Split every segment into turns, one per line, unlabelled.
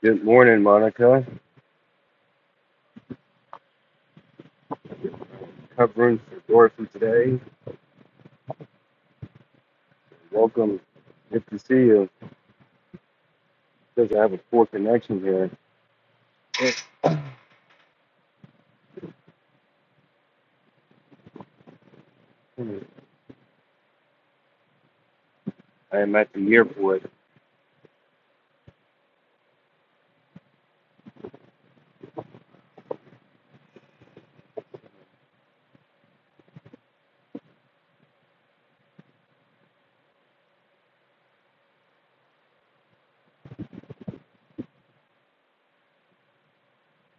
Good morning, Monica. Covering for Dorothy today. Welcome. Good to see you. Because I have a poor connection here. I am at the airport.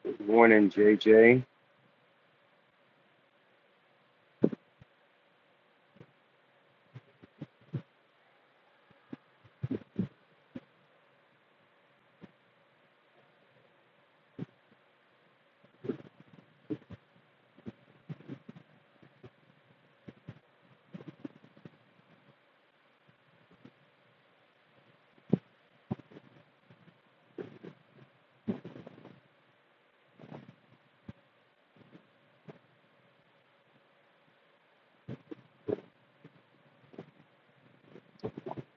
Good morning, JJ.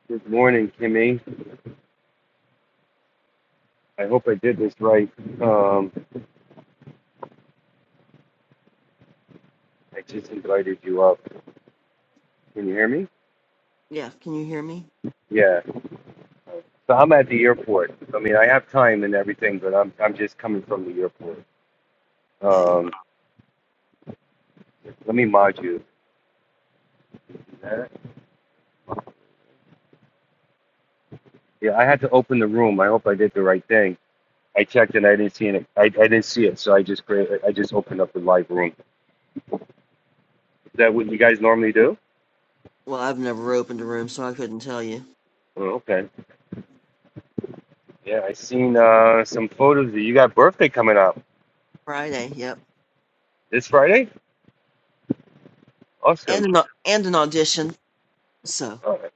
Good morning, Kimmy. I hope I did this right. Um, I just invited you up. Can you hear me?
Yeah, can you hear me?
Yeah. So I'm at the airport. I mean, I have time and everything, but I'm I'm just coming from the airport.
Okay.
Um, let me mod you. Yeah, I had to open the room. I hope I did the right thing. I checked and I didn't see it. I, I didn't see it, so I just created. I just opened up the live room. Is that what you guys normally do?
Well, I've never opened a room, so I couldn't tell you.
Oh, okay. Yeah, I seen uh, some photos. you got birthday coming up
Friday, yep.
this Friday.
And
Awesome.
an, au- and an audition. So.
All right.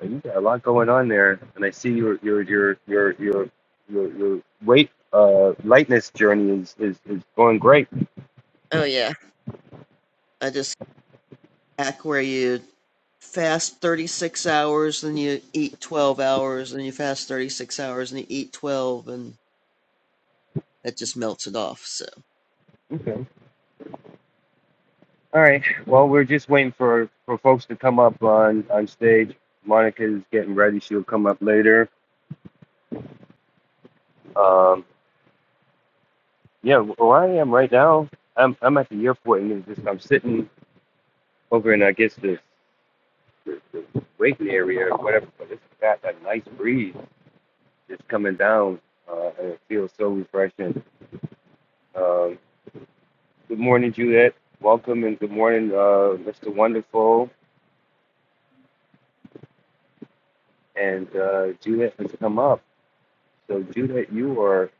Well, You got a lot going on there, and I see your your your your your your, your weight uh lightness journey is, is is going great.
Oh yeah, I just act where you fast 36 hours, then you eat 12 hours, then you fast 36 hours, and you eat 12, and that just melts it off. So.
Okay. All right. Well, we're just waiting for for folks to come up on on stage. Monica's getting ready. She'll come up later. Um, Yeah, where I am right now, I'm I'm at the airport and it's just I'm sitting over in I guess this the, the waiting area or whatever, but it's got that nice breeze that's coming down, uh, and it feels so refreshing. Um, good morning, Juliet. Welcome and good morning, uh, Mr. Wonderful. And uh, Juliet has come up. So Juliet, you are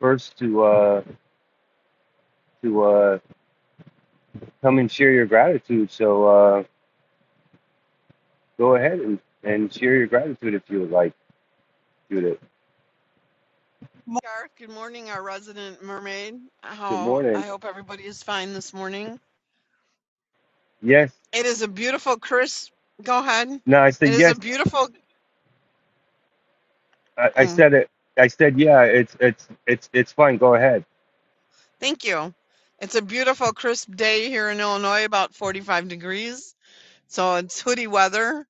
first to uh, to uh, come and share your gratitude. So uh, go ahead and, and share your gratitude if you would like, Judith.
Garth, good morning, our resident mermaid.
Good
How
morning.
I hope everybody is fine this morning.
Yes.
It is a beautiful crisp. Go ahead.
No, I
It
said
is a
yes.
beautiful.
I, I
mm,
said it. I said yeah. It's it's it's it's fine. Go ahead.
thank you. It's a beautiful crisp day here in Illinois, about 45 degrees. So it's hoodie weather.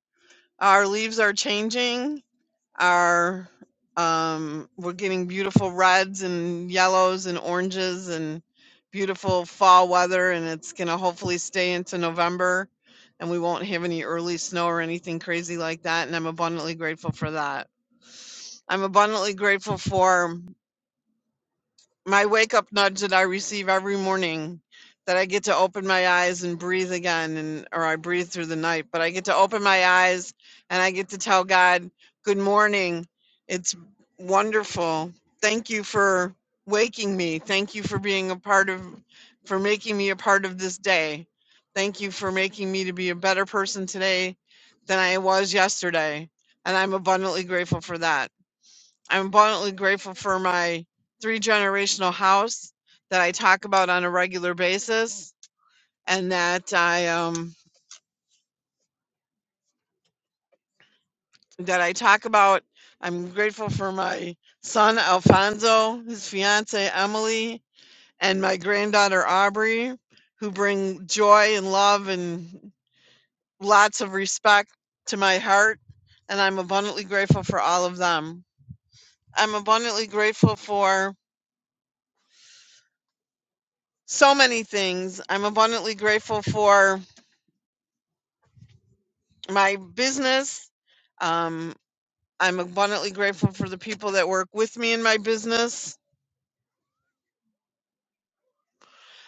Our leaves are changing. are um, we're getting beautiful reds and yellows and oranges and beautiful fall weather and it's going to hopefully stay into november and we won't have any early snow or anything crazy like that and i'm abundantly grateful for that i'm abundantly grateful for my wake up nudge that I receive every morning that I get to open my eyes and breathe again and or I breathe through the night, but I get to open my eyes and I get to tell God, "Good morning. It's wonderful. Thank you for waking me. Thank you for being a part of for making me a part of this day. Thank you for making me to be a better person today than I was yesterday." And I'm abundantly grateful for that. I'm abundantly grateful for my three generational house that I talk about on a regular basis and that I um that I talk about. I'm grateful for my son Alfonso, his fiance Emily, and my granddaughter Aubrey, who bring joy and love and lots of respect to my heart. And I'm abundantly grateful for all of them. I'm abundantly grateful for so many things. I'm abundantly grateful for my business. Um, I'm abundantly grateful for the people that work with me in my business.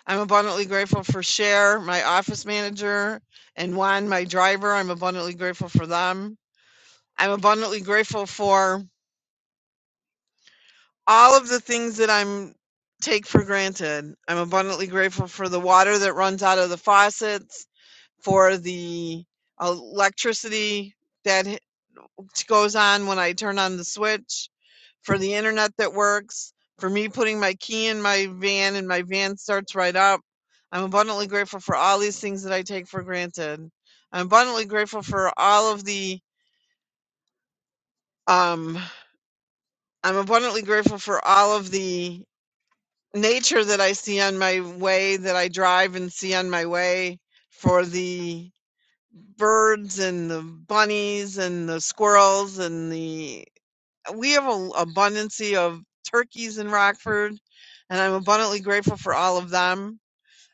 I'm abundantly grateful for Cher, my office manager, and Juan, my driver. I'm abundantly grateful for them. I'm abundantly grateful for all of the things that I'm take for granted. I'm abundantly grateful for the water that runs out of the faucets, for the electricity that goes on when I turn on the switch for the internet that works, for me putting my key in my van and my van starts right up. I'm abundantly grateful for all these things that I take for granted. I'm abundantly grateful for all of the um I'm abundantly grateful for all of the nature that I see on my way that I drive and see on my way for the birds and the bunnies and the squirrels and the we have an abundance of turkeys in Rockford, and I'm abundantly grateful for all of them.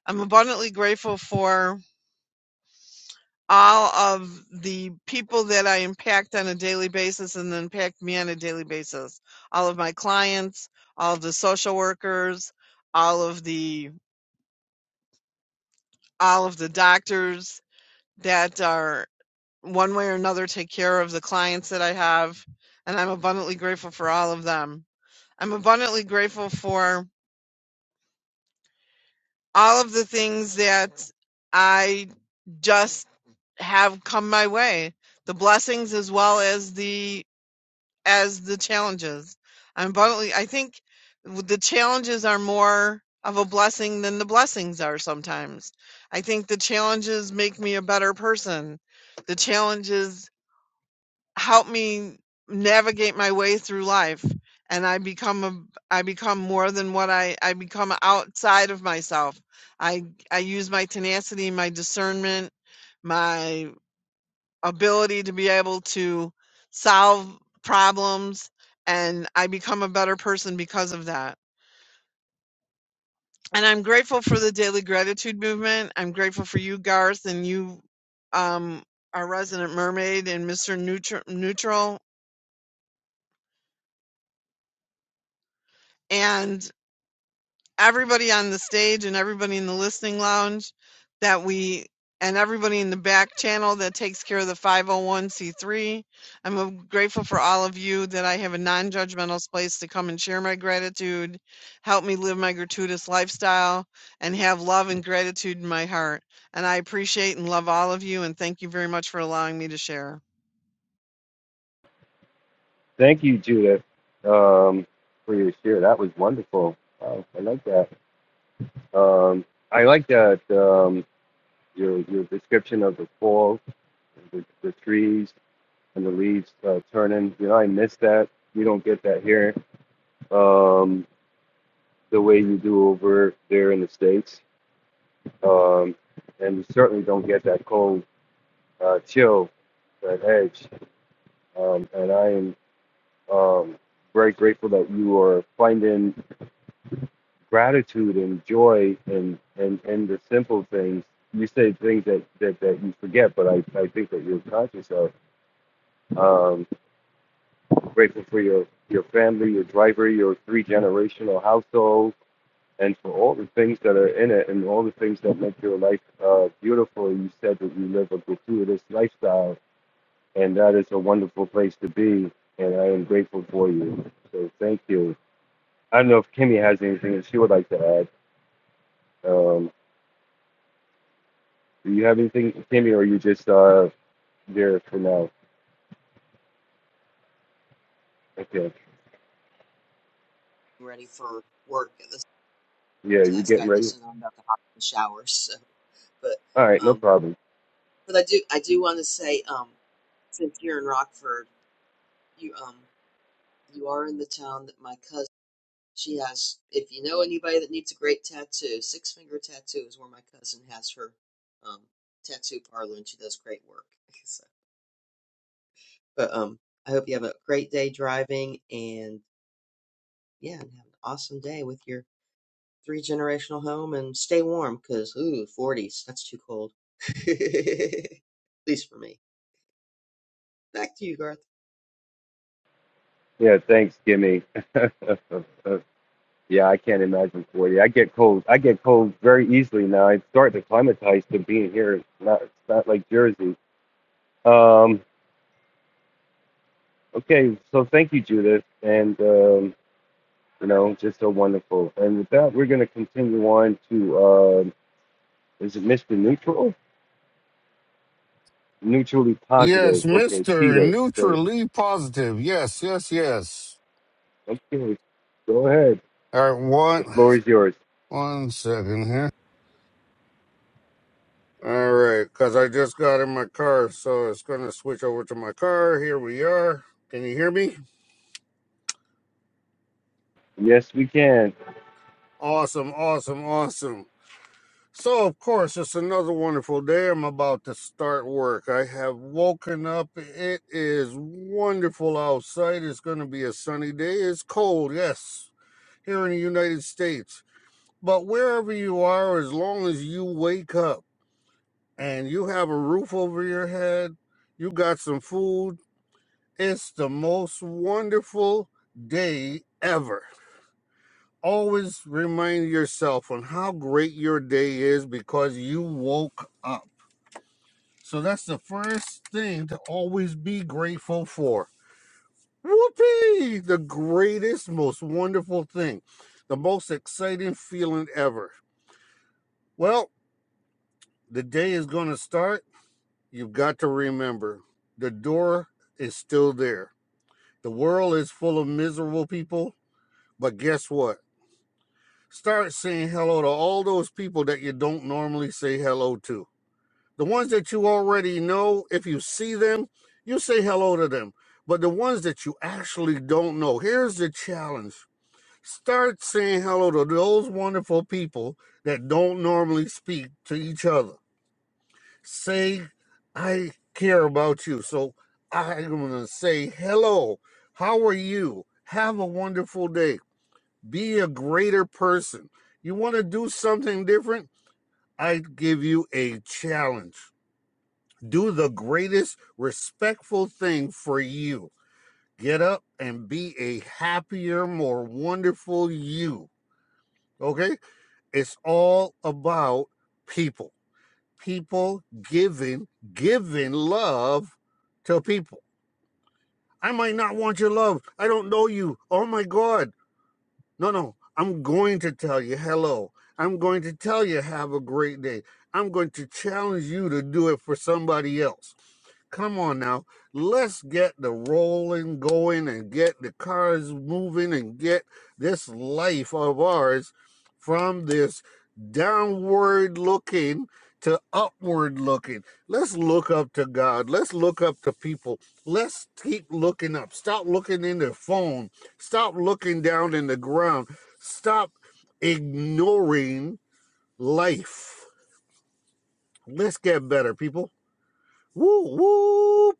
I'm abundantly grateful for all of the people that I impact on a daily basis and then impact me on a daily basis. All of my clients, all of the social workers, all of the all of the doctors that are one way or another take care of the clients that I have, and I'm abundantly grateful for all of them. I'm abundantly grateful for all of the things that I just have come my way, the blessings as well as the as the challenges. I'm abundantly. I think the challenges are more of a blessing than the blessings are sometimes. I think the challenges make me a better person. The challenges help me navigate my way through life and i become a i become more than what i i become outside of myself i i use my tenacity my discernment my ability to be able to solve problems and i become a better person because of that and i'm grateful for the daily gratitude movement i'm grateful for you garth and you um our resident mermaid and mr Neutr- neutral And everybody on the stage and everybody in the listening lounge that we and everybody in the back channel that takes care of the 501c3. I'm uh, grateful for all of you that I have a non judgmental space to come and share my gratitude, help me live my gratuitous lifestyle, and have love and gratitude in my heart. And I appreciate and love all of you, and thank you very much for allowing me to share.
Thank you, Judith, um, for your share. That was wonderful. Wow, I like that. Um, I like that um, your your description of the fall, the, the trees and the leaves uh, turning. You know, I miss that. You don't get that here um, the way you do over there in the states, um, and you certainly don't get that cold uh, chill, that edge. Um, and I am um, very grateful that you are finding gratitude and joy and and and the simple things. You say things that, that, that you forget, but I, I think that you're conscious of. Um, grateful for your, your family, your driver, your three generational household, and for all the things that are in it and all the things that make your life uh, beautiful. You said that you live a gratuitous lifestyle, and that is a wonderful place to be. And I am grateful for you. So thank you. I don't know if Kimmy has anything that she would like to add. Um, do you have anything, Kimmy, or are you just uh, there for now? Okay.
I'm Ready for work at this
Yeah, you're
task.
getting
I
ready?
listen. I'm about to hop in the shower. So,
All right,
but
no
um,
problem.
but I do I do want to say um, since you're in Rockford, you um. You are in the town that my cousin, she has, if you know anybody that needs a great tattoo, Six Finger Tattoo is where my cousin has her um, tattoo parlor and she does great work. So, but um, I hope you have a great day driving and yeah, and have an awesome day with your three generational home and stay warm because, ooh, 40s, that's too cold. At least for me. Back to you, Garth.
Yeah, thanks, Kimmy. yeah, I can't imagine for you. I get cold. I get cold very easily now. I start to acclimatize to being here. It's not, it's not like Jersey. Um, okay, so thank you, Judith. And, um, you know, just so wonderful. And with that, we're going to continue on to, um is it Mr. Neutral? Neutrally
Yes,
positive. Okay,
Mr.
Peter. So,
Neutrally Positive. Yes, yes, yes.
okay, go ahead.
All right, one
The floor is yours.
one second here. All right, because I just got in my car, so it's going to switch over to my car. Here we are. Can you hear me?
Yes, we can.
Awesome, awesome, awesome. So, of course, it's another wonderful day. I'm about to start work. I have woken up. It is wonderful outside. It's going to be a sunny day. It's cold, yes, here in the United States. But wherever you are, as long as you wake up and you have a roof over your head, you got some food, it's the most wonderful day ever. Always remind yourself on how great your day is because you woke up. So that's the first thing to always be grateful for. Whoopee! The greatest, most wonderful thing, the most exciting feeling ever. Well, the day is going to start. You've got to remember the door is still there. The world is full of miserable people, but guess what? Start saying hello to all those people that you don't normally say hello to. The ones that you already know, if you see them, you say hello to them. But the ones that you actually don't know, here's the challenge. Start saying hello to those wonderful people that don't normally speak to each other. say I care about you. So I'm going to say hello. How are you? Have a wonderful day. Be a greater person. You want to do something different? I give you a challenge. Do the greatest respectful thing for you. Get up and be a happier, more wonderful you. Okay? It's all about people. people giving, giving love to people. I might not want your love. I don't know you. Oh my God. No, no. I'm going to tell you hello. I'm going to tell you have a great day. I'm going to challenge you to do it for somebody else. Come on now. Let's get the rolling going and get the cars moving and get this life of ours from this downward looking to upward looking. Let's look up to God. Let's look up to people. Let's keep looking up. Stop looking in their phone Stop looking down in the ground. Stop ignoring life. Let's get better, people. Woo whoop.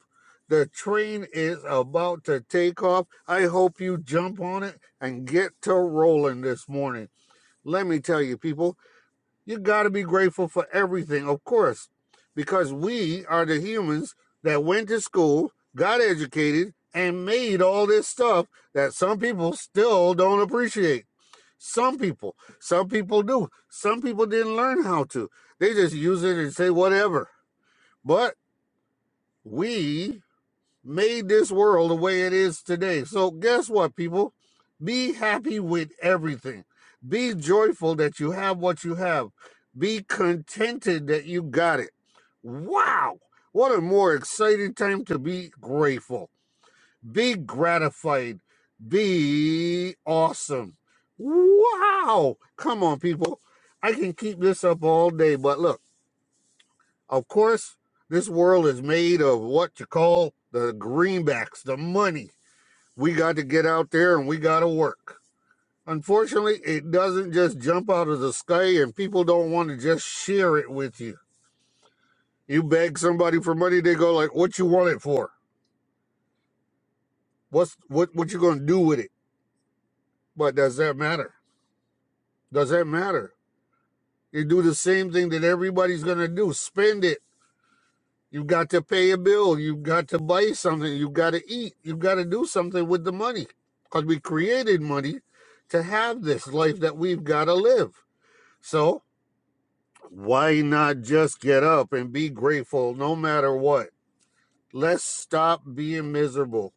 The train is about to take off. I hope you jump on it and get to rolling this morning. Let me tell you, people. You got to be grateful for everything, of course, because we are the humans that went to school, got educated, and made all this stuff that some people still don't appreciate. Some people, some people do. Some people didn't learn how to. They just use it and say whatever. But we made this world the way it is today. So, guess what, people? Be happy with everything. Be joyful that you have what you have. Be contented that you got it. Wow! What a more exciting time to be grateful. Be gratified. Be awesome. Wow! Come on, people. I can keep this up all day, but look. Of course, this world is made of what you call the greenbacks, the money. We got to get out there and we got to work. Unfortunately, it doesn't just jump out of the sky and people don't want to just share it with you. You beg somebody for money, they go like, "What you want it for? What's what what you going to do with it?" But does that matter? Does that matter? You do the same thing that everybody's going to do. Spend it You got to pay a bill. You got to buy something. You got to eat. You got to do something with the money because we created money to have this life that we've got to live. So why not just get up and be grateful no matter what? Let's stop being miserable.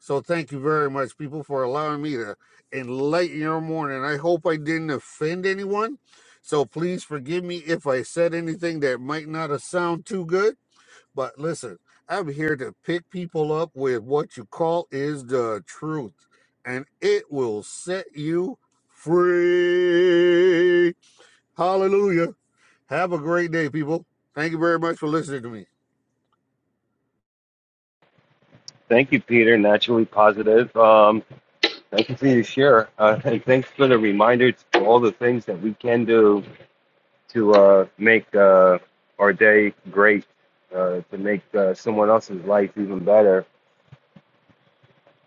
So thank you very much, people, for allowing me to enlighten your morning. I hope I didn't offend anyone. So please forgive me if I said anything that might not have sound too good. But listen, I'm here to pick people up with what you call is the truth, and it will set you free. Hallelujah. Have a great day, people. Thank you very much for listening to me.
Thank you, Peter. Naturally positive. Um, thank you for your share, uh, and thanks for the reminder to all the things that we can do to uh, make uh, our day great, uh, to make uh, someone else's life even better.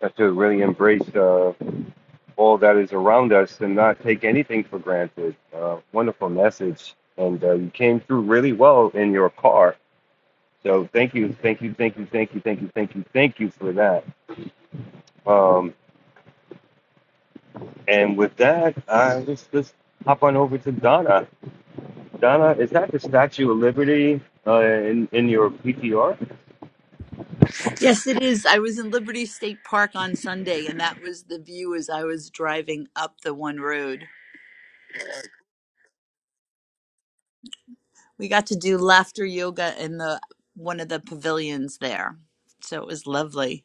Have to really embrace. Uh, all that is around us and not take anything for granted. Uh, wonderful message. And uh, you came through really well in your car. So thank you, thank you, thank you, thank you, thank you, thank you, thank you for that. Um, and with that, I let's just hop on over to Donna. Donna, is that the Statue of Liberty uh, in in your PTR?
Yes, it is. I was in Liberty State Park on Sunday, and that was the view as I was driving up the one road. We got to do laughter yoga in the one of the pavilions there, so it was lovely.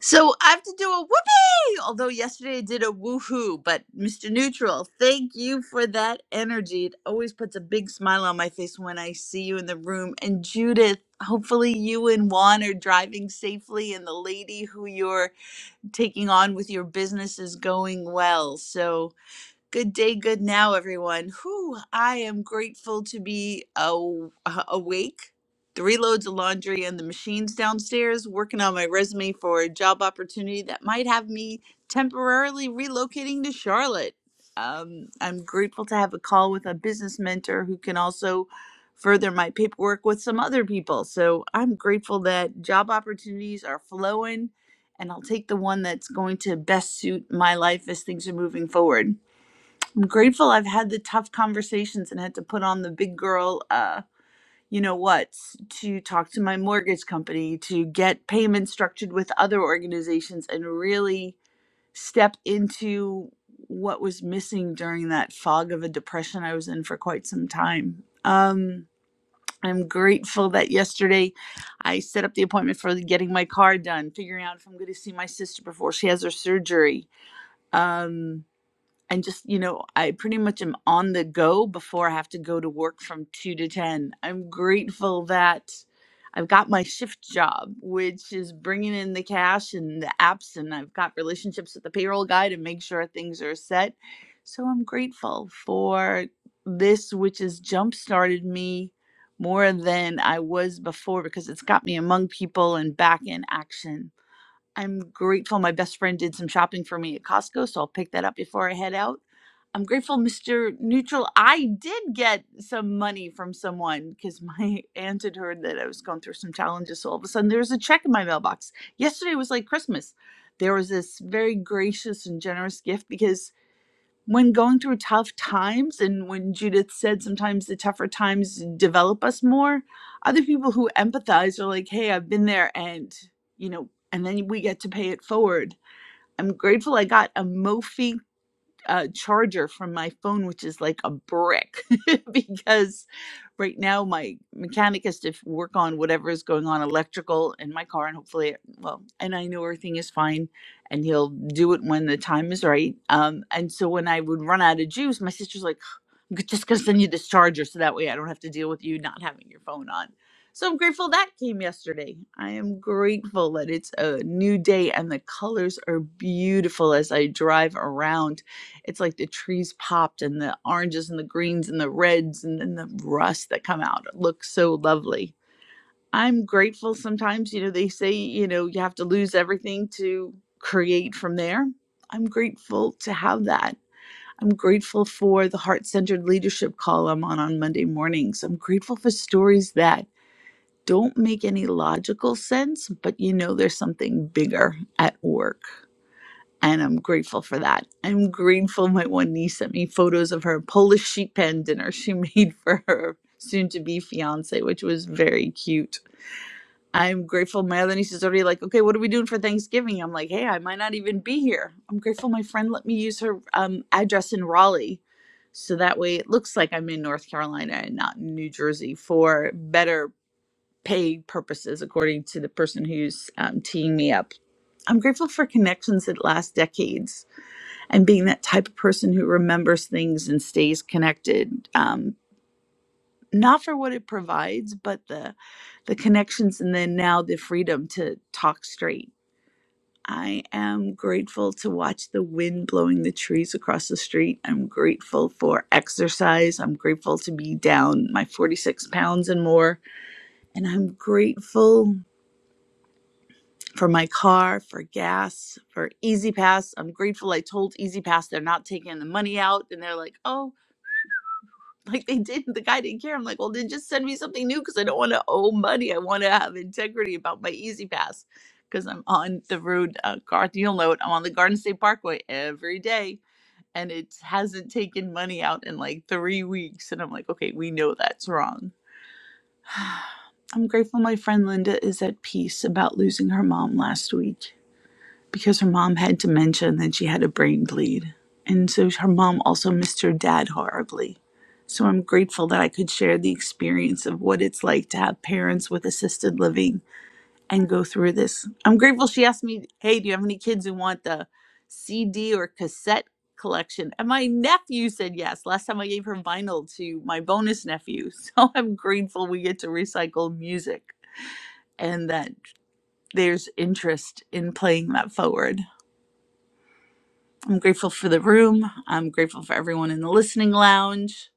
So I have to do a whoopee, although yesterday I did a woohoo. But Mr. Neutral, thank you for that energy. It always puts a big smile on my face when I see you in the room. And Judith, hopefully you and Juan are driving safely, and the lady who you're taking on with your business is going well. So Good day, good now, everyone. Whew, I am grateful to be aw- uh, awake. Three loads of laundry and the machines downstairs, working on my resume for a job opportunity that might have me temporarily relocating to Charlotte. Um, I'm grateful to have a call with a business mentor who can also further my paperwork with some other people. So I'm grateful that job opportunities are flowing, and I'll take the one that's going to best suit my life as things are moving forward. I'm grateful I've had the tough conversations and had to put on the big girl, uh, you know what, to talk to my mortgage company, to get payments structured with other organizations, and really step into what was missing during that fog of a depression I was in for quite some time. Um, I'm grateful that yesterday I set up the appointment for getting my car done, figuring out if I'm going to see my sister before she has her surgery. Um, and just you know i pretty much am on the go before i have to go to work from 2 to 10 i'm grateful that i've got my shift job which is bringing in the cash and the apps and i've got relationships with the payroll guy to make sure things are set so i'm grateful for this which has jump started me more than i was before because it's got me among people and back in action I'm grateful my best friend did some shopping for me at Costco, so I'll pick that up before I head out. I'm grateful, Mr. Neutral. I did get some money from someone because my aunt had heard that I was going through some challenges. So all of a sudden, there was a check in my mailbox. Yesterday was like Christmas. There was this very gracious and generous gift because when going through tough times and when judith said sometimes the tougher times develop us more other people who empathize are like hey i've been there and you know and then we get to pay it forward i'm grateful i got a mophie uh, charger from my phone, which is like a brick, because right now my mechanic has to work on whatever is going on electrical in my car, and hopefully, well, and I know everything is fine, and he'll do it when the time is right. Um, and so when I would run out of juice, my sister's like just going to send you this charger so that way I don't have to deal with you not having your phone on. So I'm grateful that came yesterday. I am grateful that it's a new day and the colors are beautiful as I drive around. It's like the trees popped and the oranges and the greens and the reds and then the rust that come out. It looks so lovely. I'm grateful sometimes, you know, they say, you know, you have to lose everything to create from there. I'm grateful to have that. I'm grateful for the heart centered leadership call I'm on on Monday mornings. I'm grateful for stories that don't make any logical sense, but you know there's something bigger at work. And I'm grateful for that. I'm grateful my one niece sent me photos of her Polish sheep pen dinner she made for her soon to be fiance, which was very cute. I'm grateful. My other niece is already like, okay, what are we doing for Thanksgiving? I'm like, hey, I might not even be here. I'm grateful my friend let me use her um, address in Raleigh. So that way it looks like I'm in North Carolina and not in New Jersey for better pay purposes, according to the person who's um, teeing me up. I'm grateful for connections that last decades and being that type of person who remembers things and stays connected. Um, not for what it provides, but the the connections and then now the freedom to talk straight. I am grateful to watch the wind blowing the trees across the street. I'm grateful for exercise. I'm grateful to be down my 46 pounds and more. And I'm grateful for my car, for gas, for Easy Pass. I'm grateful I told Easy Pass they're not taking the money out. And they're like, oh, Like they didn't, the guy didn't care. I'm like, well, then just send me something new because I don't want to owe money. I want to have integrity about my Easy Pass because I'm on the road. Uh, Garth, you'll know it. I'm on the Garden State Parkway every day, and it hasn't taken money out in like three weeks. And I'm like, okay, we know that's wrong. I'm grateful my friend Linda is at peace about losing her mom last week because her mom had dementia and then she had a brain bleed. And so her mom also missed her dad horribly. So I'm grateful that I could share the experience of what it's like to have parents with assisted living and go through this. I'm grateful she asked me, Hey, do you have any kids who want the CD or cassette collection? And my nephew said yes. Last time I gave her vinyl to my bonus nephew. So I'm grateful we get to recycle music and that there's interest in playing that forward. I'm grateful for the room. I'm grateful for everyone in the listening lounge.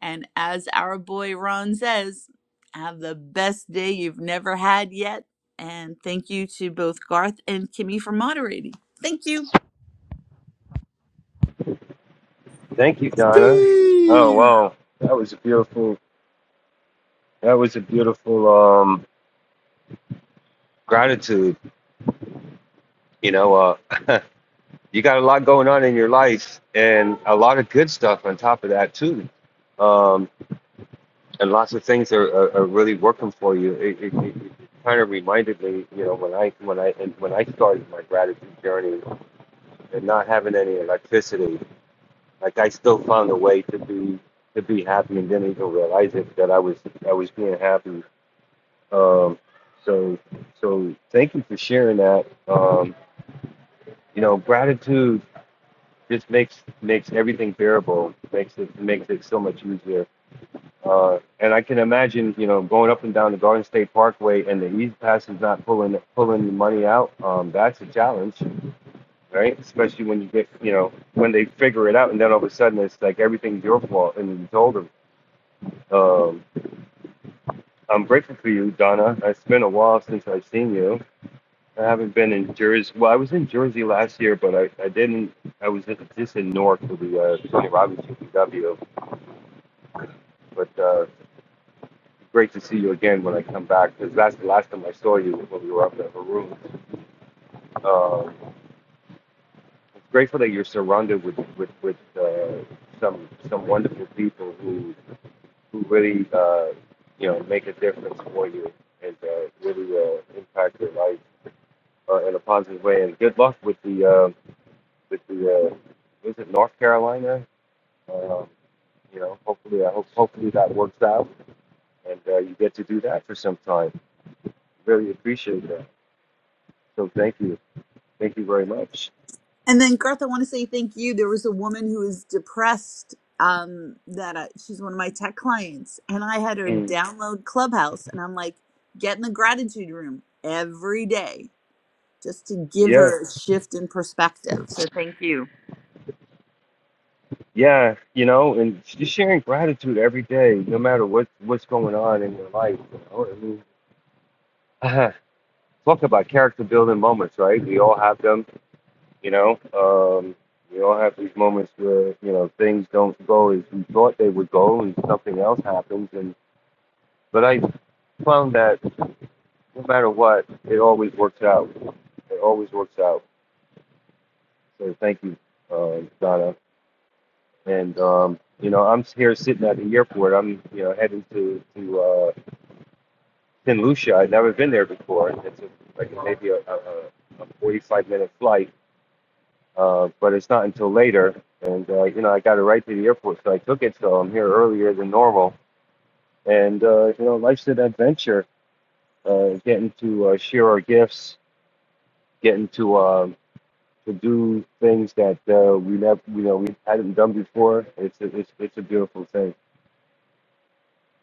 And as our boy Ron says, have the best day you've never had yet. And thank you to both Garth and Kimmy for moderating. Thank you.
Thank you, Donna. Oh
Peace.
wow, that was a beautiful. That was a beautiful um, gratitude. You know, uh, you got a lot going on in your life and a lot of good stuff on top of that too um, and lots of things are, are, are really working for you it, it, it, it kind of reminded me you know when i when i and when i started my gratitude journey and not having any electricity like i still found a way to be to be happy and didn't even realize it that i was i was being happy um, so so thank you for sharing that um, you know gratitude just makes makes everything bearable. Makes it makes it so much easier. Uh, and I can imagine, you know, going up and down the Garden State Parkway and the East Passage not pulling pulling the money out. Um, that's a challenge, right? Especially when you get, you know, when they figure it out, and then all of a sudden it's like everything's your fault, and you told them. Um, I'm grateful for you, Donna. It's been a while since I've seen you. I haven't been in Jersey. Well, I was in Jersey last year, but I, I didn't. I was just in Newark for the uh, Tony Robbins UPW But uh, great to see you again when I come back because that's the last time I saw you was when we were up at Haru. Uh, it's grateful that you're surrounded with with, with uh, some some wonderful people who who really uh, you know make a difference for you and uh, really uh, impact your life uh, in a positive way. And good luck with the uh, with the uh, was it North Carolina? Um, you know, hopefully, I hope hopefully that works out, and uh, you get to do that for some time. Really appreciate that. So thank you, thank you very much.
And then Garth, I want to say thank you. There was a woman who is depressed. Um, that uh, she's one of my tech clients, and I had her
Mm,
download Clubhouse, and I'm like, get in the gratitude room every day just to give
yeah,
her a shift in perspective. So thank you.
yeah, you know, and just sharing gratitude every day, no matter what what's going on in your life. You know, I mean, talk about character building moments, right? We all have them. You know, um, we all have these moments where you know things don't go as we thought they would go, and something else happens. And but I found that no matter what, it always works out. It always works out. So thank you, um, Donna. and um, you know I'm here sitting at the airport. I'm you know heading to to uh, St. Lucia. i have never been there before. It's a, like maybe a, a, a 45 minute flight, uh, but it's not until later. And uh, you know I got it right to the airport, so I took it. So I'm here earlier than normal. And uh, you know life's an adventure. Uh, getting to uh, share our gifts, getting to um, to do things that uh, we never you know we hadn't done before. It's a, it's it's a beautiful thing.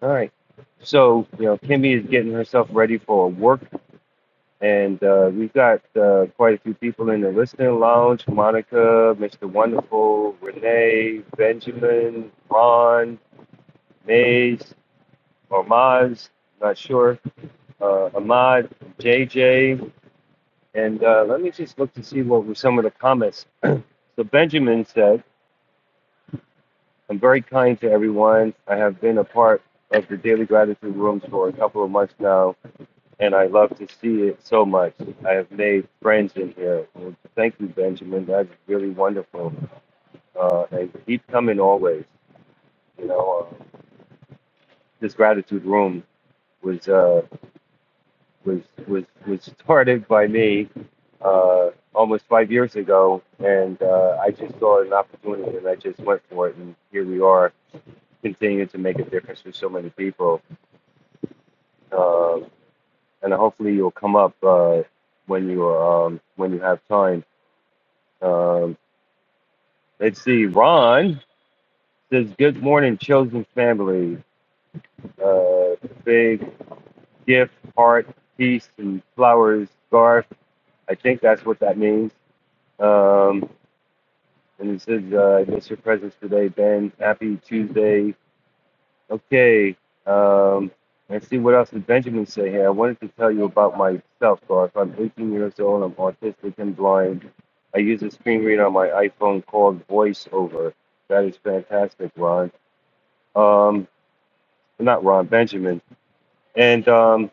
All right. So, you know, Kimmy is getting herself ready for work, and uh, we've got uh, quite a few people in the listening lounge Monica, Mr. Wonderful, Renee, Benjamin, Ron, Maze, or Maz, not sure, uh, Ahmad, JJ. And uh, let me just look to see what were some of the comments. So, Benjamin said, I'm very kind to everyone. I have been a part of the Daily Gratitude Rooms for a couple of months now and I love to see it so much. I have made friends in here. Well, thank you, Benjamin. That's really wonderful. Uh, and keep coming always. You know, uh, this gratitude room was uh, was was was started by me uh, almost five years ago, and uh, I just saw an opportunity, and I just went for it, and here we are, continuing to make a difference for so many people. Um and hopefully, you'll come up uh, when you um, when you have time Um, Let's see. Ron says, Good morning, chosen family. Uh, big gift, heart, peace, and flowers, scarf. I think that's what that means. Um, and it says, uh, I miss your presence today, Ben. Happy Tuesday. Okay. Um, let's see what else did Benjamin say here. I wanted to tell you about myself, Garth. I'm 18 years old. I'm autistic and blind. I use a screen reader on my iPhone called VoiceOver. That is fantastic, Ron. Um, not Ron Benjamin. And um,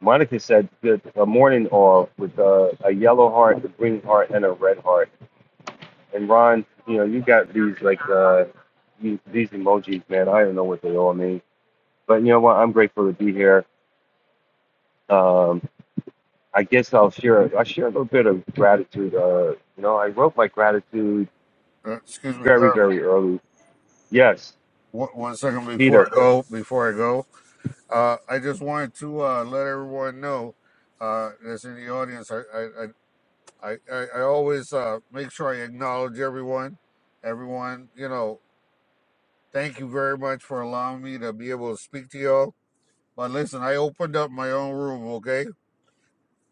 Monica said that a morning off with uh, a yellow heart, a green heart, and a red heart. And Ron, you know, you got these like uh, you, these emojis, man. I don't know what they all mean, but you know what? I'm grateful to be here. Um, I guess I'll share. I share a little bit of gratitude. Uh, you know, I wrote my gratitude
Uh, excuse me,
very,
Garf.
very early. Yes,
One, one second before
Peter.
I go, before I go, uh, I just wanted to uh, let everyone know uh, that's in the audience. I I, I, I, I I always uh, make sure I acknowledge everyone. Everyone, you know, Thank you very much for allowing me to be able to speak to y'all. But listen, I opened up my own room, okay?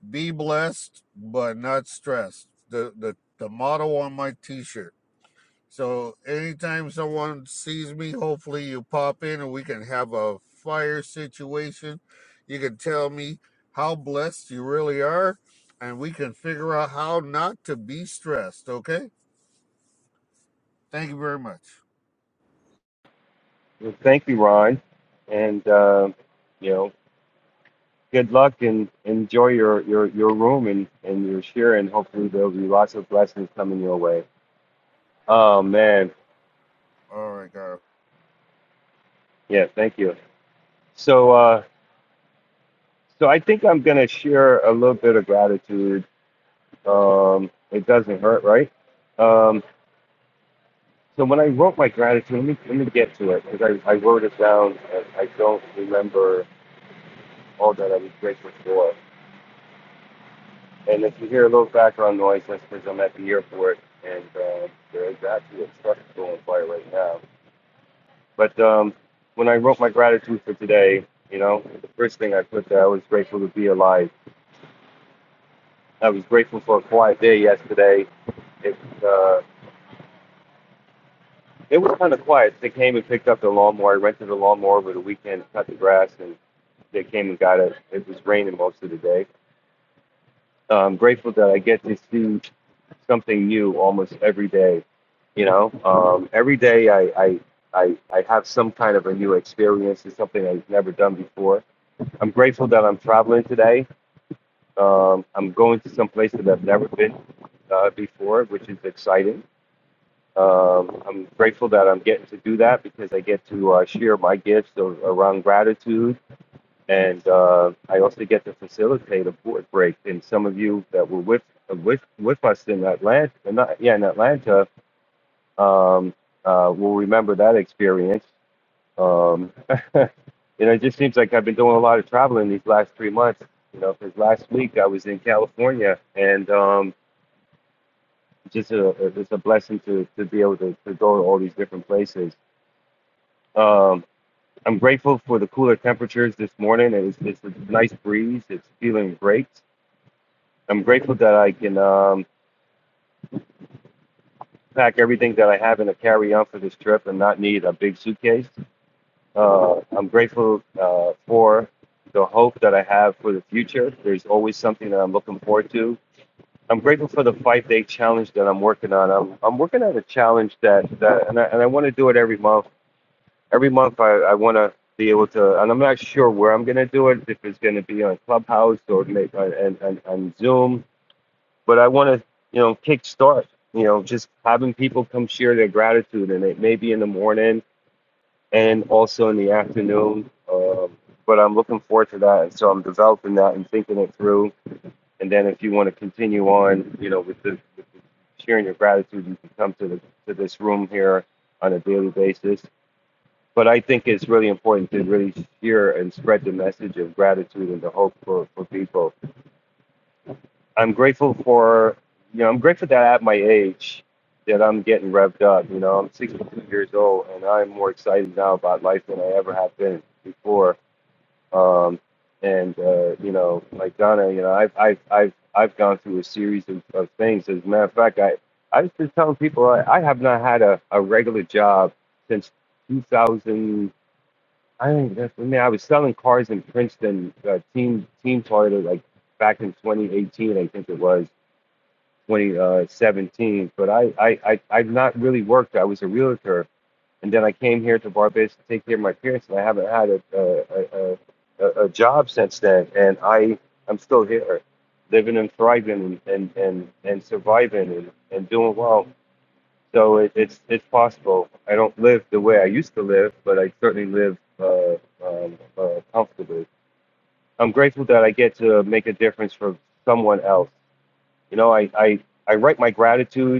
Be blessed, but not stressed. The the, the motto on my t-shirt. So anytime someone sees me, hopefully you pop in and we can have a fire situation. You can tell me how blessed you really are, and we can figure out how not to be stressed, okay? Thank you very much.
Well, Thank you, Ron. And um, you know. good luck and enjoy your your your room and and your share and hopefully there'll be lots of blessings coming your way oh man
All right, guys.
yeah thank you so uh so i think i'm gonna share a little bit of gratitude um it doesn't hurt right um so when i wrote my gratitude let me let me get to it because I, I wrote it down and i don't remember all that i'm grateful for and if you hear a little background noise that's because i'm at the airport and uh, there is actually a truck going by right now But um, when I wrote my gratitude for today, you know, the first thing I put there, I was grateful to be alive. I was grateful for a quiet day yesterday. It, uh, it was kind of quiet. They came and picked up the lawnmower. I rented a lawnmower over the weekend, cut the grass, and they came and got it. It was raining most of the day. Uh, I'm grateful that I get to see something new almost every day. You know, um, every day I, I, I, I have some kind of a new experience. It's something I've never done before I'm grateful that I'm traveling today. Um, I'm going to some place that I've never been uh, before, which is exciting. Um, I'm grateful that I'm getting to do that because I get to uh, share my gifts a- around gratitude. And uh, I also get to facilitate a board break. And some of you that were with uh, with with us in Atlanta, not, yeah, in Atlanta, um, uh, will remember that experience. Um, you know, it just seems like I've been doing a lot of traveling these last three months. You know, because last week I was in California, and um, just a, it's a blessing to, to be able to, to go to all these different places. Um, I'm grateful for the cooler temperatures this morning. It's, it's a nice breeze. It's feeling great. I'm grateful that I can um, pack everything that I have in a carry-on for this trip and not need a big suitcase. Uh, I'm grateful uh, for the hope that I have for the future. There's always something that I'm looking forward to. I'm grateful for the five day challenge that I'm working on. I'm, I'm working on a challenge that, that and I, and I want to do it every month. Every month, I, I want to be able to, and I'm not sure where I'm going to do it, if it's going to be on Clubhouse or make, on, and, and, and Zoom, but I want to, you know, kickstart You know, just having people come share their gratitude, and it may be in the morning, and also in the afternoon. Um, but I'm looking forward to that, and so I'm developing that and thinking it through. And then if you want to continue on, you know, with the, with the sharing your gratitude, you can come to the to this room here on a daily basis. But I think it's really important to really share and spread the message of gratitude and the hope for, for people I'm grateful for you know I'm grateful that at my age that I'm getting revved up. You know I'm 62 years old and I'm more excited now about life than I ever have been before. Um, and uh, you know like Donna, you know I've I've I've I've gone through a series of, of things. As a matter of fact, I I was just telling people I, I have not had a, a regular job since 2000. I think that's I mean I was selling cars in Princeton, uh, team team toilet like back in 2018, I think it was 2017. But I, I, I, I've not really worked. I was a realtor, and then I came here to Barbados to take care of my parents, and I haven't had a, a, a, a, a job since then. And I, I'm still here, living and thriving and, and, and, and surviving and, and doing well. So it, it's it's possible. I don't live the way I used to live, but I certainly live uh, um, uh, comfortably. I'm grateful that I get to make a difference for someone else. You know, I, I, I write my gratitude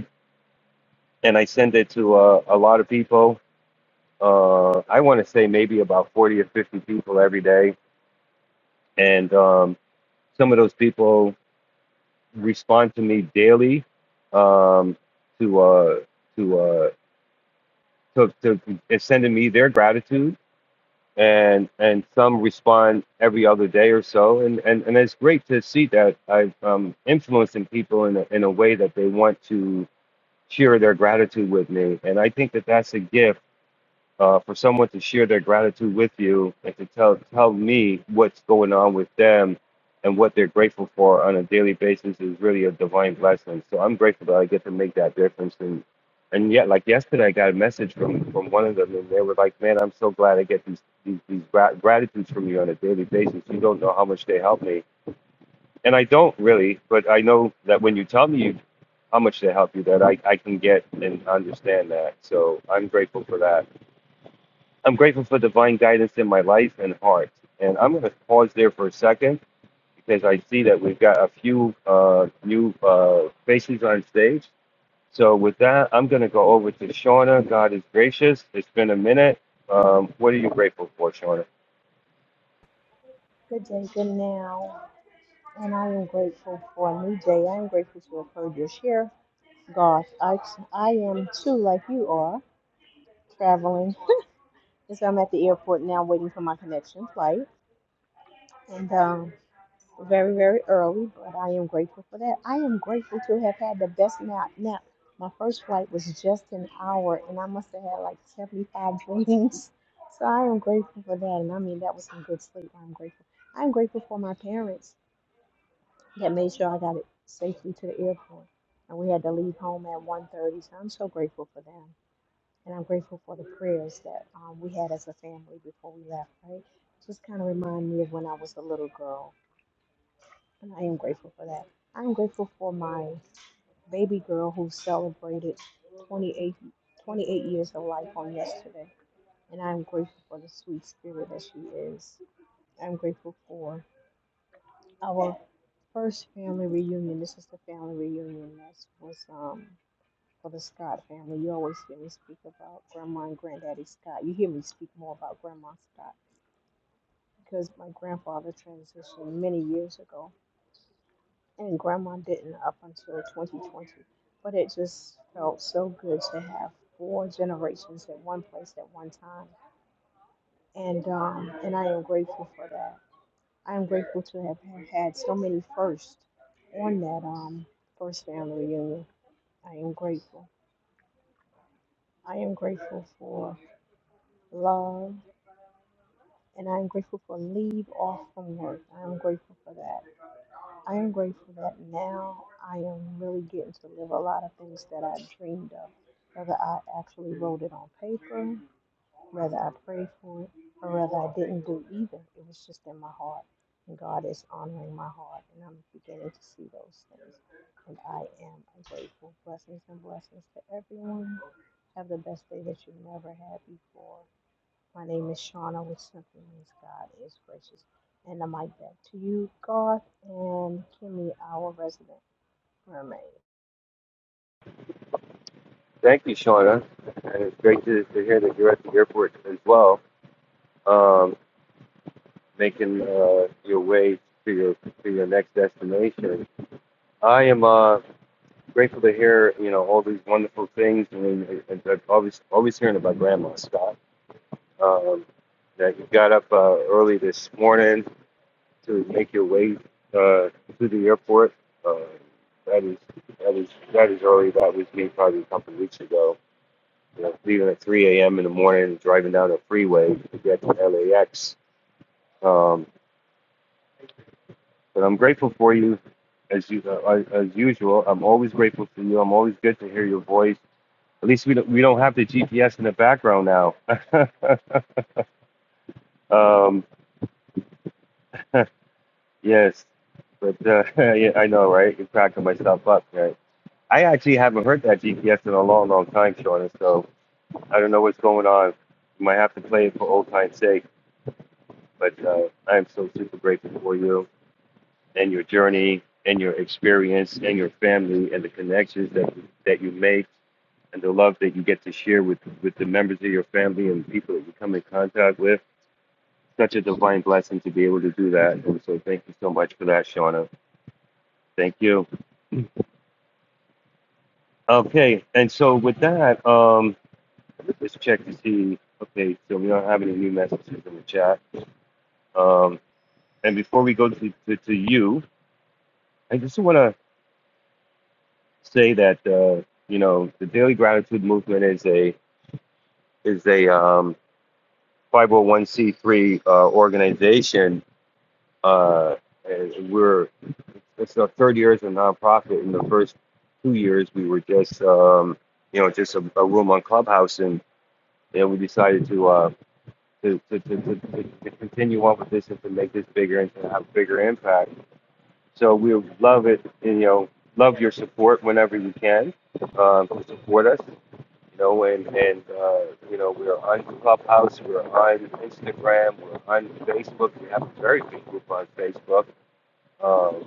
and I send it to uh, a lot of people. Uh, I want to say maybe about 40 or 50 people every day. And um, some of those people respond to me daily um, to, uh, to, uh, to, to, and sending me their gratitude. And, and some respond every other day or so. And, and, and it's great to see that I'm um, influencing people in a, in a way that they want to share their gratitude with me. And I think that that's a gift uh, for someone to share their gratitude with you and to tell tell me what's going on with them and what they're grateful for on a daily basis is really a divine blessing. So I'm grateful that I get to make that difference. And and yet, like yesterday, I got a message from from one of them, and they were like, "Man, I'm so glad I get these these, these gra- gratitudes from you on a daily basis. You don't know how much they help me." And I don't really, but I know that when you tell me you, how much they help you, that I, I can get and understand that. So I'm grateful for that. I'm grateful for divine guidance in my life and heart. And I'm going to pause there for a second because I see that we've got a few uh, new uh, faces on stage. So with that, I'm going to go over to Shauna. God is gracious. It's been a minute. Um, what are you grateful for, Shauna?
Good day, good now, and I am grateful for a new day. I am grateful to have heard your share, Garth. I, I am too, like you are, traveling. And so I'm at the airport now waiting for my connection flight, and um, very, very early, but I am grateful for that. I am grateful to have had the best nap. nap. My first flight was just an hour, and I must have had like 75 dreams. So I am grateful for that, and I mean, that was some good sleep. I'm grateful. I'm grateful for my parents that made sure I got it safely to the airport. And we had to leave home at 1.30, so I'm so grateful for them. And I'm grateful for the prayers that um, we had as a family before we left, right? Just kind of remind me of when I was a little girl, and I am grateful for that. I'm grateful for my baby girl who celebrated 28, 28 years of life on yesterday. And I'm grateful for the sweet spirit that she is. I'm grateful for our First family reunion. This was the family reunion. That was um for the Scott family. You always hear me speak about Grandma and Granddaddy Scott. You hear me speak more about Grandma Scott because my grandfather transitioned many years ago, and Grandma didn't up until 2020. But it just felt so good to have four generations at one place at one time, and um and I am grateful for that. I am grateful to have had so many firsts on that um first family reunion I am grateful. I am grateful for love and I am grateful for leave off from work. I am grateful for that. I am grateful that now I am really getting to live a lot of things that I dreamed of. Whether I actually wrote it on paper, whether I prayed for it, or whether I didn't do either. It was just in my heart. And God is honoring my heart and I'm beginning to see those things. And I am grateful. Blessings and blessings to everyone. Have the best day that you've never had before. My name is Shauna with Simply Means God is Gracious. And I'm like back to you, Garth and Kimmy, our resident mermaid.
Thank you, Shauna. And it's great to, to hear that you're at the airport as well, um, making uh, your way to your to your next destination. I am. uh, grateful to hear you know all these wonderful things. I mean, I, I- I'm always always hearing about Grandma Scott. Um, that you got up uh, early this morning to make your way uh, to the airport. Uh, that is that is that is early. That was me probably a couple of weeks ago. You know, leaving at 3 a.m. in the morning, and driving down a freeway to get to LAX. Um, but I'm grateful for you, as you uh, as usual. I'm always grateful for you. I'm always good to hear your voice At least we don't we don't have the GPS in the background now. um, yes, but uh, yeah, I know, right? You're cracking myself up, right? I actually haven't heard that GPS in a long, long time, Sean. So I don't know what's going on. You might have to play it for old time's sake. But uh, I am so super grateful for you and your journey and your experience and your family and the connections that that you make and the love that you get to share with with the members of your family and people that you come in contact with such a divine blessing to be able to do that. And so thank you so much for that, Shauna. Thank you. Okay, and so with that, um, let's check to see. Okay, so we don't have any new messages in the chat. Um, and before we go to, to, to you, I just want to say that uh, you know the Daily Gratitude Movement is a is a um, 501c3 uh, organization. Uh, and we're it's our third year as a nonprofit. In the first two years, we were just, um, you know, just a, a room on Clubhouse, and you know, we decided to, uh, to, to, to, to, to continue on with this and to make this bigger and to have a bigger impact. So we would love it, and, you know, love your support whenever you can um, to support us. You know, and and uh, you know, we're on Clubhouse, we're on Instagram, we're on Facebook. We have a very big group on Facebook Um,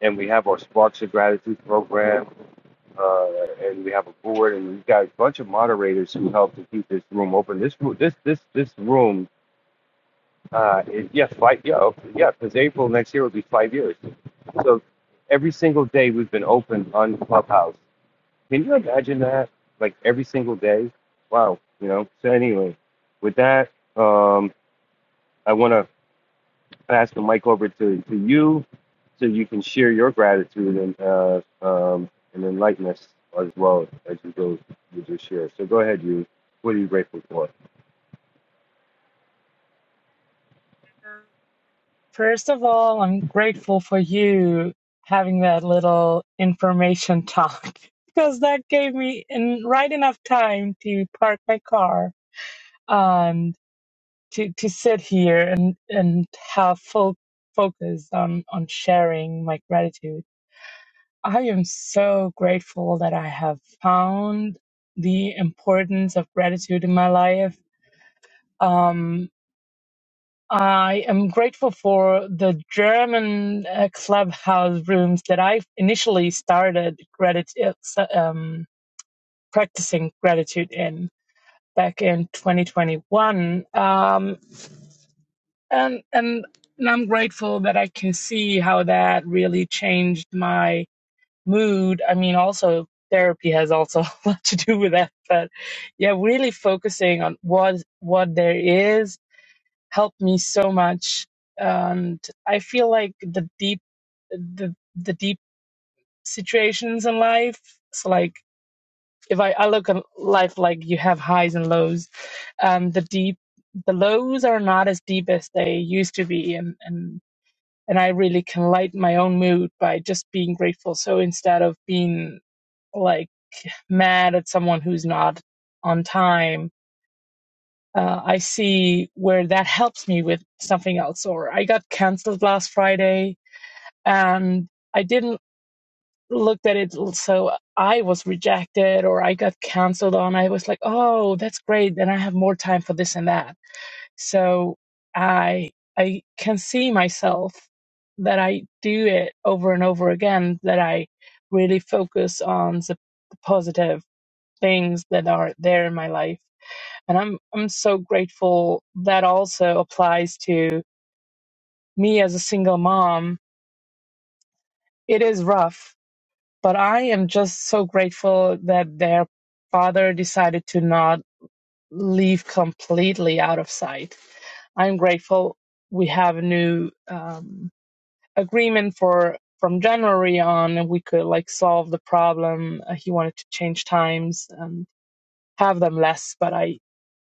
and we have our Sparks of Gratitude program, uh, and we have a board, and we've got a bunch of moderators who help to keep this room open. This room, this this this room, uh, is, yeah, five, yeah, oh, yeah, because April next year will be five years. So every single day we've been open on Clubhouse. Can you imagine that? Like every single day? Wow, you know. So anyway, with that, um, I want to pass the mic over to, to you so you can share your gratitude and uh, um, and enlighten us as well as you go with your share. So go ahead, you. What are you grateful for?
First of all, I'm grateful for you having that little information talk because that gave me in, right enough time to park my car and to, to sit here and, and have full focus on, on sharing my gratitude. I am so grateful that I have found the importance of gratitude in my life. Um, I am grateful for the German uh, clubhouse rooms that I initially started gratitude, um, practicing gratitude in back in 2021. Um, and, and, and I'm grateful that I can see how that really changed my mood. I mean, also therapy has also a lot to do with that, but yeah, really focusing on what, what there is helped me so much and i feel like the deep the the deep situations in life so like if i, I look at life like you have highs and lows and the deep the lows are not as deep as they used to be and and and i really can lighten my own mood by just being grateful so instead of being like mad at someone who's not on time uh, I see where that helps me with something else. Or I got canceled last Friday and I didn't look at it. So I was rejected or I got canceled on. I was like, oh, that's great. Then I have more time for this and that. So I, I can see myself that I do it over and over again, that I really focus on the positive things that are there in my life and I'm I'm so grateful that also applies to me as a single mom. It is rough, but I am just so grateful that their father decided to not leave completely out of sight. I'm grateful we have a new um, agreement for from January on, and we could like solve the problem. Uh, he wanted to change times and have them less, but I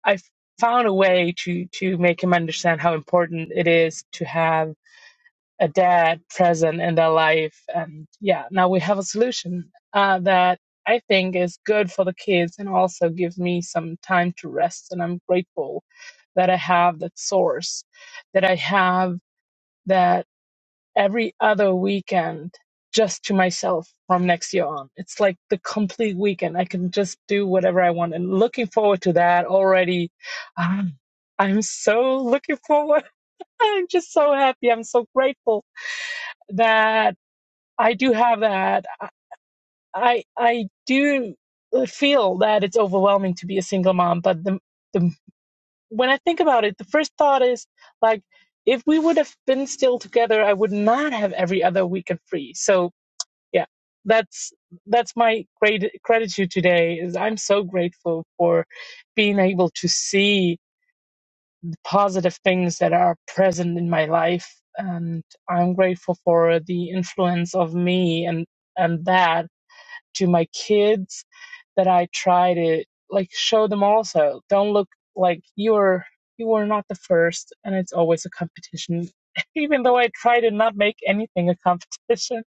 I found a way to to make him understand how important it is to have a dad present in their life. And yeah, now we have a solution uh, that I think is good for the kids and also gives me some time to rest. And I'm grateful that I have that source, that I have that every other weekend just to myself from next year on. It's like the complete weekend. I can just do whatever I want and looking forward to that already. Um, I'm so looking forward. I'm just so happy. I'm so grateful that I do have that. I, I I do feel that it's overwhelming to be a single mom, but the, the, when I think about it, the first thought is like, if we would have been still together, I would not have every other weekend free. So yeah that's that's my great gratitude today is i'm so grateful for being able to see the positive things that are present in my life and i'm grateful for the influence of me and and that to my kids that i try to like show them also don't look like you're you were not the first and it's always a competition even though i try to not make anything a competition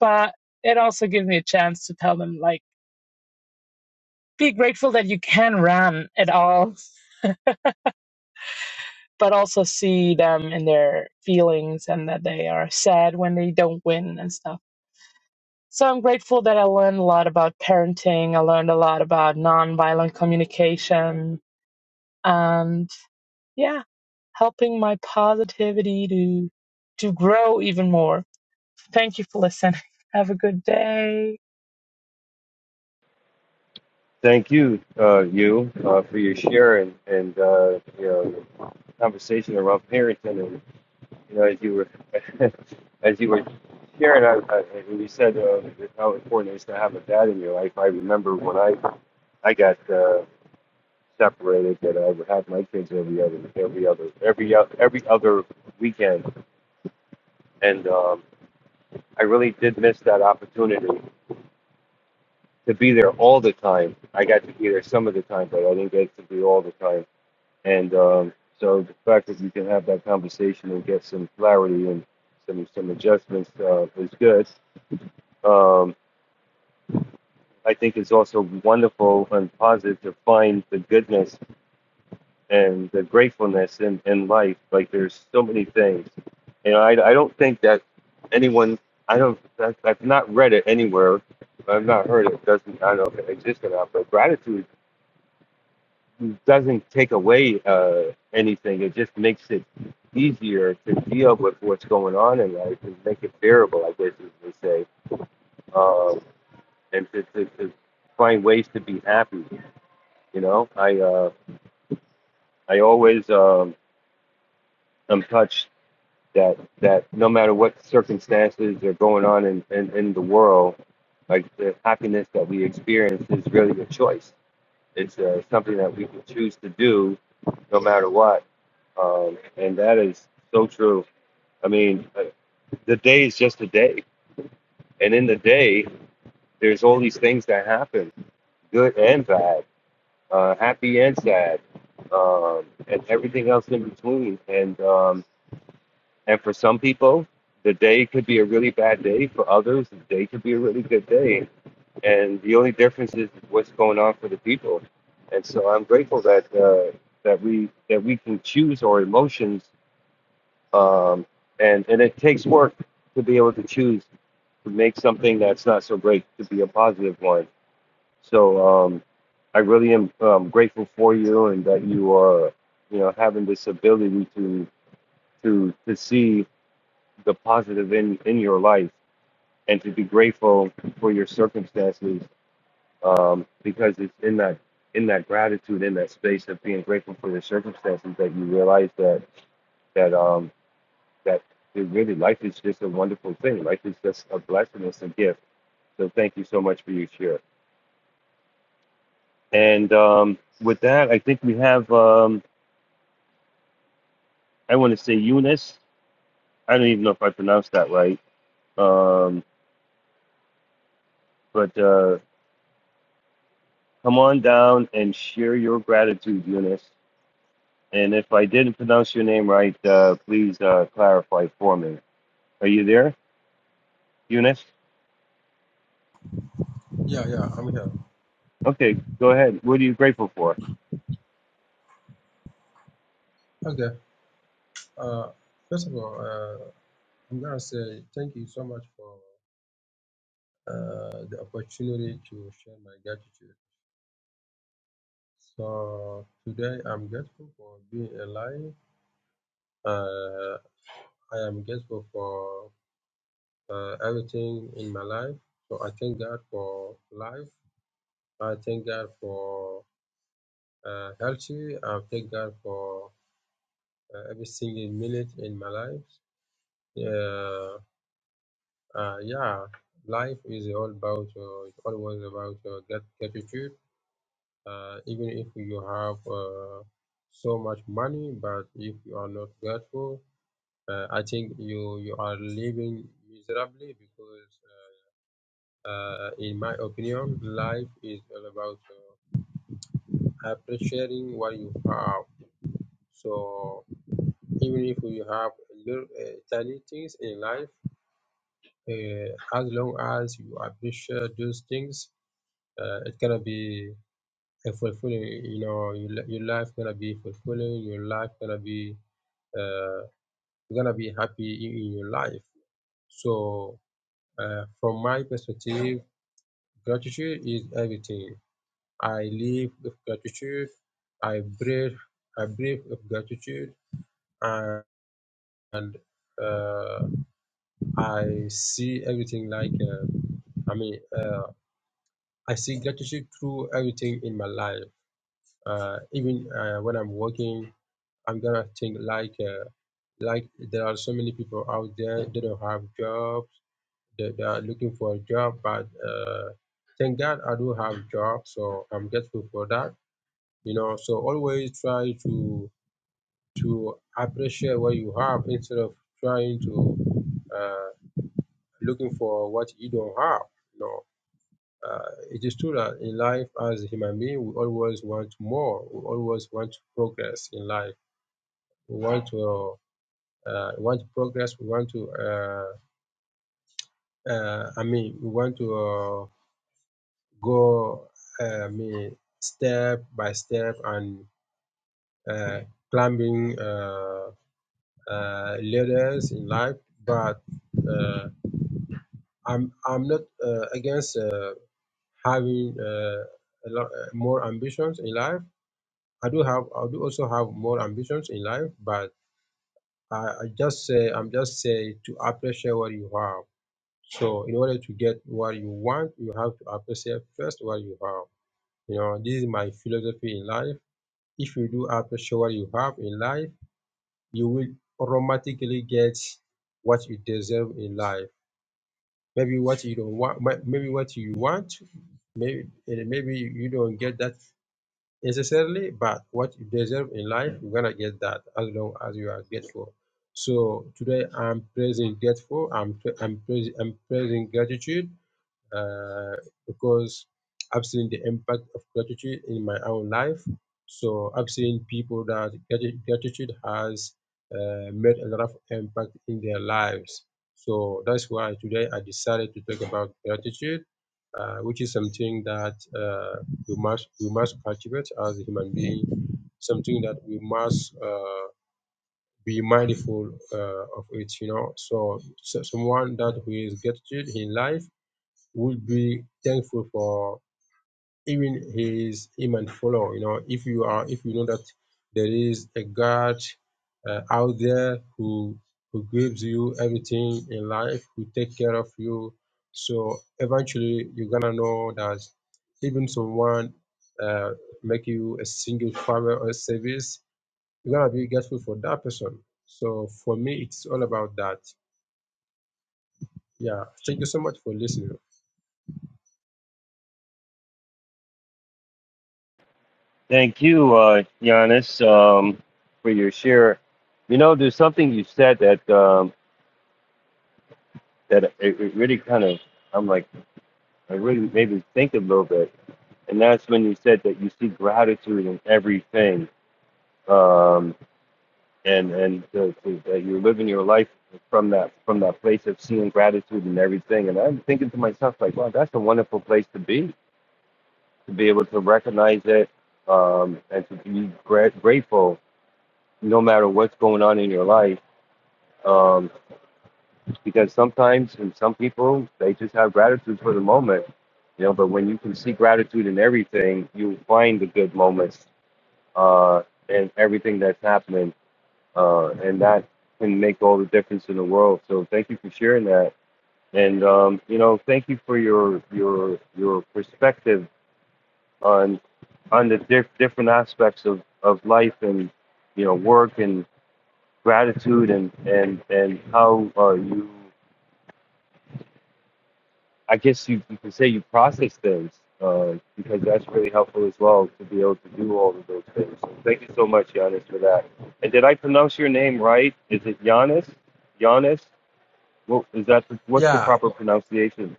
but it also gives me a chance to tell them like be grateful that you can run at all but also see them in their feelings and that they are sad when they don't win and stuff so i'm grateful that i learned a lot about parenting i learned a lot about nonviolent communication and yeah helping my positivity to to grow even more thank you for listening have a good day
Thank you, uh, you, uh, for your share and and uh, you know conversation around parenting and you know as you were as you were sharing, I, I, and you said uh, how important it is to have a dad in your life. I remember when I I got. Uh, separated that I would have my kids every other every other every o- every other weekend, and um, I really did miss that opportunity to be there all the time. I got to be there some of the time, but I didn't get to be all the time. And um, so the fact that you can have that conversation and get some clarity and some some adjustments uh, is good. Um, I think it's also wonderful and positive to find the goodness and the gratefulness in, in life. Like there's so many things. You know, I, I don't think that anyone, I don't, I, I've not read it anywhere. I've not heard it. Doesn't, I don't know if it exists or not, but gratitude doesn't take away uh, anything. It just makes it easier to deal with what's going on in life and make it bearable, I guess you would say. Um, and to, to, to find ways to be happy. You know, I, uh, I always, um, i am touched that that no matter what circumstances are going on in, in, in the world, like the happiness that we experience is really a choice. It's uh, something that we can choose to do no matter what. Um, and that is so true. I mean, uh, the day is just a day. And in the day, there's all these things that happen good and bad, uh, happy and sad, um, and everything else in between. And um, And for some people, the day could be a really bad day. For others, the day could be a really good day. And the only difference is what's going on for the people. And so I'm grateful that uh, that we that we can choose our emotions. Um, and and it takes work to be able to choose to make something that's not so great to be a positive one. So um, I really am um, grateful for you and that you are you know having this ability to to to see the positive in in your life and to be grateful for your circumstances um, because it's in that in that gratitude in that space of being grateful for your circumstances that you realize that that um that it really life is just a wonderful thing life is just a blessing it's a gift so thank you so much for your share and um, with that I think we have um, I want to say Eunice I don't even know if I pronounced that right um, but uh, come on down and share your gratitude Eunice And if I didn't pronounce your name right, uh, please uh, clarify for me. Are you there, Eunice?
Yeah, yeah, I'm here.
Okay, go ahead. What are you grateful for?
Okay. Uh, first of all, uh, I'm gonna say thank you so much for uh, the opportunity to share my gratitude. So today I'm grateful for being alive. Uh, I am grateful for uh, everything in my life. So I thank God for life. I thank God for uh, healthy. I thank God for uh, every single minute in my life. Yeah, Uh, yeah, life is all about uh, it's always about uh, grat- gratitude. Uh, even if you have uh, so much money, but if you are not grateful, uh, I think you you are living miserably because, uh, uh, in my opinion, life is all about uh, appreciating what you have. So even if you have little uh, tiny things in life, uh, as long as you appreciate those things Uh, it's gonna be a fulfilling. You know, your, li- your life gonna be fulfilling. Your life gonna be uh, you're gonna be happy in, in your life. So, uh, from my perspective, gratitude is everything. I live with gratitude. I breathe. I breathe with gratitude, and uh, I see everything like. Uh, I mean, uh, I see gratitude through everything in my life. Uh, even uh, when I'm working, I'm gonna think like uh, like there are so many people out there they don't have jobs they, they are looking for a job but uh, thank God I do have job so I'm grateful for that you know so always try to to appreciate what you have instead of trying to uh, looking for what you don't have you know uh, it is true that in life as a human being we always want more we always want to progress in life we want to uh, we want to progress, we want to, uh, uh, I mean, we want to uh, go, uh, I mean, step by step and uh, climbing uh, uh, ladders in life. But uh, I'm I'm not uh, against uh, having uh, a lot uh, more ambitions in life. I do have I do also have more ambitions in life, but I, I just say I'm just say to appreciate what you have So in order to get what you want, you have to appreciate first what you have. You know, this is my philosophy in life. If you do appreciate what you have in life, you will automatically get what you deserve in life. Maybe what you don't want, may- maybe what you want, maybe and maybe you don't get that necessarily, but what you deserve in life, you're gonna get that as long as you are grateful. So today I'm praising grateful. I'm I'm praising, I'm praising gratitude uh, because I've seen the impact of gratitude in my own life. So I've seen people that grati- gratitude has uh, made a lot of impact in their lives. So that's why today I decided to talk about gratitude, uh, which is something that uh, we must we must cultivate as a human being, something that we must uh, be mindful uh, of it. You know, so, so someone that who is gratitude in life would be thankful for even his him and follow. You know, if you are if you know that there is a God uh, out there who who gives you everything in life, who take care of you. So eventually you're gonna know that even someone uh, make you a single farmer or service, you're gonna be grateful for that person. So for me, it's all about that. Yeah, thank you so much for listening.
Thank you, uh, Giannis, um, for your share. You know, there's something you said that um, that it, it really kind of I'm like I really made me think a little bit, and that's when you said that you see gratitude in everything. Um, and and to, to, that you're living your life from that from that place of seeing gratitude and everything. And I'm thinking to myself like, wow, that's a wonderful place to be, to be able to recognize it um, and to be gra- grateful no matter what's going on in your life. Um, because sometimes and some people they just have gratitude for the moment, you know. But when you can see gratitude in everything, you find the good moments uh, and everything that's happening uh, and that can make all the difference in the world. So thank you for sharing that, and um, you know, thank you for your your your perspective on on the diff- different aspects of, of life and you know work and gratitude and and and how uh, you I guess you, you can say you process things uh, because that's really helpful as well to be able to do all of those things. So thank you so much, Giannis, for that. And did I pronounce your name right? Is it Giannis? Giannis? What is that what's the
Yeah,
proper pronunciation?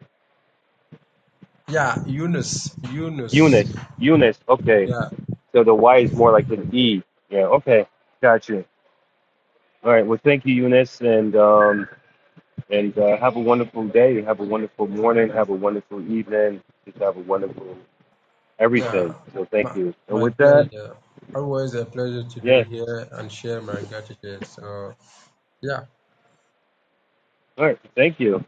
Yeah, Eunice, Eunice.
Eunice. Eunice. Okay.
Yeah,
So the Y is more like an E. Yeah. Okay. Gotcha. All right. Well, thank you, Eunice, and um, and uh, have a wonderful day. Have a wonderful morning. Have a wonderful evening. Just have a wonderful
yeah.
everything. So thank
My,
you. And
my
with that,
pleasure. Always a pleasure to be
yes.
here and share my gratitude. So, yeah.
All right. Thank you.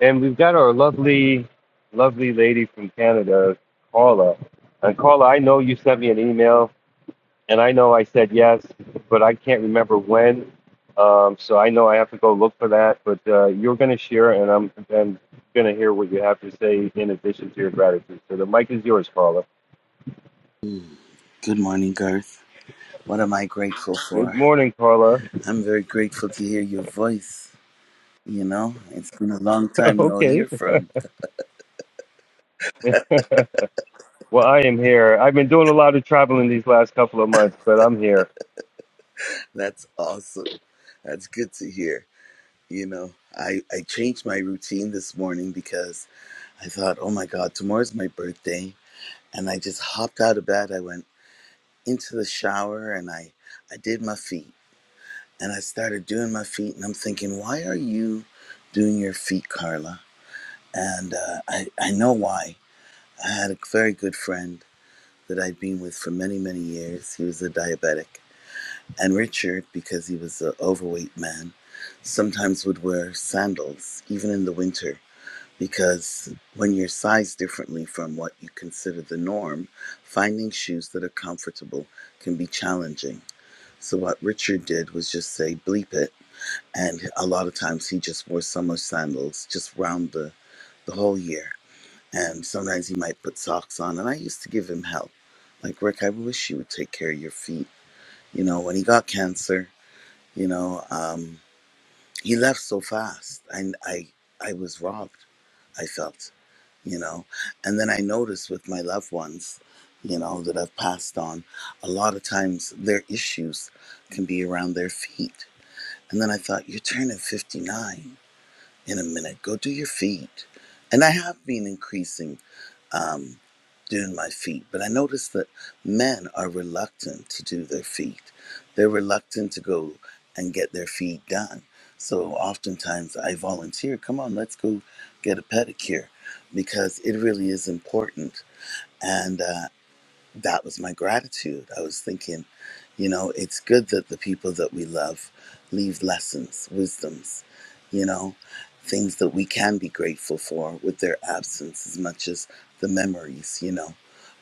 And we've got our lovely, lovely lady from Canada, Carla. And Carla, I know you sent me an email and I know I said yes, but I can't remember when. Um, so I know I have to go look for that. But uh, you're going to share, and I'm I'm going to hear what you have to say in addition to your gratitude. So the mic is yours, Carla.
Good morning, Garth. What am I grateful
Good
for?
morning, Carla.
I'm very grateful to hear your voice. You know, it's been a long time no
okay.
hear from.
well, I am here. I've been doing a lot of traveling these last couple of months, but I'm here.
That's awesome. That's good to hear. You know, I, I changed my routine this morning because I thought, oh my God, tomorrow's my birthday. And I just hopped out of bed. I went into the shower and I, I did my feet. And I started doing my feet. And I'm thinking, why are you doing your feet, Carla? And uh, I, I know why I had a very good friend that I'd been with for many, many years. He was a diabetic. And Richard, because he was an overweight man, sometimes would wear sandals, even in the winter, because when you're sized differently from what you consider the norm, finding shoes that are comfortable can be challenging. So, what Richard did was just say, bleep it. And a lot of times he just wore summer sandals just round the, the whole year and sometimes he might put socks on. And I used to give him help, like Rick. I wish you would take care of your feet. You know, when he got cancer, you know, um, he left so fast, and I, I was robbed. I felt, you know, and then I noticed with my loved ones, you know, that I've passed on, a lot of times their issues can be around their feet. And then I thought, you're turning 59 in a minute. Go do your feet. And I have been increasing. um, doing my feet. But I noticed that men are reluctant to do their feet. They're reluctant to go and get their feet done. So oftentimes I volunteer, come on, let's go get a pedicure because it really is important. And uh, that was my gratitude. I was thinking, you know, it's good that the people that we love leave lessons, wisdoms, you know, things that we can be grateful for with their absence as much as the memories, you know,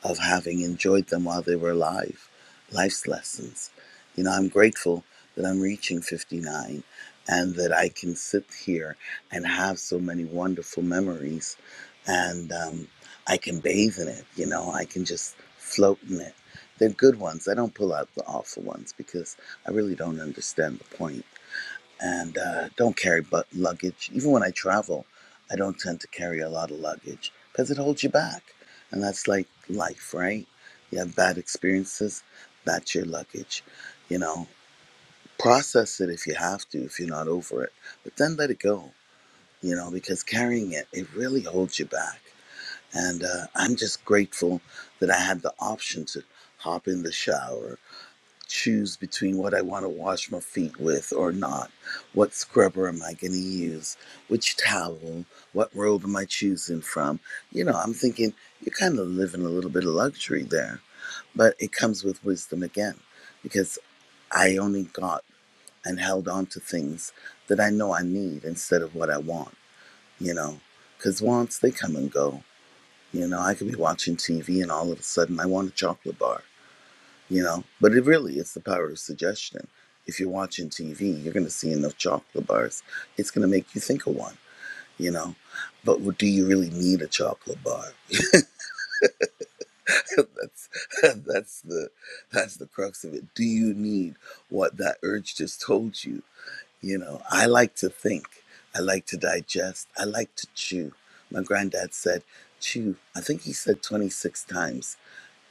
of having enjoyed them while they were alive. Life's lessons. You know, I'm grateful that I'm reaching 59 and that I can sit here and have so many wonderful memories. And, um, I can bathe in it, you know, I can just float in it. They're good ones. I don't pull out the awful ones because I really don't understand the point. And uh, don't carry but luggage. Even when I travel, I don't tend to carry a lot of luggage because it holds you back. And that's like life, right? You have bad experiences, that's your luggage. You know, process it if you have to, if you're not over it, but then let it go, you know, because carrying it, it really holds you back. And uh, I'm just grateful that I had the option to hop in the shower, choose between what I want to wash my feet with or not, what scrubber am I going to use, which towel, what robe am I choosing from. You know, I'm thinking you're kind of living a little bit of luxury there, but it comes with wisdom again because I only got and held on to things that I know I need instead of what I want, you know, because wants, they come and go you know, I could be watching TV and all of a sudden I want a chocolate bar, you know? But it really is the power of suggestion. If you're watching TV, you're going to see enough chocolate bars. It's going to make you think of one, you know? But do you really need a chocolate bar? that's that's the that's the crux of it. Do you need what that urge just told you? You know, I like to think. I like to digest. I like to chew. My granddad said, chew. I think he said 26 times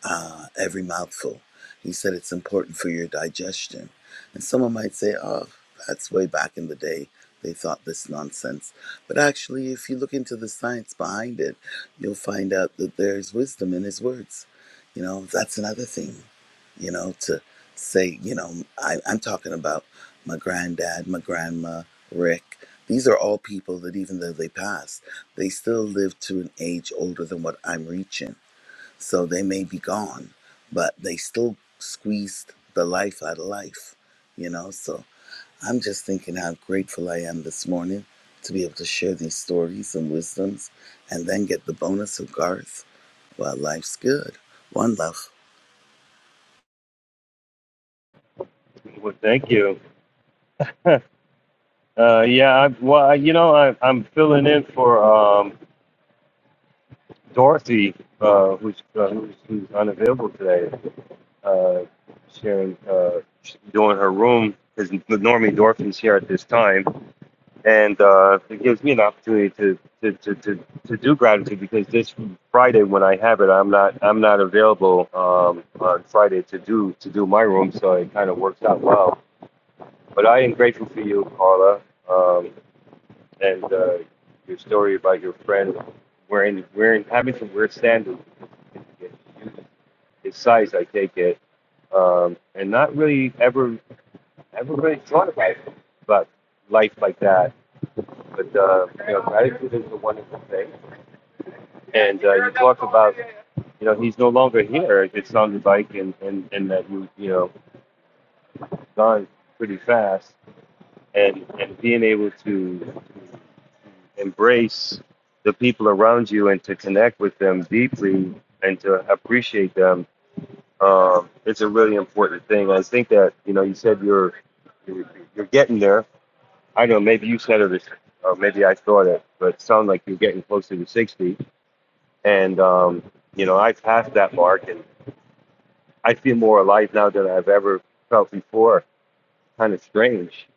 uh, every mouthful. He said it's important for your digestion. And someone might say, oh, that's way back in the day. They thought this nonsense. But actually, if you look into the science behind it, you'll find out that there's wisdom in his words. You know, that's another thing, you know, to say, you know, I, I'm talking about my granddad, my grandma, Rick. These are all people that even though they passed, they still live to an age older than what I'm reaching so they may be gone, but they still squeezed the life out of life, you know? So I'm just thinking how grateful I am this morning to be able to share these stories and wisdoms and then get the bonus of Garth while life's good. One love.
Well, thank you. uh, yeah. I, well, I- you know, I, I'm filling in for um, Dorothy, uh, who's, uh, who's who's unavailable today. uh, sharing, uh, doing her room because Normie Dorfin's here at this time, and uh, it gives me an opportunity to to, to, to to do gratitude because this Friday when I have it, I'm not I'm not available um, on Friday to do to do my room, so it kind of works out well. But I am grateful for you, Carla, um, and uh, your story about your friend wearing wearing having some weird sandals. His size, I take it, um, and not really ever Everybody's trying to write about life like that. But uh, you know, gratitude is a wonderful thing. And uh, you talked about, you know, he's no longer here. It's on the bike and and and that you you know gone pretty fast. And and being able to embrace the people around you and to connect with them deeply and to appreciate them, um, it's a really important thing. I think that you know you said you're you're, you're getting there I know maybe you said it, or maybe I thought it, but it sounded like you're getting closer to 60. And, um, you know, I passed that mark and I feel more alive now than I've ever felt before. Kind of strange,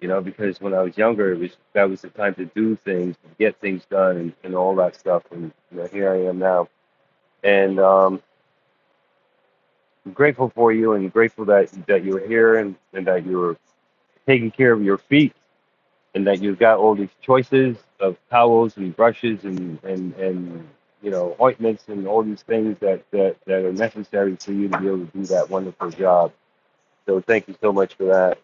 you know, because when I was younger, it was that was the time to do things, to get things done, and, and all that stuff. And you know, here I am now. And um, I'm grateful for you and grateful that, that you were here and, and that you were taking care of your feet and that you've got all these choices of towels and brushes and and and you know ointments and all these things that that that are necessary for you to be able to do that wonderful job. So thank you so much for that.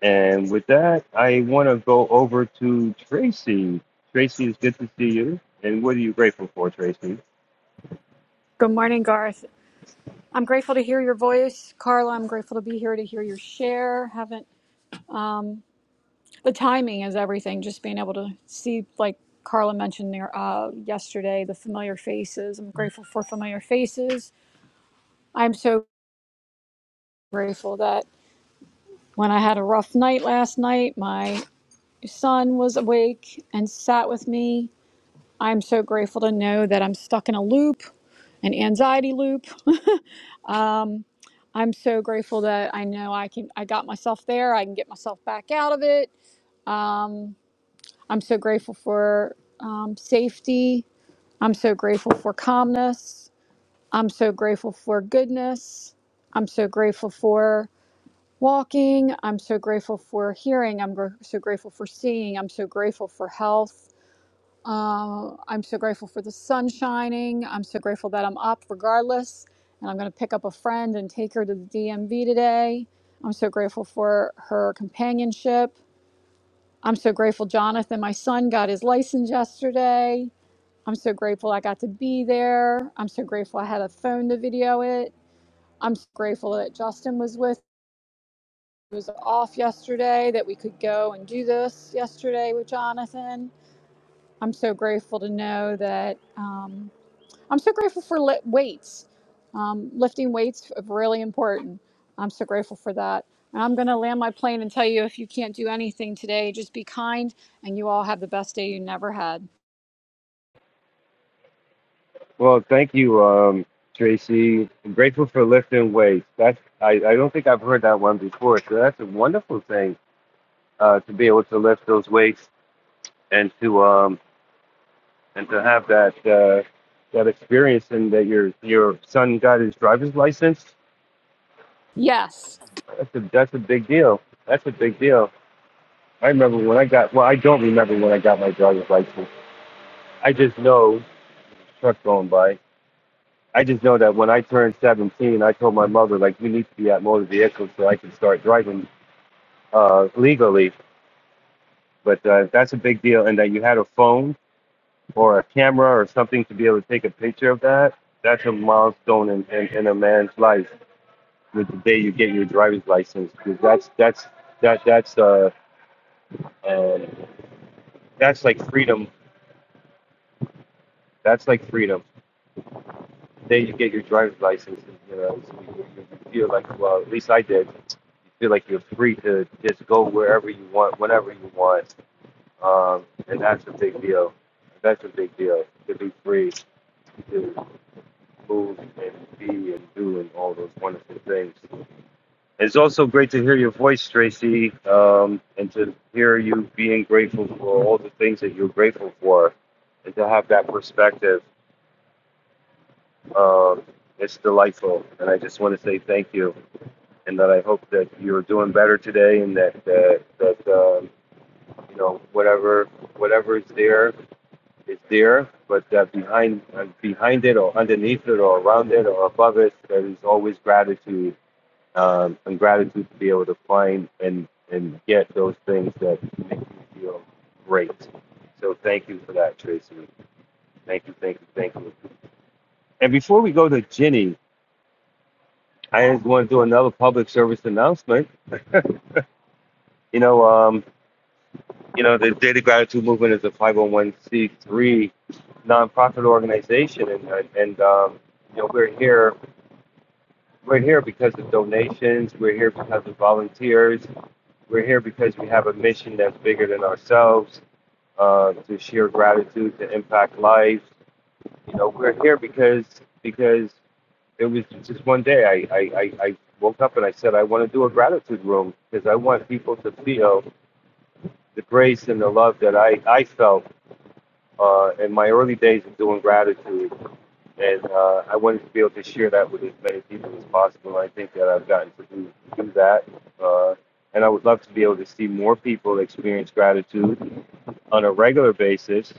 And with that, I want to go over to Tracy. Tracy, it's good to see you. And what are you grateful for, Tracy?
Good morning, Garth. I'm grateful to hear your voice. Carla, I'm grateful to be here to hear your share. Haven't the timing is everything, just being able to see like Carla mentioned there uh, yesterday, the familiar faces. I'm grateful for familiar faces. I'm so grateful that when I had a rough night last night, my son was awake and sat with me. I'm so grateful to know that I'm stuck in a loop, an anxiety loop. I'm so grateful that I know I can I got myself there. I can get myself back out of it. Um, I'm so grateful for um, safety. I'm so grateful for calmness. I'm so grateful for goodness. I'm so grateful for walking. I'm so grateful for hearing. I'm gr- so grateful for seeing. I'm so grateful for health. Uh, I'm so grateful for the sun shining. I'm so grateful that I'm up regardless. And I'm going to pick up a friend and take her to the DMV today. I'm so grateful for her companionship. I'm so grateful Jonathan, my son, got his license yesterday. I'm so grateful I got to be there. I'm so grateful I had a phone to video it. I'm so grateful that Justin was with. He was off yesterday, that we could go and do this yesterday with Jonathan. I'm so grateful to know that. Um, I'm so grateful for li- weights. Um, lifting weights is really important. I'm so grateful for that. And I'm going to land my plane and tell you if you can't do anything today, just be kind and you all have the best day you never had.
Well, thank you, um, Tracy. I'm grateful for lifting weights. That's I, I don't think I've heard that one before. So that's a wonderful thing uh, to be able to lift those weights and to um and to have that uh, that experience and that your your son got his driver's license
Yes.
that's a that's a big deal that's a big deal I remember when I got well I don't remember when I got my driver's license I just know truck going by I just know that when I turned 17 I told my mother like we need to be at motor vehicles so I can start driving uh, legally but uh, that's a big deal and that you had a phone or a camera or something to be able to take a picture of that, that's a milestone in, in, in a man's life. With the day you get your driver's license, 'Cause that's that's that that's uh, um that's like freedom. That's like freedom. The day you get your driver's license, you know, you, you feel like well, at least I did. You feel like you're free to just go wherever you want, whenever you want, um, and that's a big deal. That's a big deal to be free. to move and be and do and all those wonderful things. It's also great to hear your voice, Tracy, um, and to hear you being grateful for all the things that you're grateful for, and to have that perspective. Um, it's delightful, and I just want to say thank you, and that I hope that you're doing better today, and that that, that um, you know whatever whatever is there is there, but that behind uh, behind it or underneath it or around it or above it, there is always gratitude um, and gratitude to be able to find and and get those things that make you feel great. So thank you for that, Tracy. Thank you, thank you, thank you. And before we go to Ginny, I just want to do another public service announcement. You know, um, you know, the Daily Gratitude Movement is a 501c3 nonprofit organization, and and um, you know we're here. We're here because of donations. We're here because of volunteers. We're here because we have a mission that's bigger than ourselves uh, to share gratitude, to impact lives. You know, we're here because because it was just one day. I I, I, I woke up and I said I want to do a gratitude room because I want people to feel the grace and the love that I I felt uh, in my early days of doing gratitude, and uh, I wanted to be able to share that with as many people as possible. And I think that I've gotten to do, do that. Uh, and I would love to be able to see more people experience gratitude on a regular basis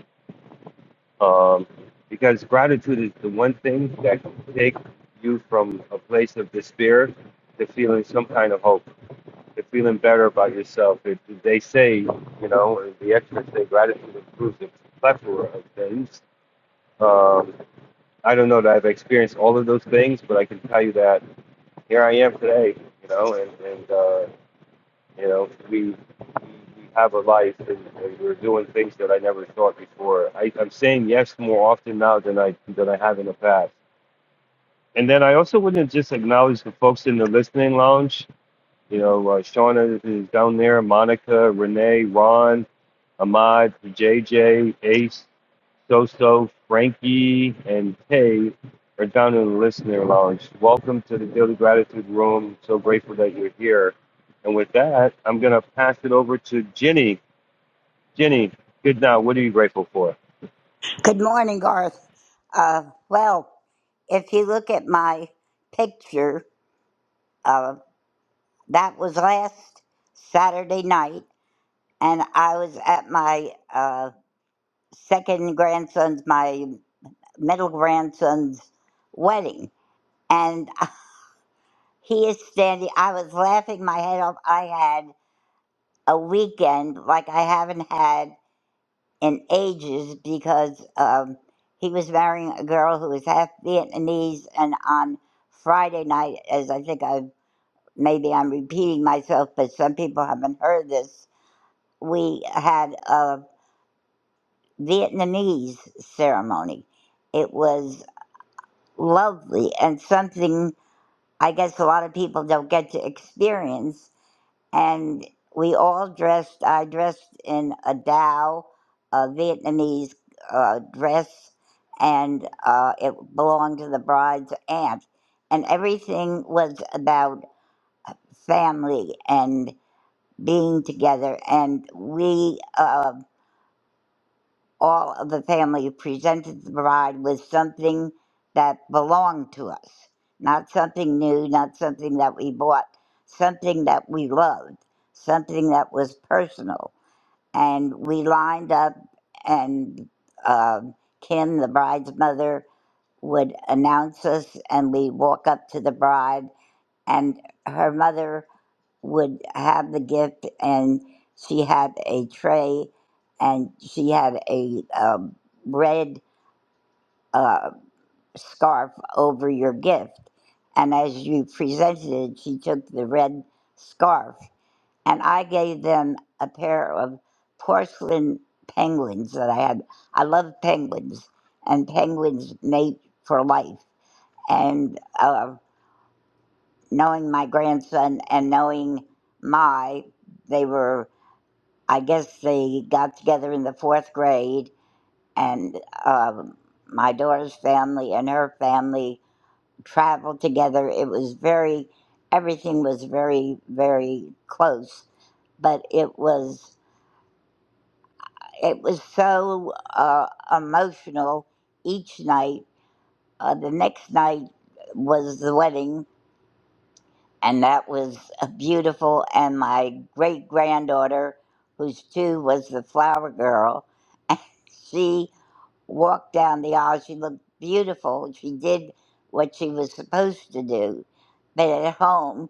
um, because gratitude is the one thing that can take you from a place of despair to feeling some kind of hope, to feeling better about yourself. It, they say, you know, the experts say gratitude improves a plethora of things. Um, I don't know that I've experienced all of those things, but I can tell you that here I am today, you know, and, and uh, you know, we we we have a life and, and we're doing things that I never thought before. I, I'm saying yes more often now than I than I have in the past. And then I also want to just acknowledge the folks in the listening lounge. You know, uh, Shauna is down there, Monica, Renee, Ron, Ahmad, J J, Ace, Doso, Frankie, and Kay are down in the listener lounge. Welcome to the Daily Gratitude Room. So grateful that you're here. And with that, I'm going to pass it over to Ginny. Ginny, good now. What are you grateful for?
Good morning, Garth. Uh, well, if you look at my picture, uh, that was last Saturday night, and I was at my uh, second grandson's, my middle grandson's wedding, and he is standing. I was laughing my head off. I had a weekend like I haven't had in ages because um, he was marrying a girl who was half Vietnamese. And on Friday night, as I think I maybe I'm repeating myself, but some people haven't heard this, we had a Vietnamese ceremony. It was lovely and something I guess a lot of people don't get to experience and we all dressed. I dressed in a Dao, a Vietnamese uh, dress, and uh, it belonged to the bride's aunt. And everything was about family and being together. And we, uh, all of the family presented the bride with something that belonged to us, not something new, not something that we bought, something that we loved, something that was personal. And we lined up, and uh, Kim, the bride's mother, would announce us, and we walk up to the bride, and her mother would have the gift and she had a tray and she had a um, red uh, scarf over your gift and as you presented it she took the red scarf and i gave them a pair of porcelain penguins that i had i love penguins and penguins mate for life and uh, knowing my grandson and knowing my they were I guess they got together in the fourth grade, and um, my daughter's family and her family traveled together. It was very, everything was very, very close, but it was it was so uh, emotional each night. Uh, the next night was the wedding, and that was uh, beautiful. And my great granddaughter, who's two, was the flower girl. and She walked down the aisle. She looked beautiful. She did what she was supposed to do. But at home,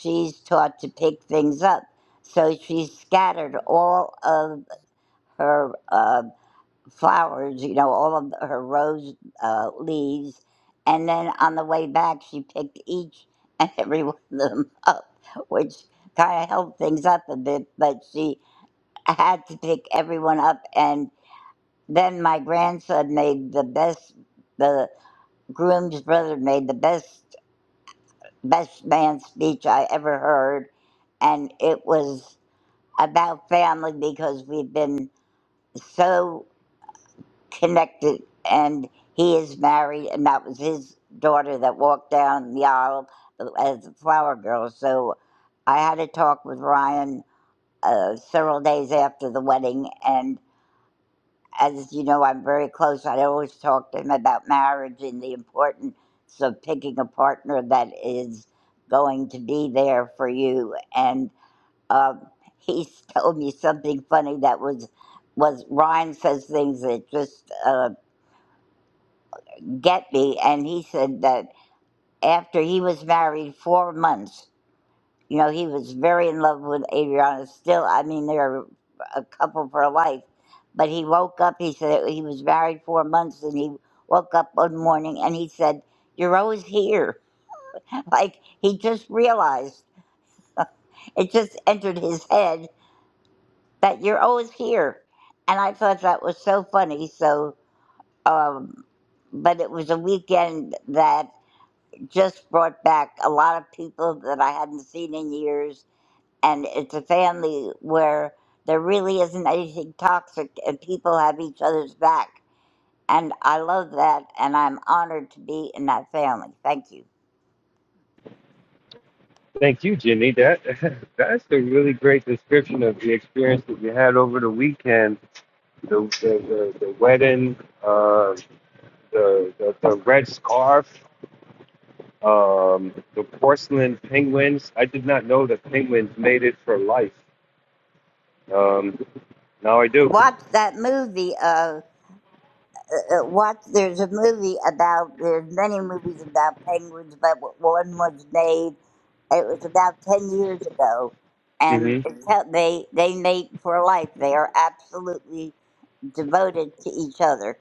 she's taught to pick things up. So she scattered all of her uh, flowers, you know, all of her rose uh, leaves. And then on the way back, she picked each and every one of them up, which kind of held things up a bit. But she had to pick everyone up. and. Then my grandson made the best, the groom's brother made the best, best man speech I ever heard. And it was about family because we've been so connected. And he is married, and that was his daughter that walked down the aisle as the flower girl. So I had a talk with Ryan uh, several days after the wedding, and. as you know, I'm very close. I always talk to him about marriage and the importance of picking a partner that is going to be there for you. And um, he told me something funny that was was Ryan says things that just uh, get me. And he said that after he was married four months. You know, he was very in love with Adriana still. I mean, they're a couple for life. But he woke up, he said he was married four months, and he woke up one morning and he said, You're always here. like he just realized, it just entered his head that you're always here. And I thought that was so funny. So, um, but it was a weekend that just brought back a lot of people that I hadn't seen in years and it's a family where there really isn't anything toxic and people have each other's back. And I love that, and I'm honored to be in that family. Thank you.
Thank you, Ginny. That that's a really great description of the experience that you had over the weekend. The the, the, the wedding, uh, the, the the red scarf, Um, the porcelain penguins. I did not know that penguins made it for life. Um, now I do.
Watch that movie. Uh, uh, watch. There's a movie about. There's many movies about penguins, but one was made. It was about ten years ago, and
hmm
it Mhm. tell- they they mate for life. They are absolutely devoted to each other.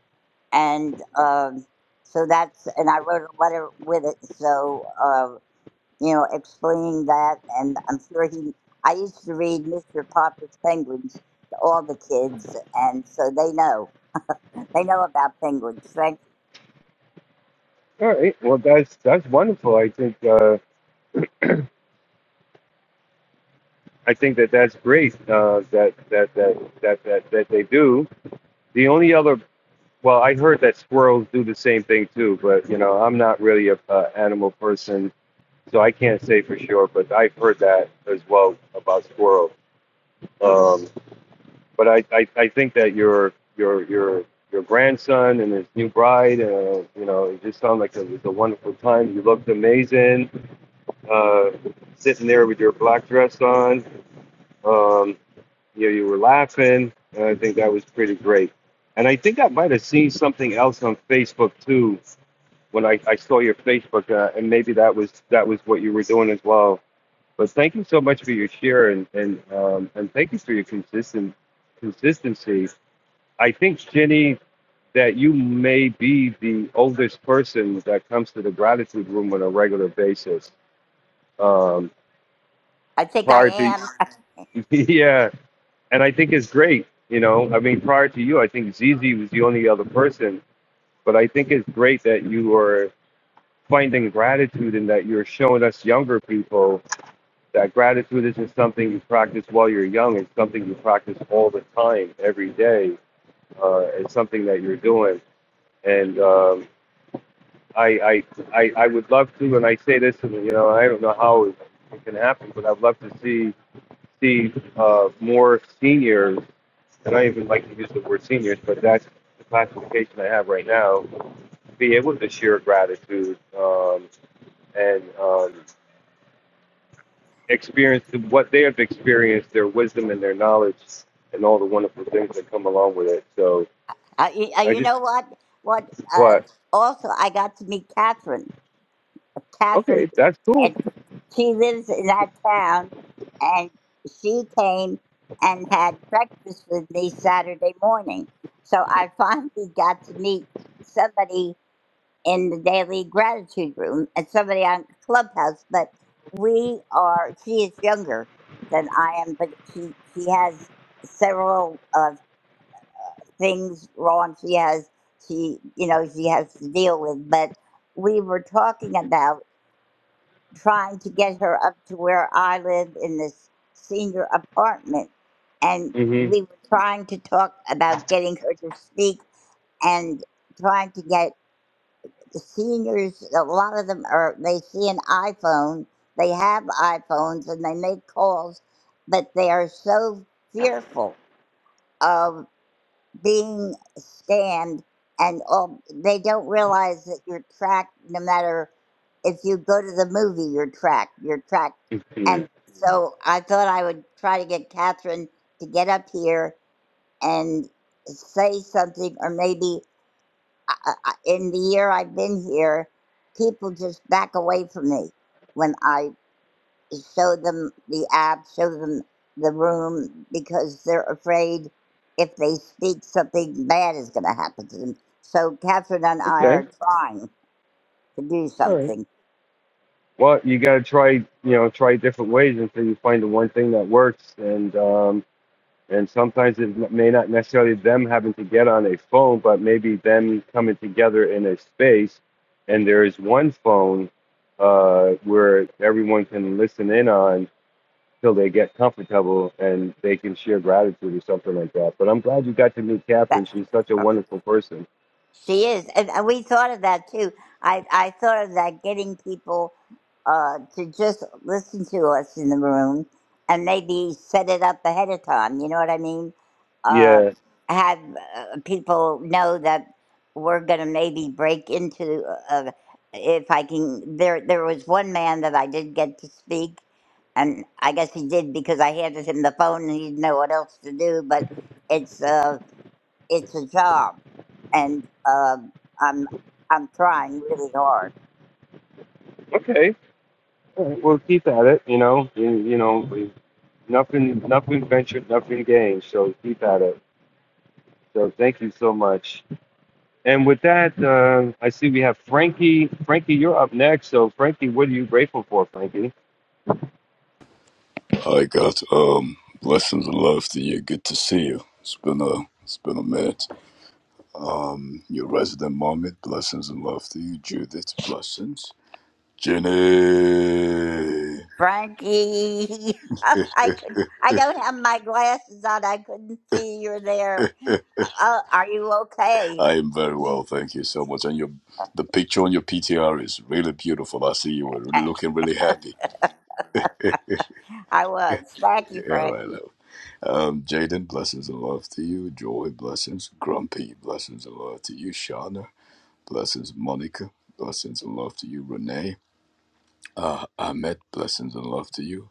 And um, so that's, and I wrote a letter with it. So, uh, you know, explaining that. And I'm sure he, I used to read Mr. Popper's Penguins to all the kids. And so they know, they know about penguins. Thank you.
All right. Well, that's that's wonderful. I think uh, I think that that's great. Uh, that, that that that that that they do. The only other well, I heard that squirrels do the same thing too, but you know, I'm not really a uh, animal person, so I can't say for sure. But I've heard that as well about squirrels. Um, But I, I, I think that your your your your grandson and his new bride, uh, you know, it just sounded like it was a wonderful time. You looked amazing, uh, sitting there with your black dress on. Um, you know, you were laughing, and I think that was pretty great. And I think I might have seen something else on Facebook too when I, I saw your Facebook, uh, and maybe that was that was what you were doing as well. But thank you so much for your share, and and um, and thank you for your consistent consistency I think, Jenny, that you may be the oldest person that comes to the gratitude room on a regular basis. Um,
I think I
prior to,
am.
yeah, and I think it's great. You know, I mean, prior to you, I think Zizi was the only other person, but I think it's great that you are finding gratitude and that you're showing us younger people that gratitude isn't something you practice while you're young. It's something you practice all the time, every day. Uh, it's something that you're doing. And um, I, I, I, I would love to, and I say this, and you know, I don't know how it, it can happen, but I'd love to see see uh, more seniors, and I even like to use the word seniors, but that's the classification I have right now, be able to share gratitude um, and um, experience what they have experienced, their wisdom and their knowledge, and all the wonderful things that come along with it. So
Uh, you, uh,
I
you
just,
know what? What? Uh,
what?
also, I got to meet Catherine. Catherine.
Okay, that's cool.
and she lives in that town, and she came and had breakfast with me Saturday morning. So I finally got to meet somebody in the daily gratitude room and somebody on Clubhouse. But we are, she is younger than I am, but she, she has several uh, things wrong. She has, she, you know, she has to deal with. But we were talking about trying to get her up to where I live in this senior apartment. And
hmm
we were trying to talk about getting her to speak and trying to get the seniors, a lot of them are, they see an iPhone, they have iPhones and they make calls, but they are so fearful of being scanned and all they don't realize that you're tracked no matter if you go to the movie you're tracked you're tracked
hmm
and so i thought i would try to get catherine to get up here and say something or maybe I, I, in the year i've been here people just back away from me when i show them the app, show them the room because they're afraid if they speak something bad is going to happen to them. So Catherine and I
Okay,
are trying to do
all right.
something.
Well, you got to try, you know, try different ways until you find the one thing that works. And um, and sometimes it n- may not necessarily them having to get on a phone, but maybe them coming together in a space, and there is one phone uh, where everyone can listen in on till they get comfortable and they can share gratitude or something like that. But I'm glad you got to meet
That
Catherine. She's such a wonderful person.
She is, and and we thought of that too. I I thought of that getting people uh, to just listen to us in the room, and maybe set it up ahead of time. You know what I mean? Uh,
Yeah.
have uh, people know that we're gonna maybe break into. Uh, if I can, there there was one man that I did get to speak, and I guess he did because I handed him the phone and he didn't know what else to do. But it's uh it's a job, and um, I'm I'm trying really hard.
Okay. All right. Well, keep at it. You know. You, you know. we- Nothing, nothing ventured, nothing gained. So keep at it. So thank you so much. And with that, uh, I see we have Frankie. Frankie, you're up next. So Frankie, what are you grateful for, Frankie?
I got um blessings and love to you. Good to see you. It's been a it's been a minute. Um, your resident moment. Blessings and love to you, Judith. Blessings, Jenny.
Frankie, I could I don't have my glasses on. I couldn't see you're there. Uh, are you okay?
I am very well,
You,
thank you so much. And your the picture on your PTR is really beautiful. I see you were really
eh,
looking really happy.
I was. Thank you,
Yeah, right.
Frankie.
love. Um, Jaden, blessings and love to you. Joy, blessings. Grumpy, blessings and love to you. Shauna, blessings. Monica, blessings and love to you. Renee. Uh, Ahmed, blessings and love to you.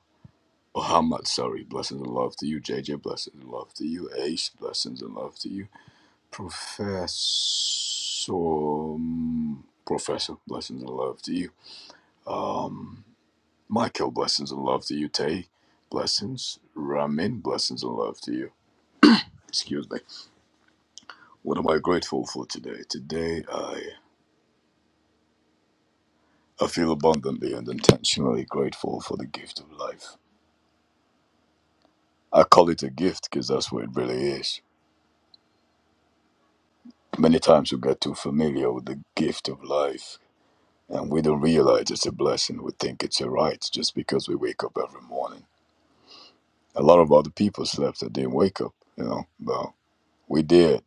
Muhammad, sorry, blessings and love to you. JJ, blessings and love to you. Ace, blessings and love to you. Professor, Professor, blessings and love to you. Michael, blessings and love to you. Tay, blessings. Ramin, blessings and love to you. Excuse me. What am I grateful for today? Today, I, I feel abundantly and intentionally grateful for the gift of life. I call it a gift because that's what it really is Many times we get too familiar with the gift of life and we don't realize it's a blessing. We think it's a right just because we wake up every morning. A lot of other people slept that didn't wake up, you know, but we did.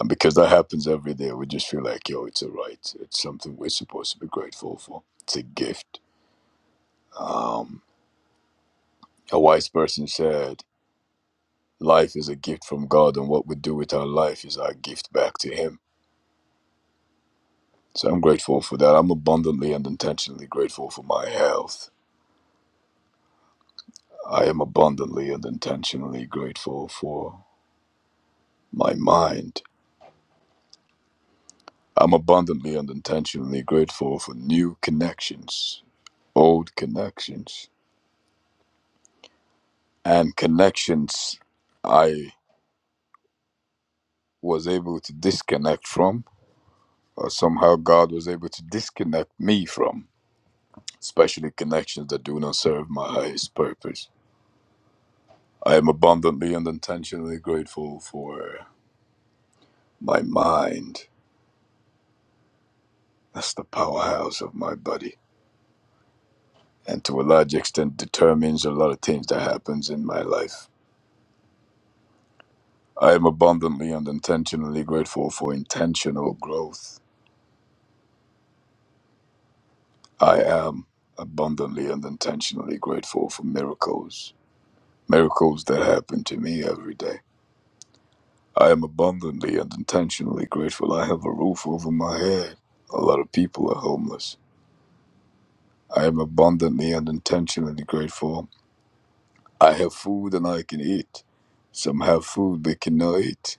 And because that happens every day, we just feel like, yo, it's a right. It's something we're supposed to be grateful for. It's a gift. Um, a wise person said, life is a gift from God, and what we do with our life is our gift back to Him. So I'm grateful for that. I'm abundantly and intentionally grateful for my health I am abundantly and intentionally grateful for my mind. I'm abundantly and intentionally grateful for new connections, old connections, and connections I was able to disconnect from, or somehow God was able to disconnect me from, especially connections that do not serve my highest purpose. I am abundantly and intentionally grateful for my mind. That's the powerhouse of my body. and to a large extent determines a lot of things that happens in my life. I am abundantly and intentionally grateful for intentional growth. I am abundantly and intentionally grateful for miracles, miracles that happen to me every day. I am abundantly and intentionally grateful I have a roof over my head. A lot of people are homeless. I am abundantly and intentionally grateful I have food and I can eat. Some have food they cannot eat.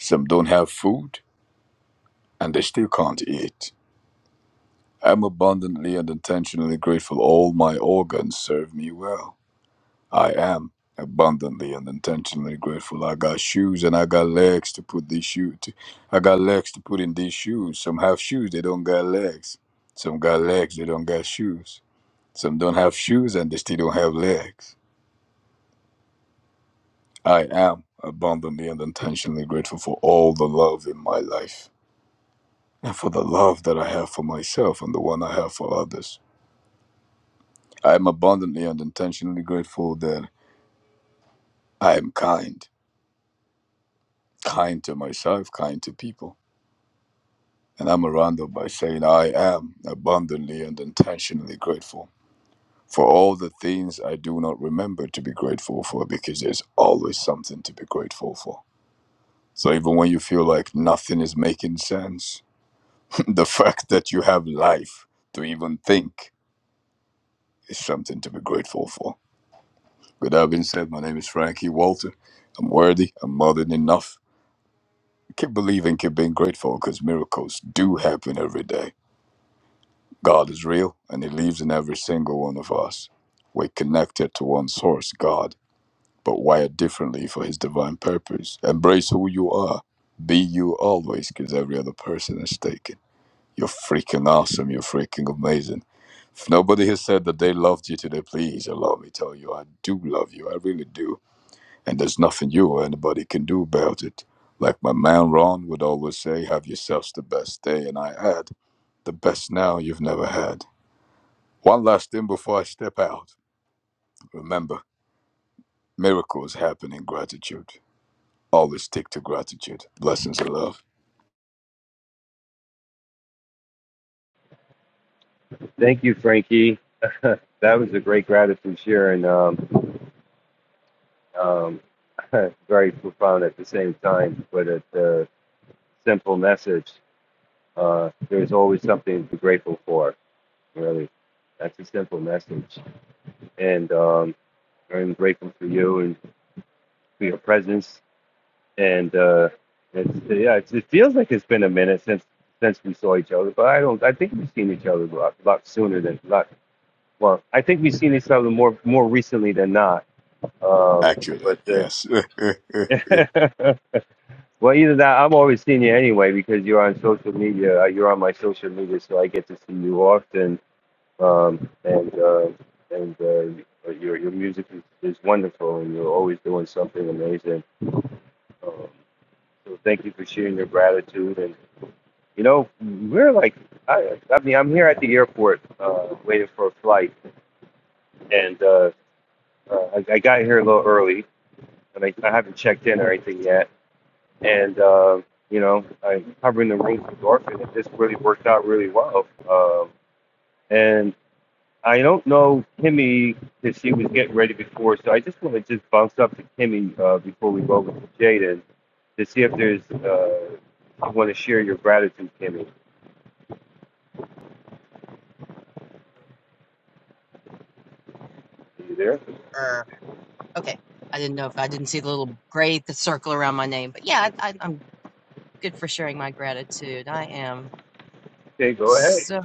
Some don't have food and they still can't eat. I am abundantly and intentionally grateful all my organs serve me well. I am abundantly and intentionally grateful. I got shoes and I got legs to put these shoes. To, I got legs to put in these shoes. Some have shoes, they don't got legs. Some got legs, they don't got shoes. Some don't have shoes and they still don't have legs. I am abundantly and intentionally grateful for all the love in my life and for the love that I have for myself and the one I have for others. I am abundantly and intentionally grateful that I am kind, kind to myself, kind to people. And I'm around it by saying I am abundantly and intentionally grateful for all the things I do not remember to be grateful for because there's always something to be grateful for. So even when you feel like nothing is making sense, the fact that you have life to even think is something to be grateful for. With that being said, my name is Frankie Walter. I'm worthy, I'm more than enough. Keep believing, keep being grateful because miracles do happen every day. God is real and He lives in every single one of us. We're connected to one source, God, but wired differently for His divine purpose. Embrace who you are. Be you always because every other person is taken. You're freaking awesome. You're freaking amazing. If nobody has said that they loved you today, please allow me to tell you I do love you. I really do and there's nothing you or anybody can do about it. Like my man Ron would always say, have yourselves the best day, and I add, the best now you've never had. One last thing before I step out. Remember, miracles happen in gratitude. Always stick to gratitude. Blessings and love.
Thank you, Frankie. that was a great gratitude share and um, um, very profound at the same time, but a uh, simple message. Uh, there's always something to be grateful for. Really, that's a simple message. And um, I'm grateful for you and for your presence and uh, it's, yeah, it's, it feels like it's been a minute since since we saw each other. But I don't. I think we've seen each other a lot, lot sooner than lot. Well, I think we've seen each other more more recently than not. Um,
Actually,
but uh,
yes.
well, either that I'm always seeing you anyway because you're on social media. uh, You're on my social media, so I get to see you often. Um, and uh, and uh, your your music is, is wonderful, and you're always doing something amazing. Um, so thank you for sharing your gratitude and You know, we're like, I, I mean, I'm here at the airport uh, waiting for a flight, and uh, uh, I, I got here a little early, and I, I haven't checked in or anything yet. And, uh, you know, I'm covering the room for Dorfin, and this really worked out really well. Um, and I don't know Kimmy because she was getting ready before, so I just want to just bounce up to Kimmy uh, before we go over to Jaden to see if there's, uh, you want to share your gratitude, Kimmy. Are you there?
Er, okay. I didn't know if I didn't see the little gray the circle around my name, but yeah, I, I, I'm good for sharing my gratitude. I am
Okay, go ahead.
so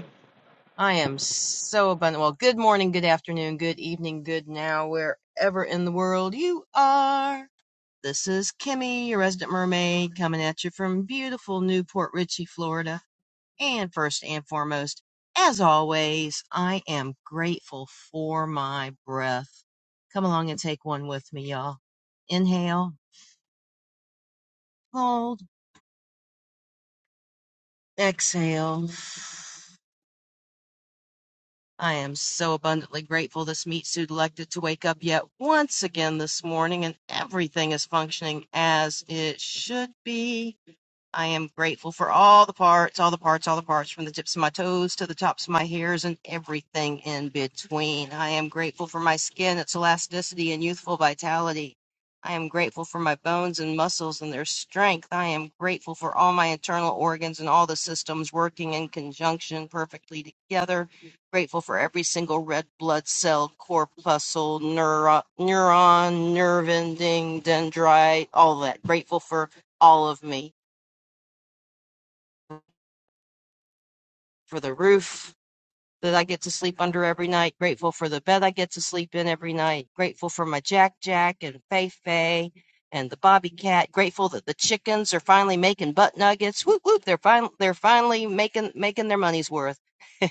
I am so abundant. Well, good morning, good afternoon, good evening, good now, wherever in the world you are. This is Kimmy, your resident mermaid, coming at you from beautiful Newport Richey, Florida. And first and foremost, as always, I am grateful for my breath. Come along and take one with me, y'all. Inhale, hold, exhale. I am so abundantly grateful this meat suit elected to wake up yet once again this morning and everything is functioning as it should be. I am grateful for all the parts, all the parts, all the parts, from the tips of my toes to the tops of my hairs and everything in between. I am grateful for my skin, its elasticity and youthful vitality. I am grateful for my bones and muscles and their strength. I am grateful for all my internal organs and all the systems working in conjunction perfectly together. Grateful for every single red blood cell, corpuscle, neuro- neuron, nerve ending, dendrite, all that. Grateful for all of me for the roof that I get to sleep under every night, grateful for the bed I get to sleep in every night, grateful for my Jack Jack and Fei Fei and the Bobby Cat, grateful that the chickens are finally making butt nuggets. Whoop whoop, they're fin- they're finally making making their money's worth.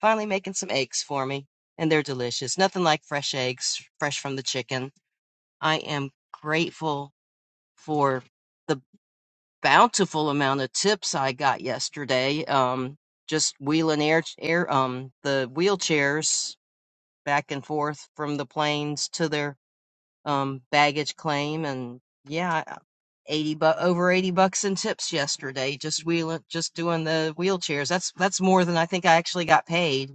finally making some eggs for me. And they're delicious. Nothing like fresh eggs, fresh from the chicken. I am grateful for the bountiful amount of tips I got yesterday. Um, just wheeling air, air, um, the wheelchairs back and forth from the planes to their um baggage claim, and yeah, uh, eighty bu- over eighty bucks in tips yesterday. Just wheeling, just doing the wheelchairs. That's that's more than I think I actually got paid.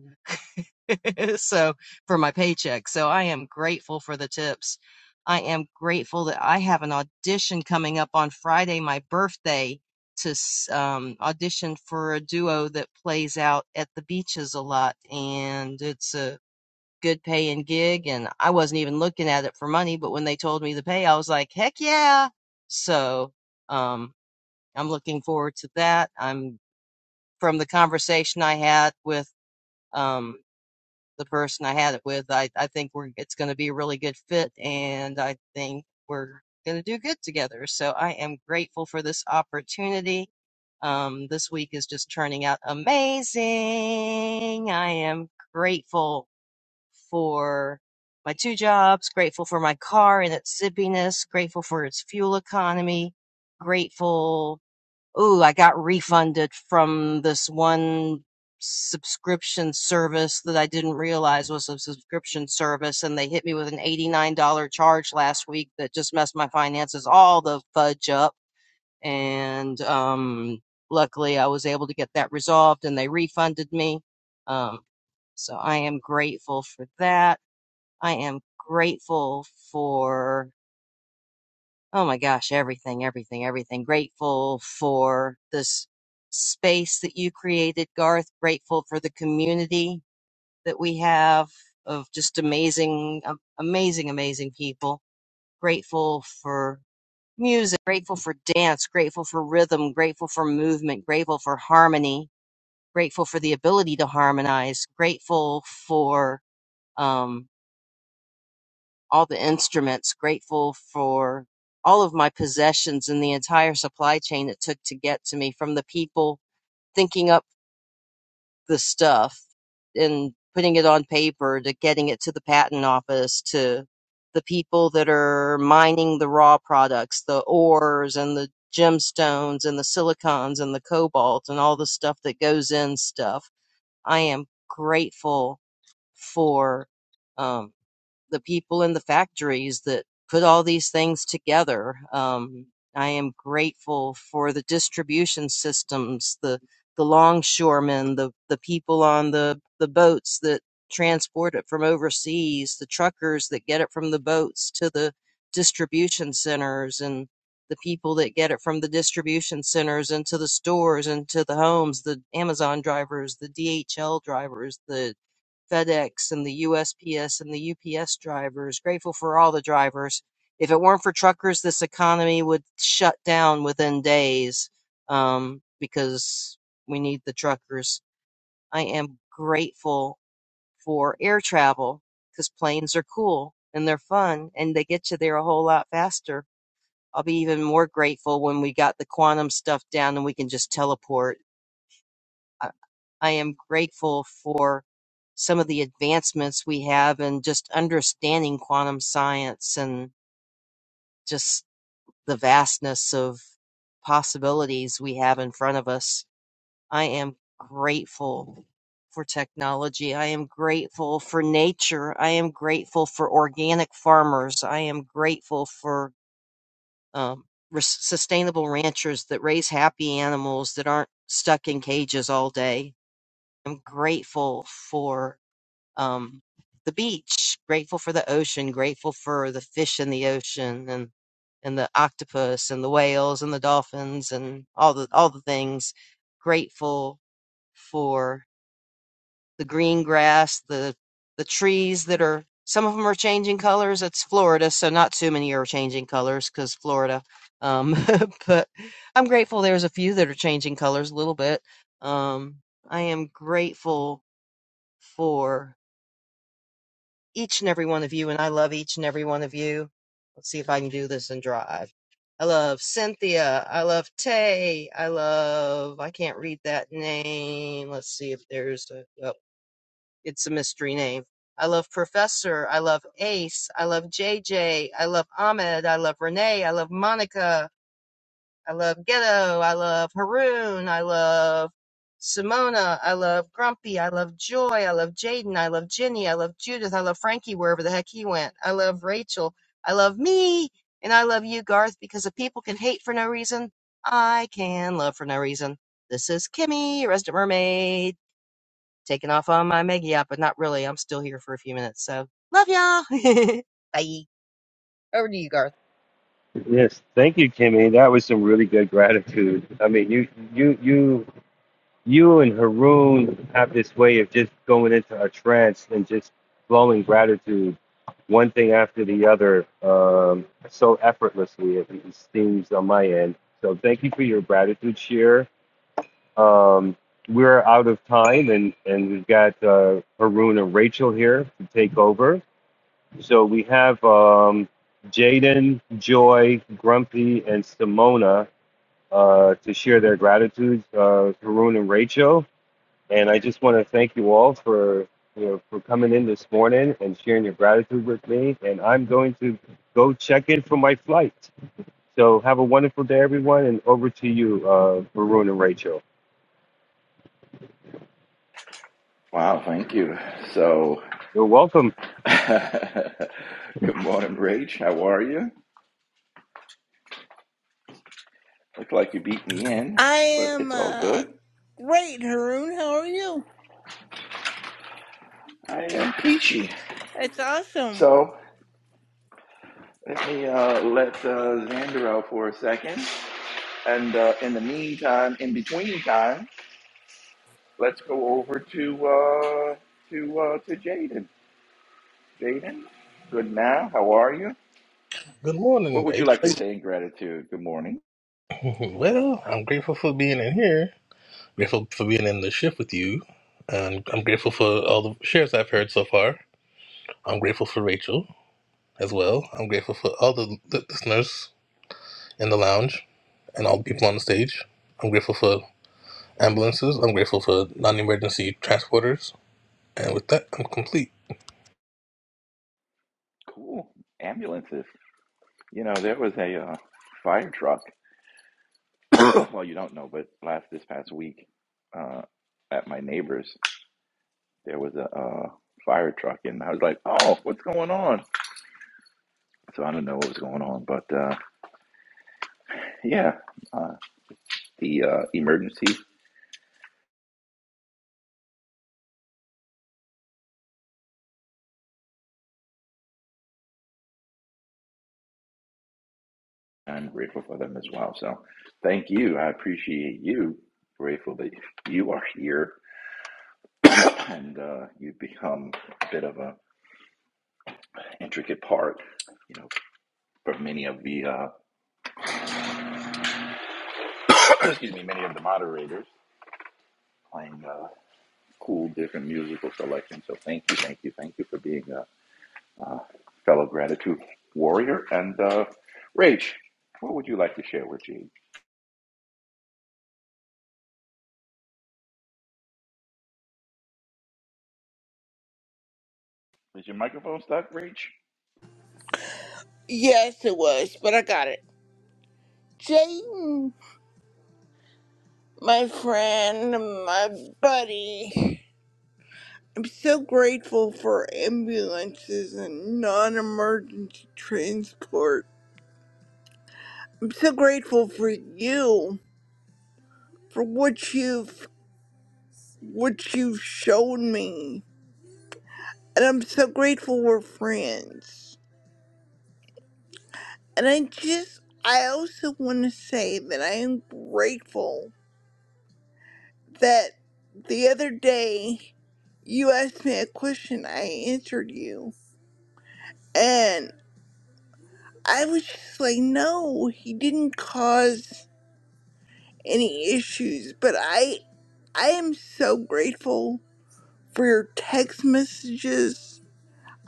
so for my paycheck. So I am grateful for the tips. I am grateful that I have an audition coming up on Friday, my birthday, to um, audition for a duo that plays out at the beaches a lot. And it's a good paying gig. And I wasn't even looking at it for money, but when they told me the pay, I was like, heck yeah. So um, I'm looking forward to that. I'm from the conversation I had with um, the person I had it with. I, I think we're it's going to be a really good fit, and I think we're going to do good together. So I am grateful for this opportunity. Um, this week is just turning out amazing. I am grateful for my two jobs, grateful for my car and its zippiness, grateful for its fuel economy, grateful oh, I got refunded from this one subscription service that I didn't realize was a subscription service, and they hit me with an $89 charge last week that just messed my finances all the fudge up. And um, luckily, I was able to get that resolved, and they refunded me. Um, so I am grateful for that. I am grateful for Oh my gosh, everything, everything, everything. Grateful for this space that you created, Garth. Grateful for the community that we have of just amazing, um, amazing, amazing people. Grateful for music, grateful for dance, grateful for rhythm, grateful for movement, grateful for harmony, grateful for the ability to harmonize, grateful for, um, all the instruments, grateful for all of my possessions and the entire supply chain it took to get to me from the people thinking up the stuff and putting it on paper to getting it to the patent office to the people that are mining the raw products, the ores and the gemstones and the silicons and the cobalt and all the stuff that goes in stuff. I am grateful for Um the people in the factories that put all these things together. Um, I am grateful for the distribution systems, the the longshoremen, the the people on the the boats that transport it from overseas, the truckers that get it from the boats to the distribution centers, and the people that get it from the distribution centers into the stores, into the homes, the Amazon drivers, the DHL drivers, the FedEx and the USPS and the UPS drivers, grateful for all the drivers. If it weren't for truckers, this economy would shut down within days um, because we need the truckers. I am grateful for air travel because planes are cool and they're fun and they get you there a whole lot faster. I'll be even more grateful when we got the quantum stuff down and we can just teleport I I am grateful for some of the advancements we have in just understanding quantum science and just the vastness of possibilities we have in front of us. I am grateful for technology. I am grateful for nature. I am grateful for organic farmers. I am grateful for um, res- sustainable ranchers that raise happy animals that aren't stuck in cages all day. I'm grateful for um, the beach, grateful for the ocean, grateful for the fish in the ocean and and the octopus and the whales and the dolphins and all the all the things. Grateful for the green grass, the the trees that are some of them are changing colors. It's Florida, so not too many are changing colors because Florida. Um, but I'm grateful there's a few that are changing colors a little bit. Um, I am grateful for each and every one of you, and I love each and every one of you. Let's see if I can do this and drive. I love Cynthia. I love Tay. I love, I can't read that name. Let's see if there's a, oh, it's a mystery name. I love Professor. I love Ace. I love JJ. I love Ahmed. I love Renee. I love Monica. I love Ghetto. I love Haroon. I love Simona. I love Grumpy. I love Joy. I love Jaden. I love Jenny. I love Judith. I love Frankie wherever the heck he went. I love Rachel. I love me. And I love you, Garth, because if people can hate for no reason, I can love for no reason. This is Kimmy, Resident Mermaid, taking off on my mega yacht, but not really. I'm still here for a few minutes. So love y'all. Bye. Over to you, Garth.
Yes, thank you, Kimmy. That was some really good gratitude. I mean, you, you, you, you and Haroon have this way of just going into a trance and just flowing gratitude, one thing after the other, um, so effortlessly. It, it seems on my end. So thank you for your gratitude, share. Um, we're out of time, and and we've got uh, Haroon and Rachel here to take over. So we have um, Jaden, Joy, Grumpy, and Simona uh, to share their gratitudes, uh, Haroon and Rachel. And I just want to thank you all for you know for coming in this morning and sharing your gratitude with me. And I'm going to go check in for my flight. So have a wonderful day, everyone, and over to you, uh, Haroon and Rachel.
Wow, thank you. So,
You're welcome.
good morning, Rach. How are you? Look like you beat me in,
I
but
am
it's all
uh,
good.
great, Haroon. How are you?
I am peachy.
That's awesome.
So, let me uh, let uh, Xander out for a second. And uh, in the meantime, in between time, let's go over to uh, to uh, to Jaden. Jaden, good now. How are you?
Good
What
morning,
would you
H.
like to say in gratitude? Good morning.
Well, I'm grateful for being in here. Grateful for being in the shift with you. And I'm grateful for all the shares I've heard so far. I'm grateful for Rachel as well. I'm grateful for all the the listeners in the lounge and all the people on the stage. I'm grateful for ambulances. I'm grateful for non emergency transporters. And with that, I'm complete.
Cool. Ambulances. You know, there was a uh, fire truck well, you don't know, but last this past week, uh, at my neighbor's, there was a uh, fire truck, and I was like, "Oh, what's going on?" So I don't know what was going on, but uh, yeah, uh, the uh, emergency. I'm grateful for them as well. So thank you. I appreciate you. Grateful that you are here, and uh, you've become a bit of a intricate part, you know, for many of the uh, excuse me, many of the moderators playing. uh, cool, different musical selection. So thank you, thank you, thank you for being a, uh fellow gratitude warrior. And uh, Rach, what would you like to share with Gene? Is your microphone stuck, Rach?
Yes, it was, but I got it. Jaden, my friend, my buddy. I'm so grateful for ambulances and non emergency transport. I'm so grateful for you, for what you've what you've shown me. And I'm so grateful we're friends. And I just, I also want to say that I am grateful that the other day you asked me a question, I answered you. And I was just like, no, he didn't cause any issues. But I, I am so grateful for your text messages.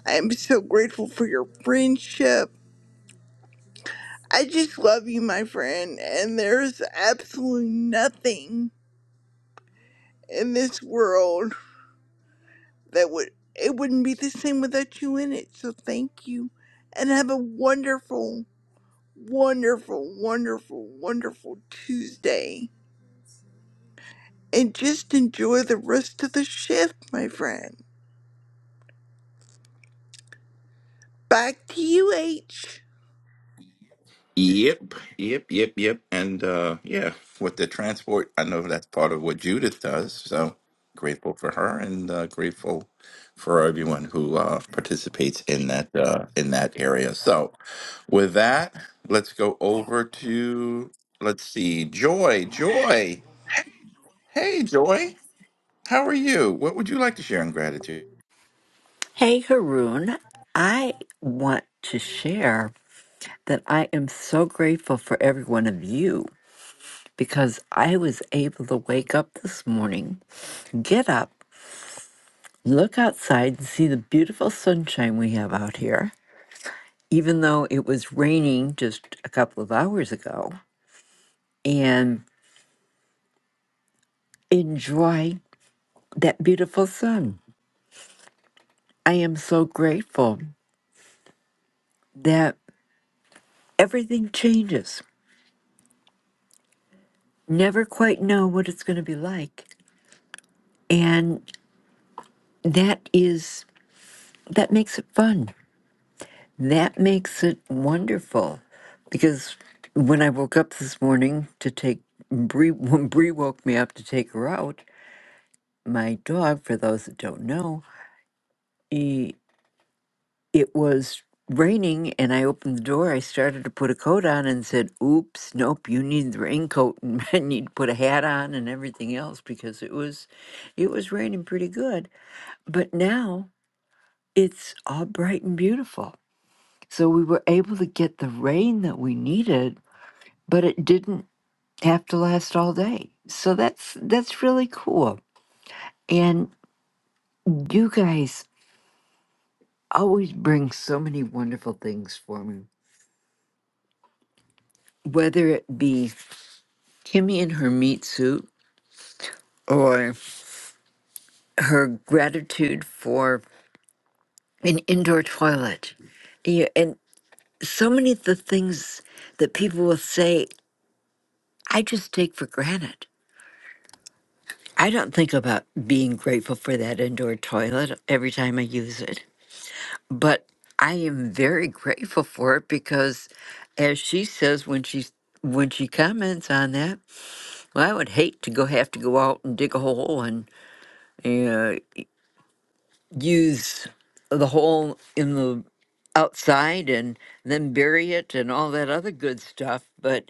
I am so grateful for your friendship. I just love you, my friend. And there's absolutely nothing in this world that would it wouldn't be the same without you in it. So thank you, and have a wonderful, wonderful, wonderful, wonderful Tuesday. And just enjoy the rest of the shift, my friend. Back to you, H.
Yep, yep, yep, yep. And uh yeah, with the transport, I know that's part of what Judith does. So grateful for her and uh, grateful for everyone who uh participates in that uh in that area. So with that, let's go over to let's see, Joy, Joy. Hey Joy, how are you? What would you like to share in gratitude?
Hey, Haroon. I want to share that I am so grateful for every one of you because I was able to wake up this morning, get up, look outside, and see the beautiful sunshine we have out here, even though it was raining just a couple of hours ago, and enjoy that beautiful sun. I am so grateful that everything changes. Never quite know what it's going to be like. And that is that makes it fun that makes it wonderful because when i woke up this morning to take Bree, when Bree woke me up to take her out, my dog, for those that don't know, he, it was raining and I opened the door. I started to put a coat on and said, Oops, nope, you need the raincoat and I need to put a hat on and everything else because it was it was raining pretty good. But now it's all bright and beautiful So we were able to get the rain that we needed, but it didn't have to last all day. So that's that's really cool. And you guys always bring so many wonderful things for me. Whether it be Kimmy and her meat soup or her gratitude for an indoor toilet. Yeah, and so many of the things that people will say I just take for granted. I don't think about being grateful for that indoor toilet every time I use it, but I am very grateful for it because, as she says when she when she comments on that, well, I would hate to go have to go out and dig a hole and uh, use the hole in the outside and then bury it and all that other good stuff. But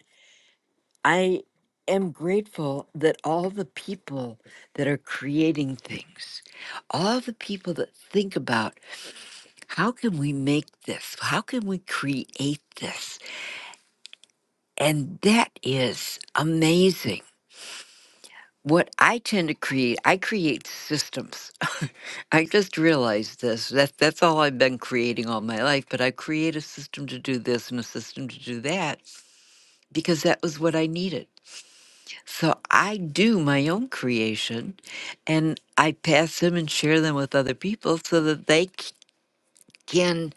I am grateful that all the people that are creating things, all the people that think about how can we make this? How can we create this? And that is amazing. What I tend to create, I create systems. I just realized this. That that's all I've been creating all my life, but I create a system to do this and a system to do that because that was what I needed. So I do my own creation and I pass them and share them with other people so that they c- can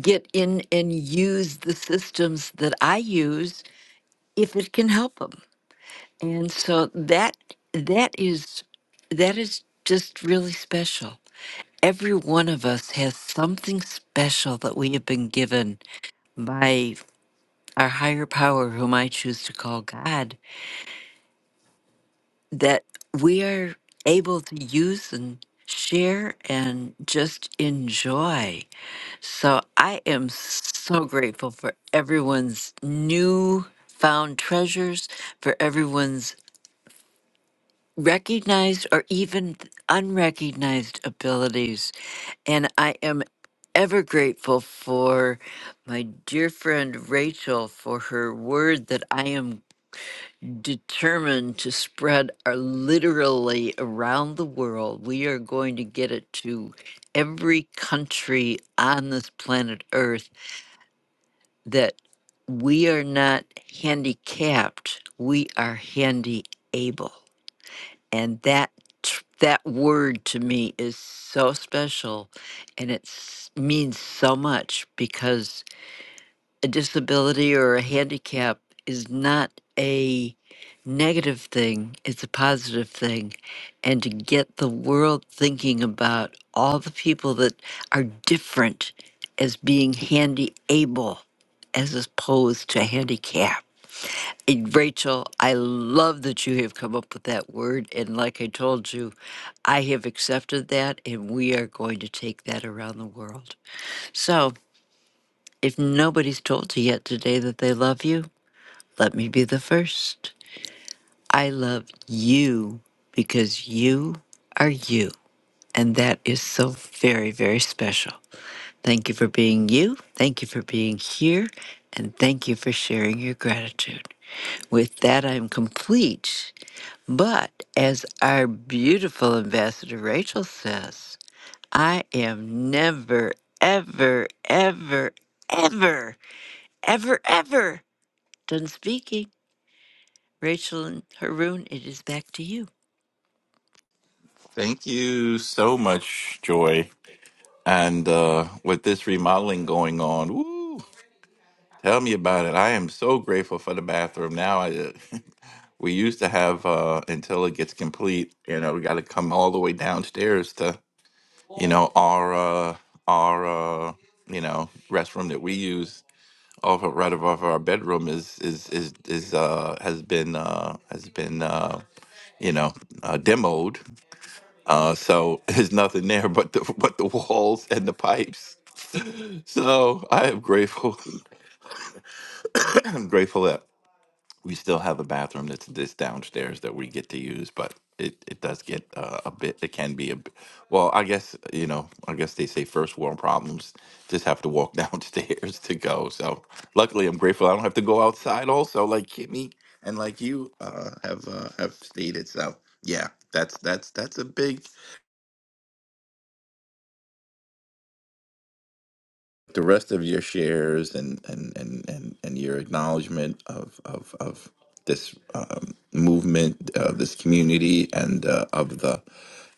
get in and use the systems that I use if it can help them. And so that that is that is just really special. Every one of us has something special that we have been given by our higher power whom I choose to call God that we are able to use and share and just enjoy. So I am so grateful for everyone's new found treasures, for everyone's recognized or even unrecognized abilities. And I am ever grateful for my dear friend Rachel for her word that I am determined to spread are literally around the world. We are going to get it to every country on this planet Earth that we are not handicapped, we are handy able. And that tr- that word to me is so special and it s- means so much because a disability or a handicap is not a negative thing, it's a positive thing. And to get the world thinking about all the people that are different as being handy able as opposed to handicap. And Rachel, I love that you have come up with that word. And like I told you, I have accepted that and we are going to take that around the world. So, if nobody's told you yet today that they love you, let me be the first. I love you because you are you. And that is so very, very special. Thank you for being you. Thank you for being here. And thank you for sharing your gratitude. With that, I'm complete. But as our beautiful ambassador Rachel says, I am never, ever, ever, ever, ever, ever done speaking. Rachel and Haroon, it is back to you.
Thank you so much, Joy. And uh with this remodeling going on, woo. Tell me about it. I am so grateful for the bathroom now. I uh, we used to have uh, until it gets complete. You know, we got to come all the way downstairs to you know our uh, our uh, you know restroom that we use off of, right above our bedroom is is is is uh, has been uh, has been uh, you know uh, demoed. Uh, so there's nothing there but the but the walls and the pipes. So I am grateful. I'm grateful that. we still have a bathroom that's this downstairs that we get to use, but it, it does get uh, a bit. It can be a b- well. I guess you know. I guess they say first world problems just have to walk downstairs to go. So luckily, I'm grateful I don't have to go outside. Also, like Kimmy and like you uh, have uh, have stated. So yeah, that's that's that's a big. the rest of your shares and and and and, and your acknowledgement of of of this um, movement of this community and uh, of the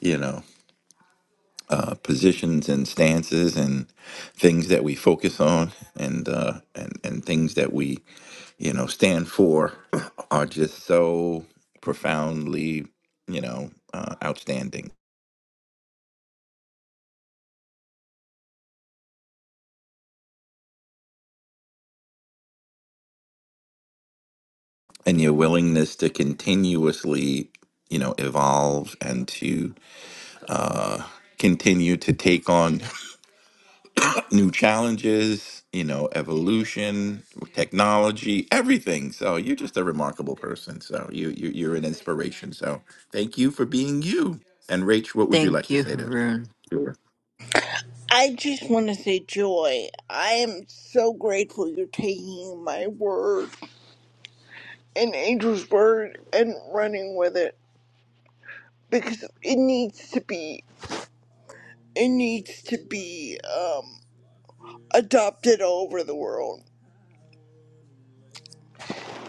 you know uh, positions and stances and things that we focus on and uh, and and things that we you know stand for are just so profoundly you know uh, outstanding and your willingness to continuously you know evolve and to uh, continue to take on new challenges, you know, evolution, technology, everything. So you're just a remarkable person. So you, you you're an inspiration. So thank you for being you. And Rach, what would you like
Thank
to
you,
say to
Haroon.
Sure.
I just want to say, Joy, I am so grateful you're taking my word and Angel's word and running with it because it needs to be, it needs to be, um, adopted all over the world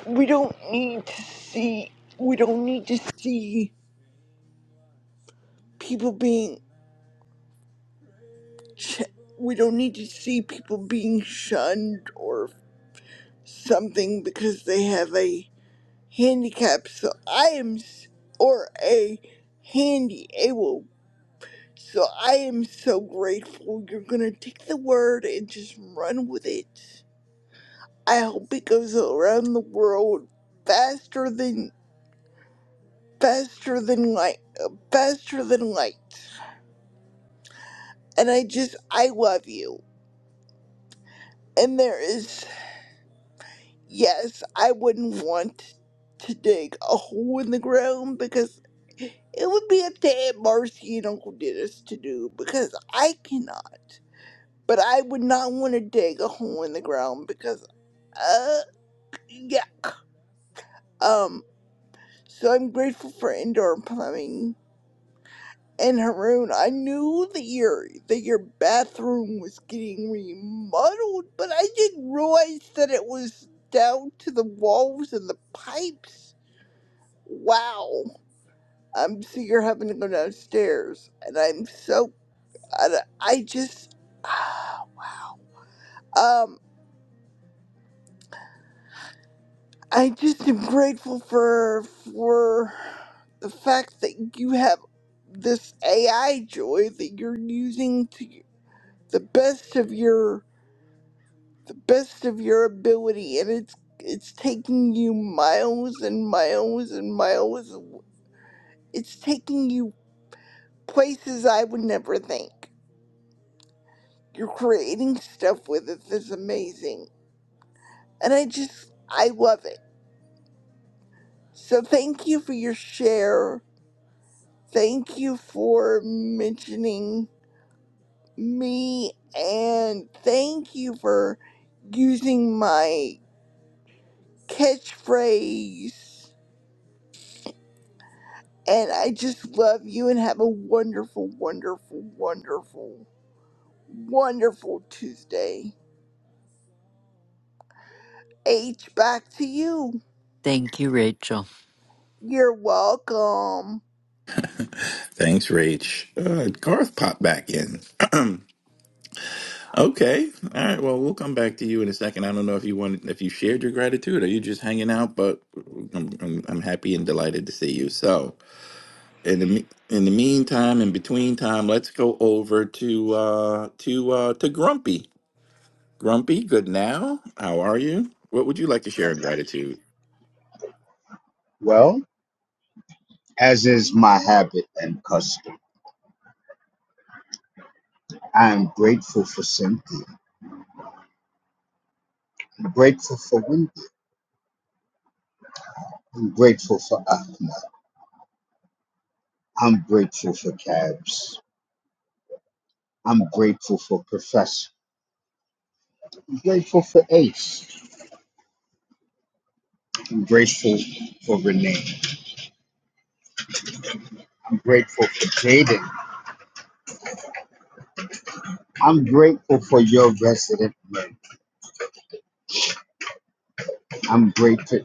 we don't need to see we don't need to see people being ch- we don't need to see people being shunned or something because they have a handicap so i am s- or a handy able so i am so grateful you're gonna take the word and just run with it i hope it goes around the world faster than faster than light uh, faster than light And I just, I love you. And there is, yes, I wouldn't want to dig a hole in the ground because it would be up to Aunt Marcy and Uncle Dennis to do because I cannot. But I would not want to dig a hole in the ground because, uh, yeah. Um, so I'm grateful for indoor plumbing And Haroon, I knew that your that your bathroom was getting remodeled, but I didn't realize that it was down to the walls and the pipes. Wow. I'm so you're having to go downstairs, and I'm so I, I just um I just am grateful for for the fact that you have this AI joy that you're using to the best of your the best of your ability and it's it's taking you miles and miles and miles it's taking you places i would never think you're creating stuff with it that's amazing and i just i love it so thank you for your share thank you for mentioning me and thank you for using my catchphrase And I just love you and have a wonderful, wonderful, wonderful, wonderful Tuesday. H, back to you.
Thank you, Rachel.
You're welcome.
Thanks, Rach. Uh, Garth popped back in. okay. All right. Well, we'll come back to you in a second. I don't know if you wanted, if you shared your gratitude or you just hanging out, but I'm, I'm, I'm happy and delighted to see you. So, in the me- in the meantime, in between time, let's go over to uh to uh to Grumpy. Grumpy, good now. How are you? What would you like to share in gratitude?
Well, as is my habit and custom, I am grateful for Cynthia. I'm grateful for Wendy. I'm grateful for Ahmed. I'm grateful for Cabs. I'm grateful for Professor. I'm grateful for Ace. I'm grateful for Renee. I'm grateful for Jaden. I'm grateful for your resident men. I'm grateful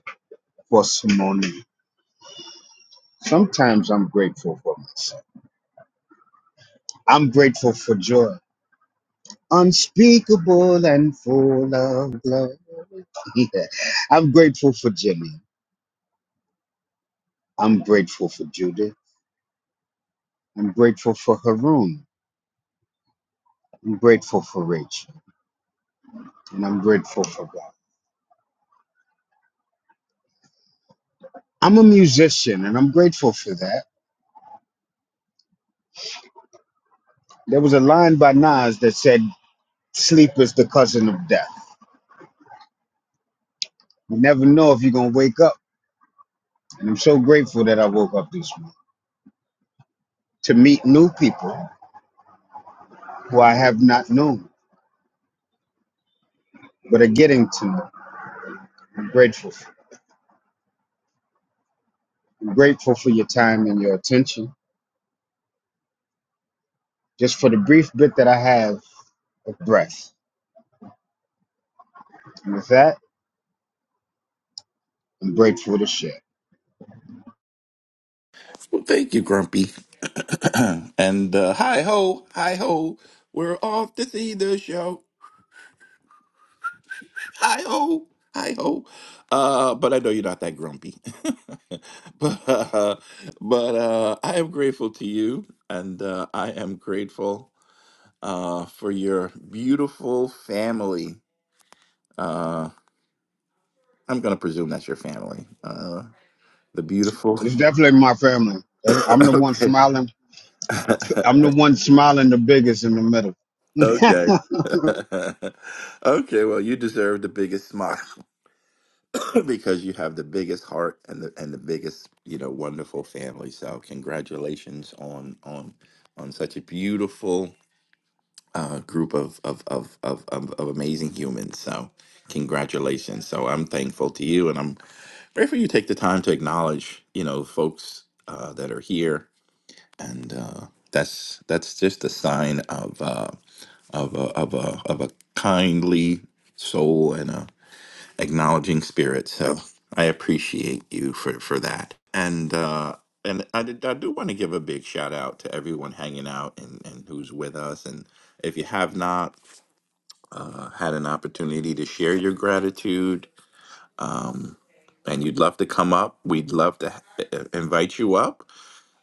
for Simone. Sometimes I'm grateful for myself. I'm grateful for joy. Unspeakable and full of love. Yeah. I'm grateful for Jimmy. I'm grateful for Judith. I'm grateful for Haroon. I'm grateful for Rachel. And I'm grateful for God. I'm a musician and I'm grateful for that. There was a line by Nas that said, Sleep is the cousin of death. You never know if you're going to wake up. And I'm so grateful that I woke up this morning to meet new people who I have not known, but are getting to know. I'm grateful for. I'm grateful for your time and your attention, just for the brief bit that I have of breath. And with that, I'm grateful to share.
Well, thank you, Grumpy. and uh hi ho, hi ho. We're off to see the show. Hi ho, hi ho. Uh, but I know you're not that grumpy. but uh, but uh, I am grateful to you, and uh, I am grateful uh, for your beautiful family. Uh, I'm going to presume that's your family. Uh, the beautiful.
It's definitely my family. That's- I'm the one
okay.
smiling. I'm the one smiling the biggest in the middle.
okay. okay. Well, you deserve the biggest smile because you have the biggest heart and the and the biggest you know wonderful family. So congratulations on on on such a beautiful uh, group of of, of of of of amazing humans. So congratulations. So I'm thankful to you, and I'm Grateful you take the time to acknowledge, you know, folks uh, that are here, and uh, that's that's just a sign of uh, of a, of a of a kindly soul and a acknowledging spirit. So I appreciate you for for that, and. Uh, and I, did, I do want to give a big shout out to everyone hanging out and, and who's with us. And if you have not uh, had an opportunity to share your gratitude, um, and you'd love to come up, we'd love to ha- invite you up.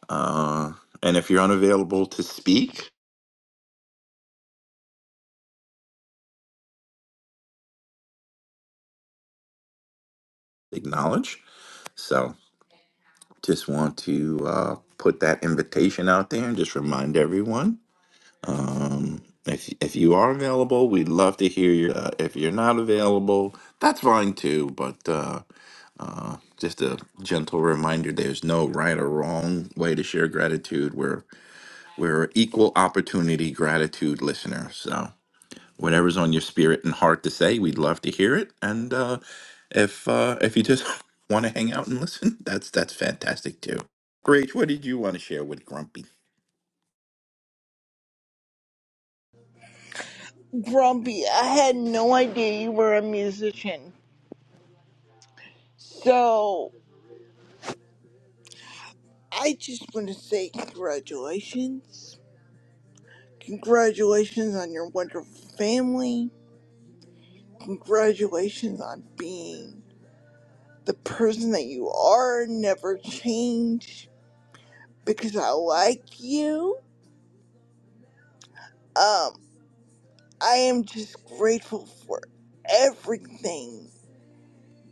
Uh, and if you're unavailable to speak, acknowledge. So just want to uh, put that invitation out there and just remind everyone. Um, if, if you are available, we'd love to hear you. Uh, if you're not available, that's fine too. But uh, uh, just a gentle reminder: there's no right or wrong way to share gratitude. We're we're equal opportunity gratitude listeners. So whatever's on your spirit and heart to say. We'd love to hear it. And uh, if uh, if you just want to hang out and listen, that's that's fantastic too. Great. What did you want to share with Grumpy?
Grumpy, I had no idea you were a musician. So I just want to say congratulations. Congratulations on your wonderful family. Congratulations on being the person that you are. Never change because I like you Um, I am just grateful for everything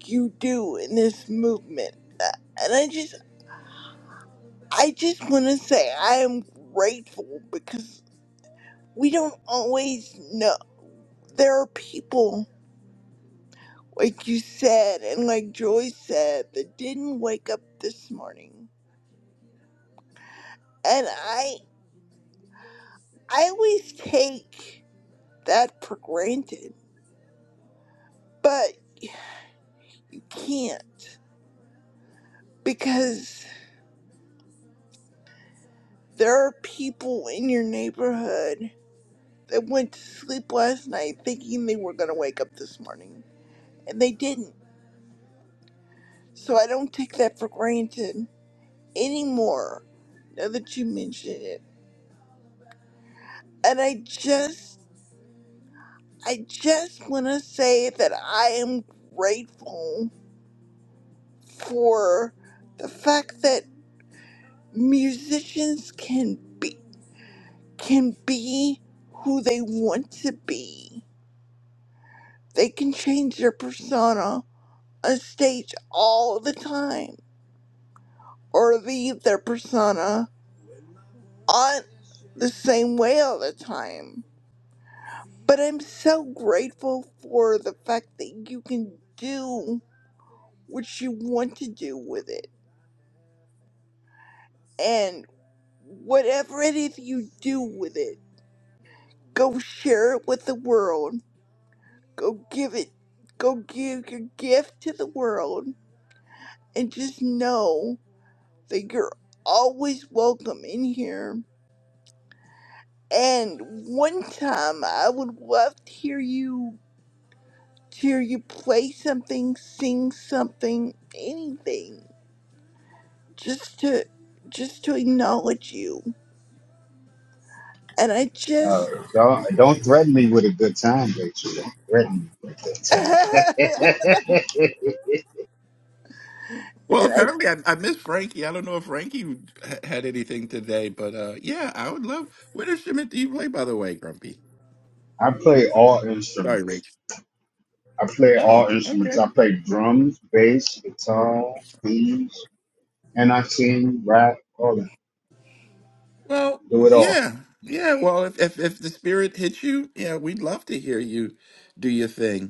you do in this movement. Uh, And I just I just want to say I am grateful because we don't always know. There are people like you said and like Joy said that didn't wake up this morning. And I I always take that for granted, but you can't because there are people in your neighborhood They went to sleep last night thinking they were going to wake up this morning, and they didn't. So I don't take that for granted anymore, now that you mention it. And I just, I just want to say that I am grateful for the fact that musicians can be, can be who they want to be. They can change their persona on stage all the time or leave their persona on the same way all the time. But I'm so grateful for the fact that you can do what you want to do with it. And whatever it is you do with it, go share it with the world. Go give it, go give your gift to the world. And just know that you're always welcome in here. And one time I would love to hear you hear you play something, sing something, anything, just to just to acknowledge you. And I just
uh, don't, don't threaten me with a good time, Rachel. Don't threaten me with
and
a good time.
Well,
I
apparently I, I missed Frankie. I don't know if Frankie ha- had anything today, but uh, yeah, I would love. What instrument do you play, by the way, Grumpy?
I play all
Sorry,
instruments.
Rach.
I play
Oh,
all instruments.
okay.
I play drums, bass, guitar, keys, and I sing, rap, all that.
Well,
Do it all.
yeah, yeah. Well, if if, if the spirit hits you, yeah, we'd love to hear you do your thing.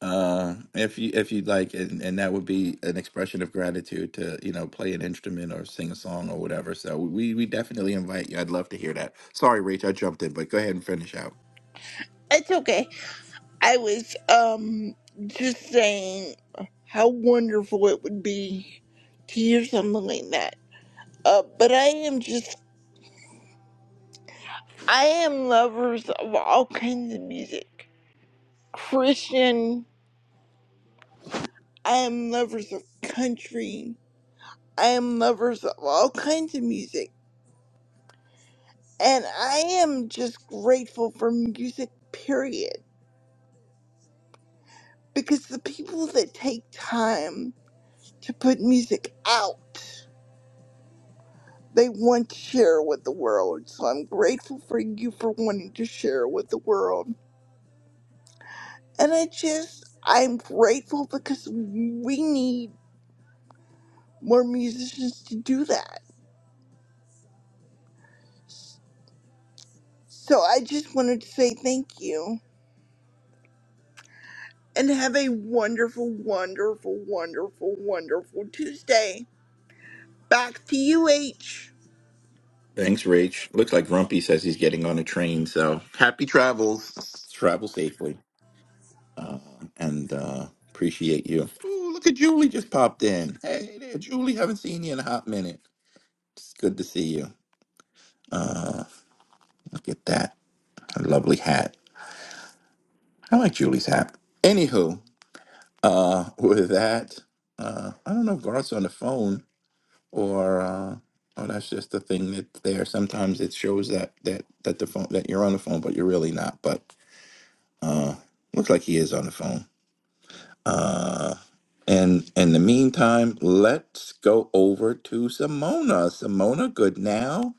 Uh, if you if you'd like, and, and that would be an expression of gratitude to, you know, play an instrument or sing a song or whatever. So we we definitely invite you. I'd love to hear that. Sorry, Rach, I jumped in, but go ahead and finish out.
it's okay. I was um just saying how wonderful it would be to hear something like that. Uh, but I am just I am lovers of all kinds of music. Christian, I am lovers of country. I am lovers of all kinds of music And I am just grateful for music, period. Because the people that take time to put music out, they want to share with the world. So I'm grateful for you for wanting to share with the world. And I just, I'm grateful because we need more musicians to do that. So I just wanted to say thank you and have a wonderful, wonderful, wonderful, wonderful Tuesday. Back to you, H.
Thanks, Rach. Looks like Grumpy says he's getting on a train, so happy travels. Travel safely. Uh, and uh appreciate you. Ooh, look at Julie just popped in. Hey there, Julie, haven't seen you in a hot minute. It's good to see you. Uh, look at that. A lovely hat. I like Julie's hat. Anywho, Uh, with that, uh, I don't know if Garth's on the phone or uh, oh, that's just the thing that's there. Sometimes it shows that that that the phone that you're on the phone, but you're really not. But uh, looks like he is on the phone. Uh, and in the meantime, let's go over to Simona. Simona, good now.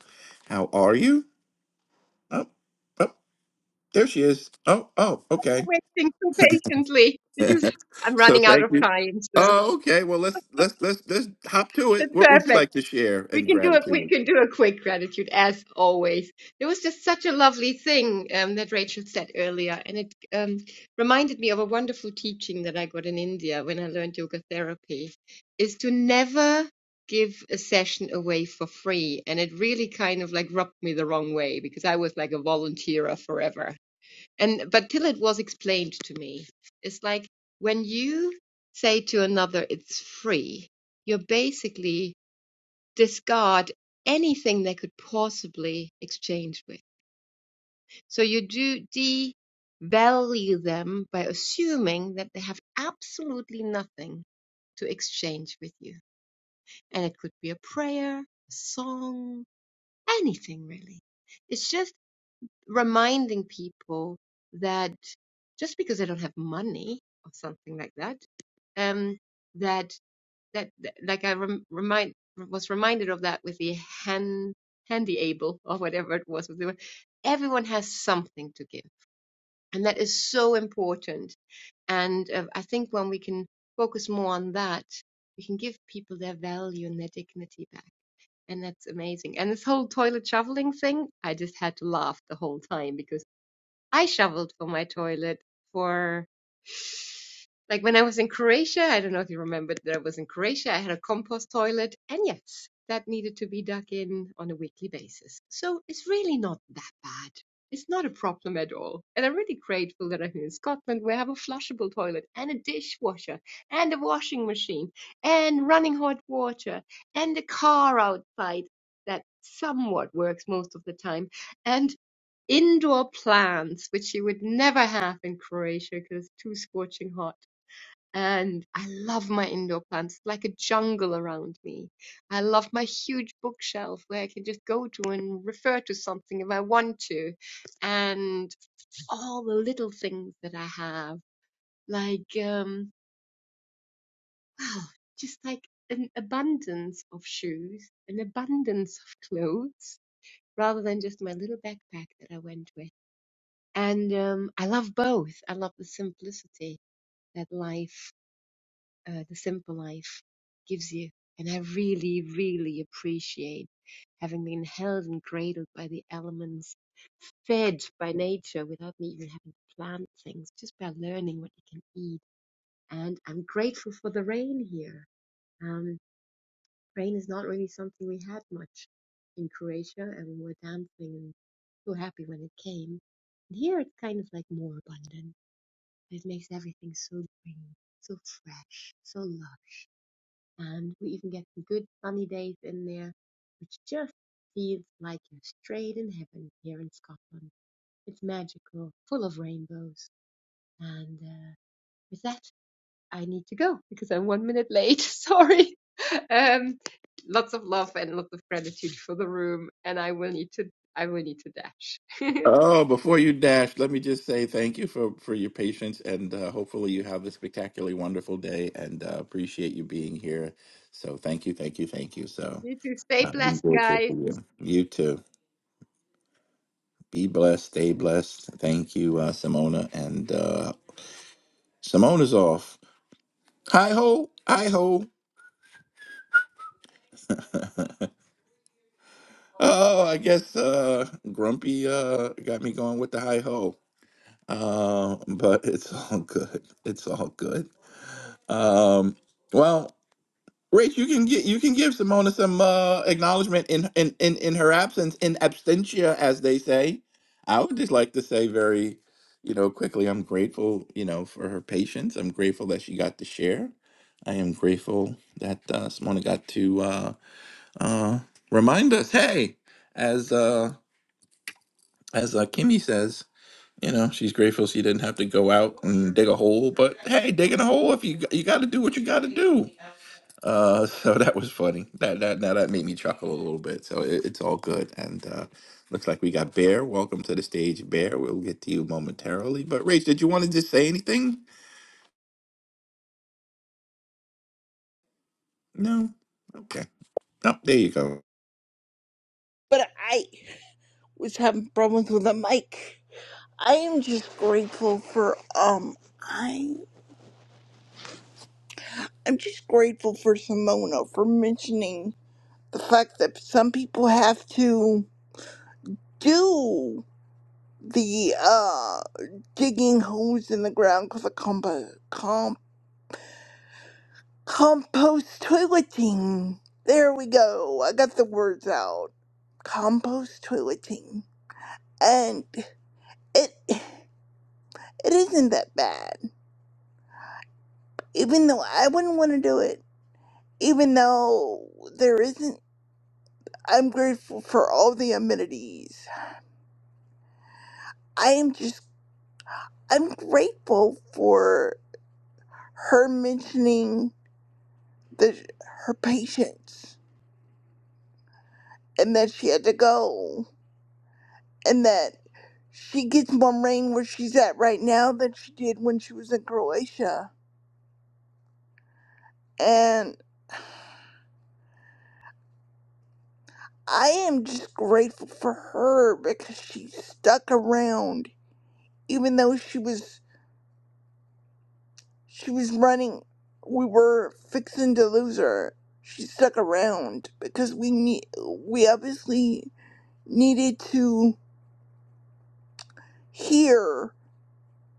How are you? Oh, oh, there she is. Oh, oh, okay.
waiting so patiently because I'm
so
running out
thank
of
you.
time. So
Oh, okay. Well, let's let's let's let's hop to it.
that's
What would you
perfect.
like to share
We
in
can do it. We
gratitude?
can do a quick gratitude as always. There was just such a lovely thing um, that Rachel said earlier, and it um, reminded me of a wonderful teaching that I got in India when I learned yoga therapy, is to never give a session away for free. And it really kind of like rubbed me the wrong way because I was like a volunteer forever and but till it was explained to me it's like when you say to another it's free you basically discard anything they could possibly exchange with so you do devalue them by assuming that they have absolutely nothing to exchange with you and it could be a prayer a song anything really it's just reminding people that just because I don't have money or something like that, um, that that, that like I rem remind was reminded of that with the hand handy able or whatever it was. Everyone has something to give, and that is so important. And uh, I think when we can focus more on that, we can give people their value and their dignity back. And that's amazing. And this whole toilet shoveling thing, I just had to laugh the whole time because I shoveled for my toilet for like when I was in Croatia. I don't know if you remember that I was in Croatia. I had a compost toilet, and yes, that needed to be dug in on a weekly basis. So it's really not that bad. It's not a problem at all. And I'm really grateful that I'm here in Scotland where I have a flushable toilet and a dishwasher and a washing machine and running hot water and a car outside that somewhat works most of the time. And indoor plants, which you would never have in Croatia because it's too scorching hot. And I love my indoor plants, It's like a jungle around me. I love my huge bookshelf where I can just go to and refer to something if I want to. And all the little things that I have, like, um, wow, just like an abundance of shoes, an abundance of clothes, rather than just my little backpack that I went with. And um, I love both. I love the simplicity that life, uh, the simple life, gives you. And I really, really appreciate having been held and cradled by the elements, fed by nature without me even having to plant things, just by learning what you can eat. And I'm grateful for the rain here. Um, rain is not really something we had much in Croatia, and we were dancing and so happy when it came. And here it's kind of like more abundant. it makes everything so green, so fresh, so lush. And we even get some good sunny days in there, which just feels like you're straight in heaven here in Scotland. It's magical, full of rainbows. And uh, with that, I need to go because I'm one minute late. Sorry. Um, lots of love and lots of gratitude for the room. And I will need to, I will need to dash.
Oh, before you dash, let me just say thank you for for your patience, and uh, hopefully you have a spectacularly wonderful day. And uh, appreciate you being here. So thank you, thank you, thank you. So
you too. Stay
uh, I'm
blessed,
grateful
guys.
for you. You too. Be blessed. Stay blessed. Thank you, uh, Simona. And uh, Simona's off. Hi ho, hi ho. Oh, I guess uh, Grumpy uh, got me going with the high ho. Uh, but it's all good. It's all good. Um, well, Rach, you can get you can give Simona some uh, acknowledgement in, in in in her absence, in absentia, as they say. I would just like to say very, you know, quickly. I'm grateful, you know, for her patience. I'm grateful that she got to share. I am grateful that uh, Simona got to uh, uh, remind us, hey, as uh, as uh, Kimmy says, you know, she's grateful she didn't have to go out and dig a hole. But hey, digging a hole if you g- you got to do what you got to do. Uh, so that was funny. That that now that made me chuckle a little bit. So it, it's all good. And uh, looks like we got Bear. Welcome to the stage, Bear. We'll get to you momentarily. But Rach, did you want to just say anything? No. Okay. Oh, there you go.
but I was having problems with the mic. I am just grateful for um I I'm just grateful for Simona for mentioning the fact that some people have to do the uh digging holes in the ground for the compo com- compost toileting. There we go. I got the words out. Compost toileting. And it it isn't that bad even though I wouldn't want to do it, even though there isn't, I'm grateful for all the amenities. I am just, I'm grateful for her mentioning the her patience and that she had to go and that she gets more rain where she's at right now than she did when she was in Croatia. And I am just grateful for her because she stuck around even though she was She was running. We were fixing to lose her. She stuck around because we need. We obviously needed to hear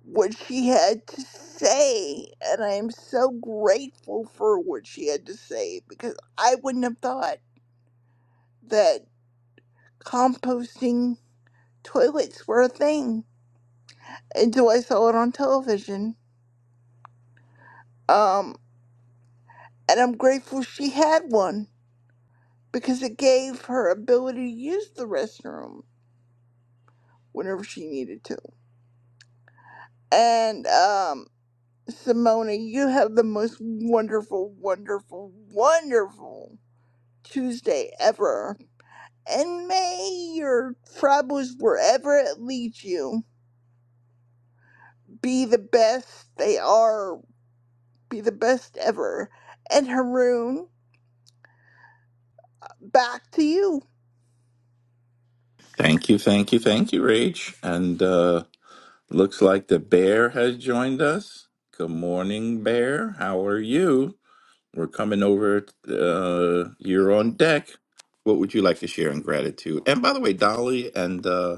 what she had to say, and I am so grateful for what she had to say because I wouldn't have thought that composting toilets were a thing until I saw it on television. Um, and I'm grateful she had one because it gave her ability to use the restroom whenever she needed to. And um, Simona, you have the most wonderful, wonderful, wonderful Tuesday ever. And may your troubles wherever it leads you, be the best they are, be the best ever. And Haroon, back to you.
Thank you, thank you, thank you, Rach. And uh, looks like the bear has joined us. Good morning, bear. How are you? We're coming over. Uh, you're on deck. What would you like to share in gratitude? And by the way, Dolly and uh,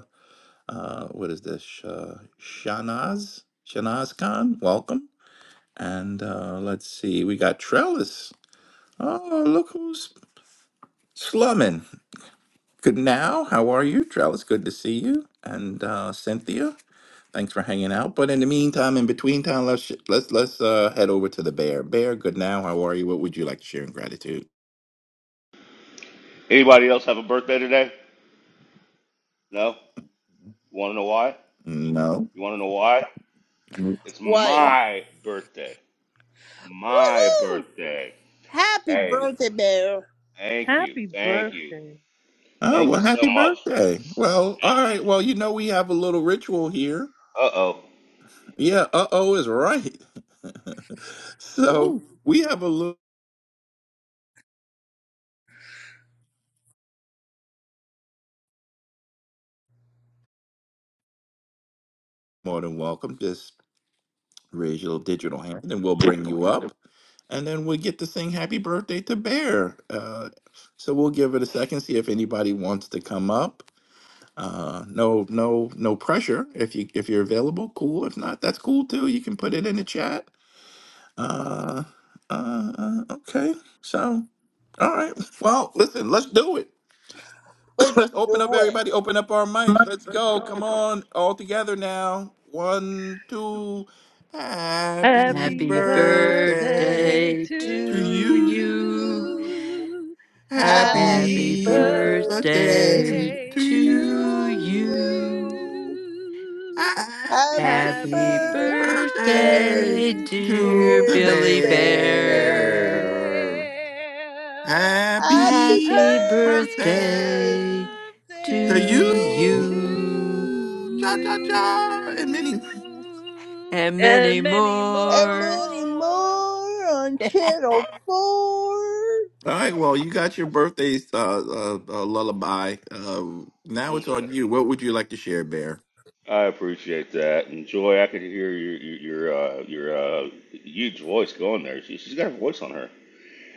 uh, what is this? Sh- Uh, Shanaz, Shanaz Khan, welcome. And uh, let's see, we got Trellis. Oh, look who's slumming. Good now. How are you, Trellis? Good to see you. And uh, Cynthia, thanks for hanging out. But in the meantime, in between time, let's sh- let's let's uh, head over to the bear. Bear, good now. How are you? What would you like to share in gratitude?
Anybody else have a birthday today? No? Want to know why?
No.
You want to know why? It's
Why?
my birthday. It's my
Woohoo!
birthday.
Happy
Hey,
birthday, Bear.
thank you.
Happy
Thank you.
birthday.
Oh,
Thank you
well,
so
happy
much.
birthday. Well, all right. Well, you know, we have a little ritual here.
Uh oh.
Yeah, uh oh is right. so
Ooh,
we have a little more than welcome. Just raise your little digital hand and we'll bring you up. And then we'll get to sing happy birthday to Bear. Uh, so we'll give it a second, see if anybody wants to come up. Uh, no, no, no pressure. If you if you're available, cool. If not, that's cool too. You can put it in the chat Uh, uh, uh, okay. So, all right. Well, listen, let's do it.
let's
let's open up,
do
everybody. Open up our mics. Let's go. Come on. All together now. One, two. Happy
Happy
Happy
it.
birthday
birthday
birthday
to
to
To
to you.
you.
you.
you.
Happy
Happy
Happy
Happy
birthday
birthday
birthday
to
birthday
to
to
to you.
you.
you.
you.
Happy
Happy
Happy
Happy
birthday,
birthday,
birthday
birthday, dear
to the
dear
Billy
dear
Bear.
bear.
bear.
Bear.
Happy
Happy
Happy
Happy
birthday
birthday
birthday
to
to
birthday
to
you.
to
you.
Cha
you.
cha cha and many.
you
And
and
many
many more.
And
more.
many more on Channel 4.
All right, well, you got your birthday's uh, uh, uh, lullaby. Uh, now it's on you. What would you like to share, Bear?
I appreciate that. And Joy, I could hear your your your, uh, your uh, huge voice going there. She, she's got a voice on her.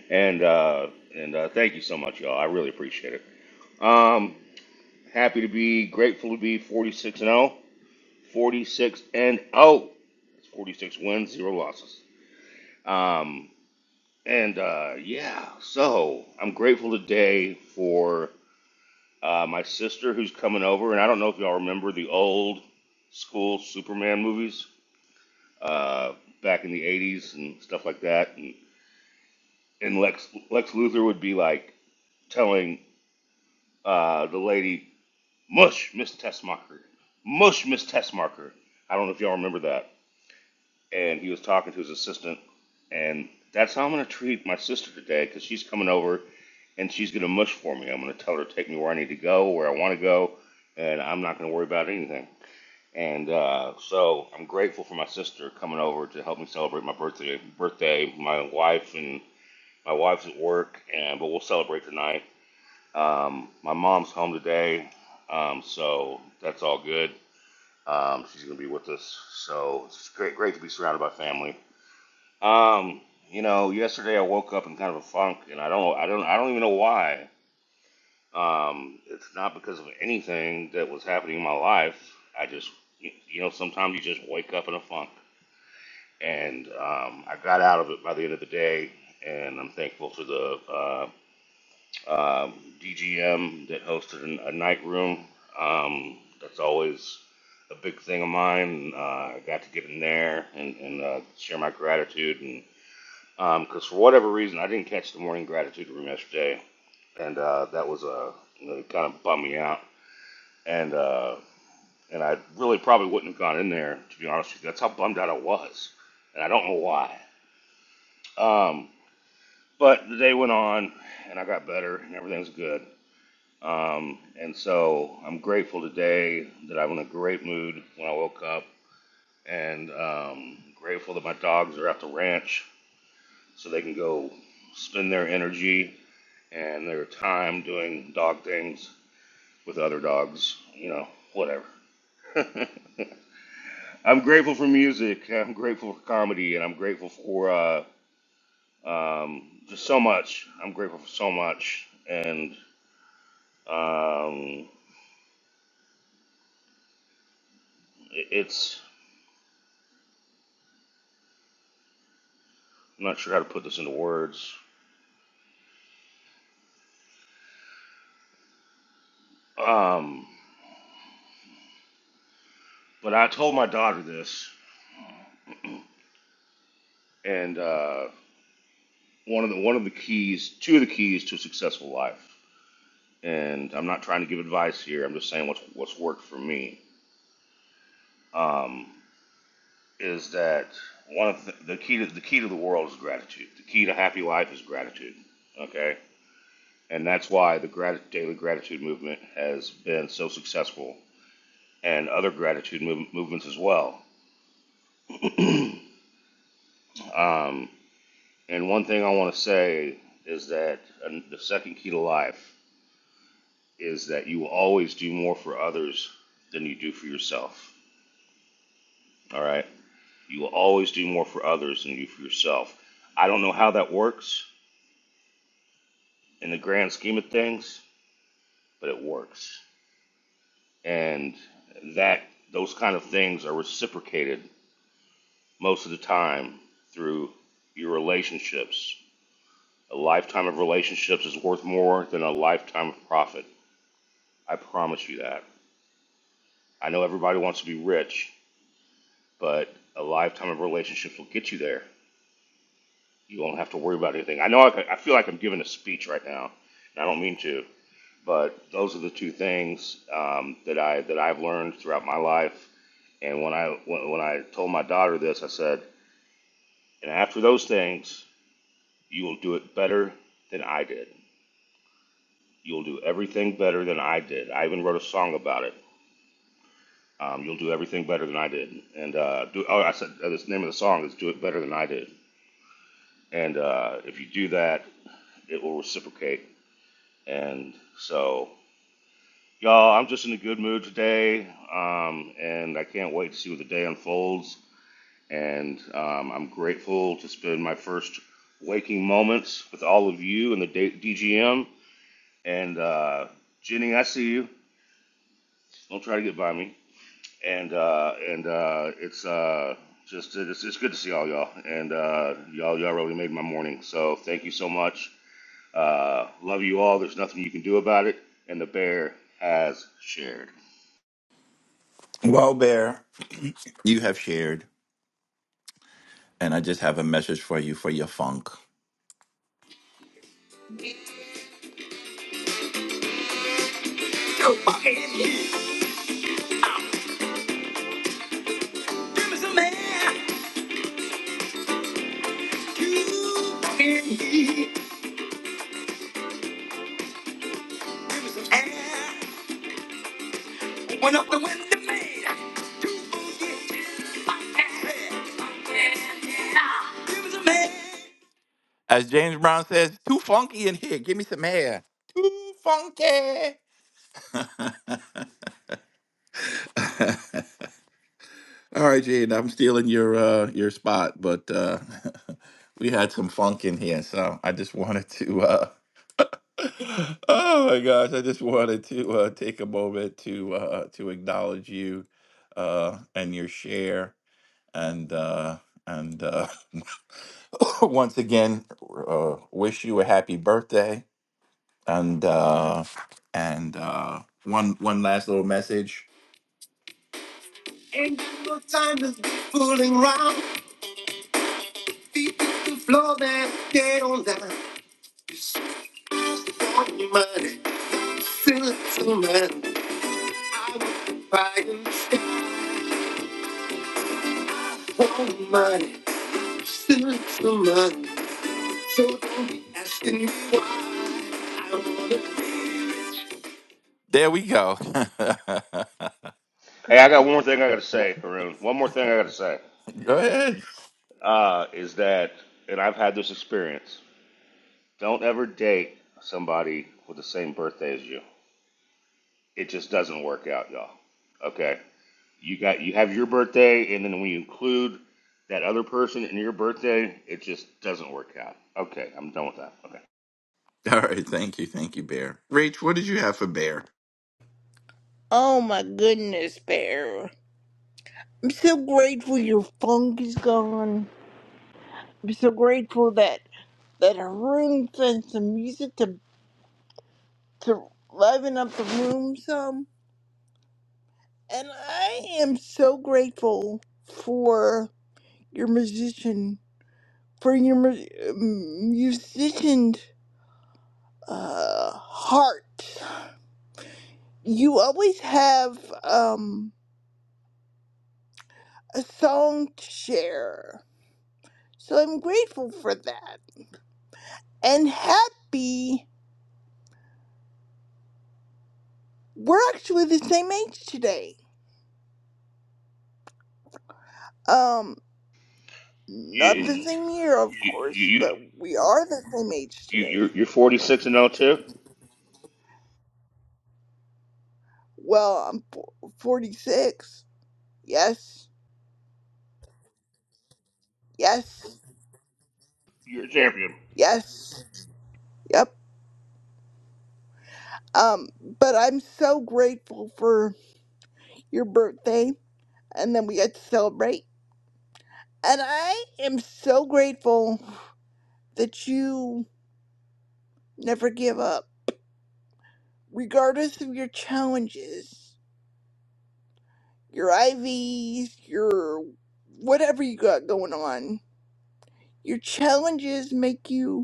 And uh, and uh, thank you so much, y'all. I really appreciate it. Um, happy to be, grateful to be 46 and 0. 46 and oh, that's 46 wins, zero losses. Um, and uh, yeah, so I'm grateful today for uh, my sister who's coming over. And I don't know if y'all remember the old school Superman movies uh, back in the 80s and stuff like that. And, and Lex, Lex Luthor would be like telling uh, the lady, Mush, Miss Tessmacher. Mush, Miss Tessmacher. I don't know if y'all remember that. and he was talking to his assistant, and that's how I'm gonna treat my sister today because she's coming over, and she's gonna mush for me. I'm gonna tell her to take me where I need to go, where I want to go, and I'm not gonna worry about anything. And uh, so I'm grateful for my sister coming over to help me celebrate my birthday. Birthday, my wife and my wife's at work, and but we'll celebrate tonight. Um, my mom's home today, um, so that's all good. Um, she's gonna be with us, so it's great, great to be surrounded by family. Um, you know, yesterday I woke up in kind of a funk, and I don't, I don't, I don't even know why. Um, it's not because of anything that was happening in my life. I just, you you know, sometimes you just wake up in a funk, and um, I got out of it by the end of the day, and I'm thankful for the uh, um DGM that hosted an- a night room. Um, that's always a big thing of mine. Uh, I got to get in there and, and uh, share my gratitude and because for whatever reason I didn't catch the morning gratitude room yesterday, and uh, that was uh, it kind of bummed me out, and uh, and I really probably wouldn't have gone in there to be honest with you. That's how bummed out I was, and I don't know why. Um, but the day went on, and I got better, and everything's good. Um, and so I'm grateful today that I'm in a great mood when I woke up, and um, grateful that my dogs are at the ranch so they can go spend their energy and their time doing dog things with other dogs, you know, whatever. I'm grateful for music, I'm grateful for comedy, and I'm grateful for uh, um, just so much. I'm grateful for so much, and um, it's I'm not sure how to put this into words. Um, but I told my daughter this, and uh, one of the one of the keys, two of the keys to a successful life. And I'm not trying to give advice here. I'm just saying what's what's worked for me. Um, is that one of the, the key to the key to the world is gratitude. The key to happy life is gratitude. Okay, and that's why the grat- daily gratitude movement has been so successful, and other gratitude mov- movements as well. And one thing I want to say is that uh, the second key to life is that you will always do more for others than you do for yourself. All right, you will always do more for others than you do for yourself. I don't know how that works in the grand scheme of things, but it works. and that those kind of things are reciprocated most of the time through your relationships. A lifetime of relationships is worth more than a lifetime of profit. I promise you that. I know everybody wants to be rich, but a lifetime of relationships will get you there. You won't have to worry about anything. I know I, I feel like I'm giving a speech right now, and I don't mean to, but those are the two things um, that I that I've learned throughout my life. And when I when, when I told my daughter this, I said, And after those things, you will do it better than I did. You'll do everything better than I did. I even wrote a song about it. Um, you'll do everything better than I did. And uh, do, oh, I said uh, the name of the song is "Do It Better Than I Did." And uh, if you do that, it will reciprocate. And so, y'all, I'm just in a good mood today, um, and I can't wait to see what the day unfolds. And um, I'm grateful to spend my first waking moments with all of you in the DGM. and uh, Jenny, I see you. Don't try to get by me. And uh, and uh, it's uh, just uh, it's, it's good to see all y'all. And uh, y'all y'all really made my morning. So thank you so much. Uh, love you all. There's nothing you can do about it. And the bear has shared.
Well, Bear, you have shared, and I just have a message for you for your funk. Went up the wind to me. As James Brown says, too funky in here. Give me some air. Too funky. All right, Jade, I'm stealing your uh your spot, but uh we had some funk in here, so I just wanted to uh oh my gosh, I just wanted to uh take a moment to uh to acknowledge you uh and your share and uh and uh once again uh, wish you a happy birthday and uh and uh one one last little message ain't no time to be fooling around feet to the floor man get on down on your money still a too money i was crying on your money still a too money so don't be asking me why i wanna be rich there we go
Hey, I got one more thing I got to say, Haroon. One more thing I got to say
go ahead
uh, is that, and I've had this experience. Don't ever date somebody with the same birthday as you. It just doesn't work out, y'all. Okay. You got you have your birthday, and then when you include that other person in your birthday, it just doesn't work out. Okay, I'm done with that. Okay.
All right. Thank you. Thank you, Bear. Rach, what did you have for Bear?
Oh my goodness, Bear. I'm so grateful your funk is gone. I'm so grateful that that her room sent some music to to liven up the room some. And I am so grateful for your musician, for your mu- musician uh, heart. You always have um, a song to share, so I'm grateful for that. And happy, we're actually the same age today. Um,
You
Not the same year, of
you
course,
you
but we are the same age
you
today.
you're, you're 46 and oh 02.
Well, I'm f- 46. Yes, yes,
You're a champion.
yes, yep. Um, but I'm so grateful for your birthday, and then we got to celebrate. And I am so grateful that you never give up, regardless of your challenges, your IVs, your whatever you got going on. Your challenges make you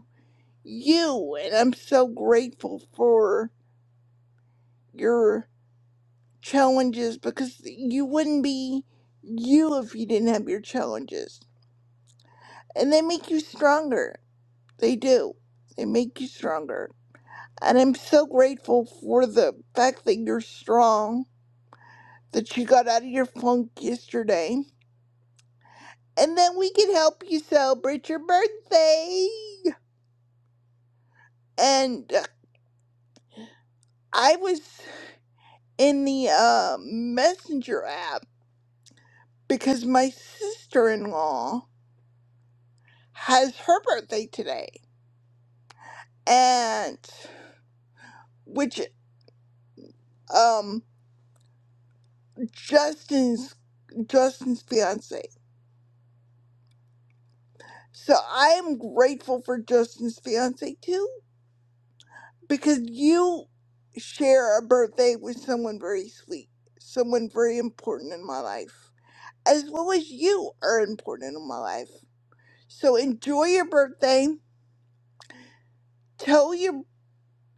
you and I'm so grateful for your challenges because you wouldn't be you if you didn't have your challenges. And they make you stronger. They do. They make you stronger. And I'm so grateful for the fact that you're strong, that you got out of your funk yesterday, and that we can help you celebrate your birthday. And uh, I was in the uh, messenger app because my sister in law has her birthday today, and which um Justin's Justin's fiance. So I am grateful for Justin's fiance too, because you share a birthday with someone very sweet, someone very important in my life, as well as you are important in my life. So enjoy your birthday. Tell your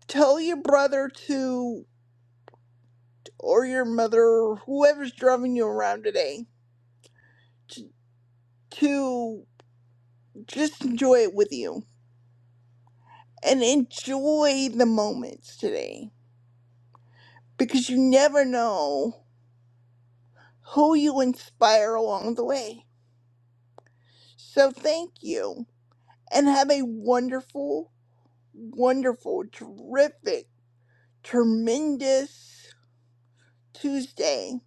tell your brother to or your mother or whoever's driving you around today t- to just enjoy it with you and enjoy the moments today because you never know who you inspire along the way. So thank you and have a wonderful, wonderful, terrific, tremendous Tuesday.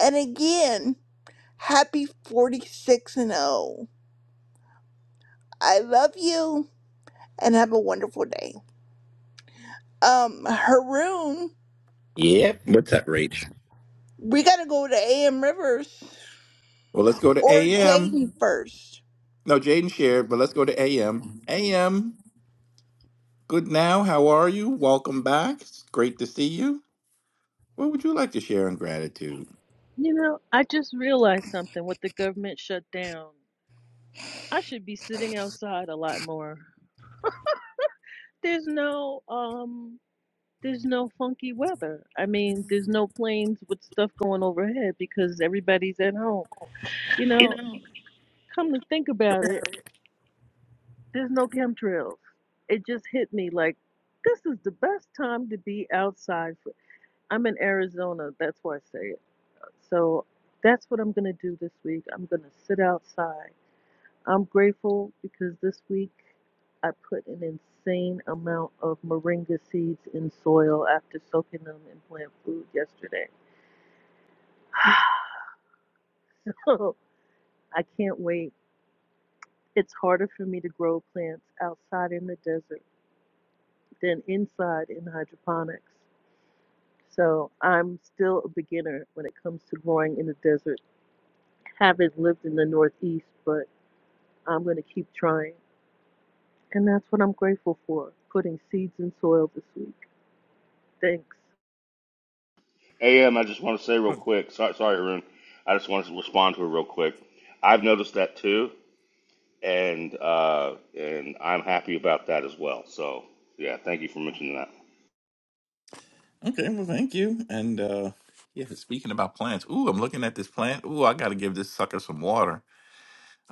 And again, happy 46 and 0. I love you and have a wonderful day. Um, Haroon,
Yep. What's up, Rach?
we gotta go to AM Rivers
Well, let's go to
or
AM.
Jaden first.
No, Jaden shared, but let's go to AM. AM, good now. How are you? Welcome back. It's great to see you. What would you like to share in gratitude?
You know, I just realized something with the government shutdown. I should be sitting outside a lot more. There's no um there's no funky weather. I mean, there's no planes with stuff going overhead because everybody's at home. You know, come to think about it, There's no chemtrails. It just hit me like this is the best time to be outside. For, I'm in Arizona, that's why I say it. So that's what I'm gonna do this week. I'm gonna sit outside. I'm grateful because this week I put an insane amount of moringa seeds in soil after soaking them in plant food yesterday. So I can't wait. It's harder for me to grow plants outside in the desert than inside in hydroponics. So I'm still a beginner when it comes to growing in the desert. Haven't lived in the Northeast, but I'm going to keep trying. And that's what I'm grateful for putting seeds in soil this week. Thanks.
Am I just want to say real quick. Sorry, sorry, Arun. I just want to respond to it real quick. I've noticed that too, and uh, and I'm happy about that as well. So yeah, thank you for mentioning that.
Okay, well, thank you. And uh yeah, speaking about plants. Ooh, I'm looking at this plant. Ooh, I gotta give this sucker some water.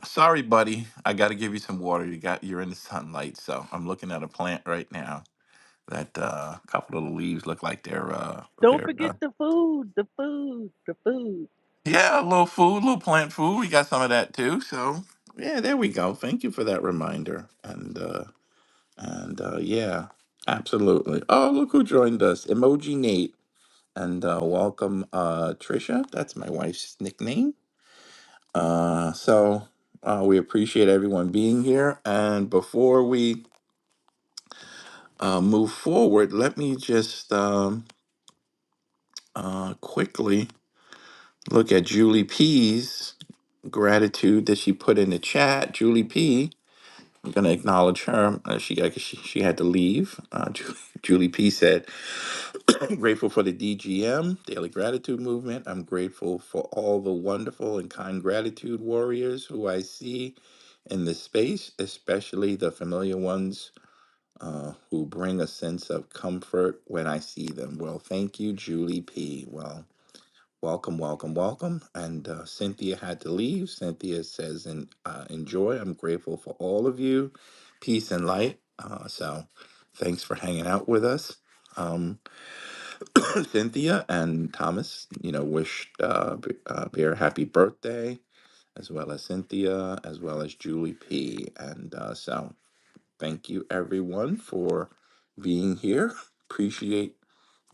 Sorry, buddy. I gotta give you some water. You got you're in the sunlight, so I'm looking at a plant right now That uh, couple little leaves look like they're uh,
Don't
they're
forget
uh,
the food, the food, the food.
yeah, a little food, a little plant food. We got some of that too. So yeah, there we go. Thank you for that reminder. And uh, and uh, yeah, absolutely. Oh, look who joined us, Emoji Nate, and uh, welcome uh, Trisha. That's my wife's nickname. Uh, so uh, we appreciate everyone being here. And before we uh, move forward, let me just um, uh, quickly. Look at Julie P's gratitude that she put in the chat. Julie P, I'm going to acknowledge her. Uh, she, I guess she she had to leave. Uh, Julie, Julie P said, "I'm grateful for the DGM, Daily Gratitude Movement. I'm grateful for all the wonderful and kind gratitude warriors who I see in this space, especially the familiar ones uh, who bring a sense of comfort when I see them." Well, thank you, Julie P. Well, Welcome, welcome, welcome. And uh, Cynthia had to leave. Cynthia says, "And uh, enjoy. I'm grateful for all of you. Peace and light." Uh, so, thanks for hanging out with us, um, Cynthia and Thomas. You know, wished uh, B- uh, Bear happy birthday, as well as Cynthia, as well as Julie P. And uh, so, thank you everyone for being here. Appreciate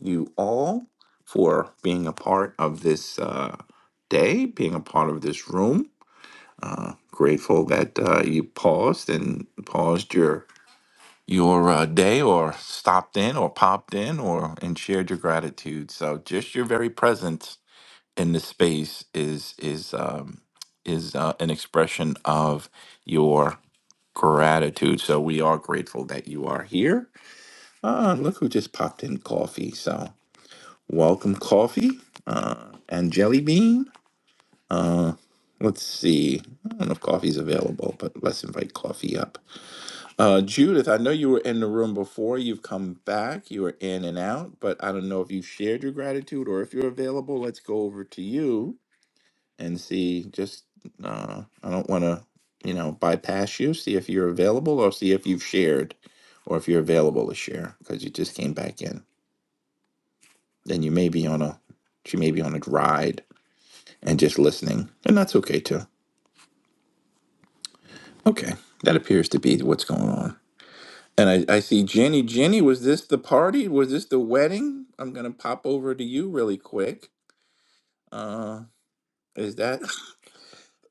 you all for being a part of this uh, day, being a part of this room. Uh, grateful that uh, you paused and paused your your uh, day, or stopped in, or popped in, or and shared your gratitude. So just your very presence in this space is is um, is uh, an expression of your gratitude. So we are grateful that you are here. Ah, look who just popped in coffee. So. Welcome Coffee uh, and Jelly Bean. Uh, let's see. I don't know if coffee's available, but let's invite coffee up. Uh, Judith, I know you were in the room before. You've come back. You were in and out, but I don't know if you shared your gratitude or if you're available. Let's go over to you and see. Just uh, I don't want to, you know, bypass you. See if you're available or see if you've shared or if you're available to share because you just came back in. Then you may be on a. She may be on a ride and just listening. And that's okay too. Okay. That appears to be what's going on. And I, I see Jenny. Jenny, was this the party? Was this the wedding? I'm gonna pop over to you really quick. Uh is that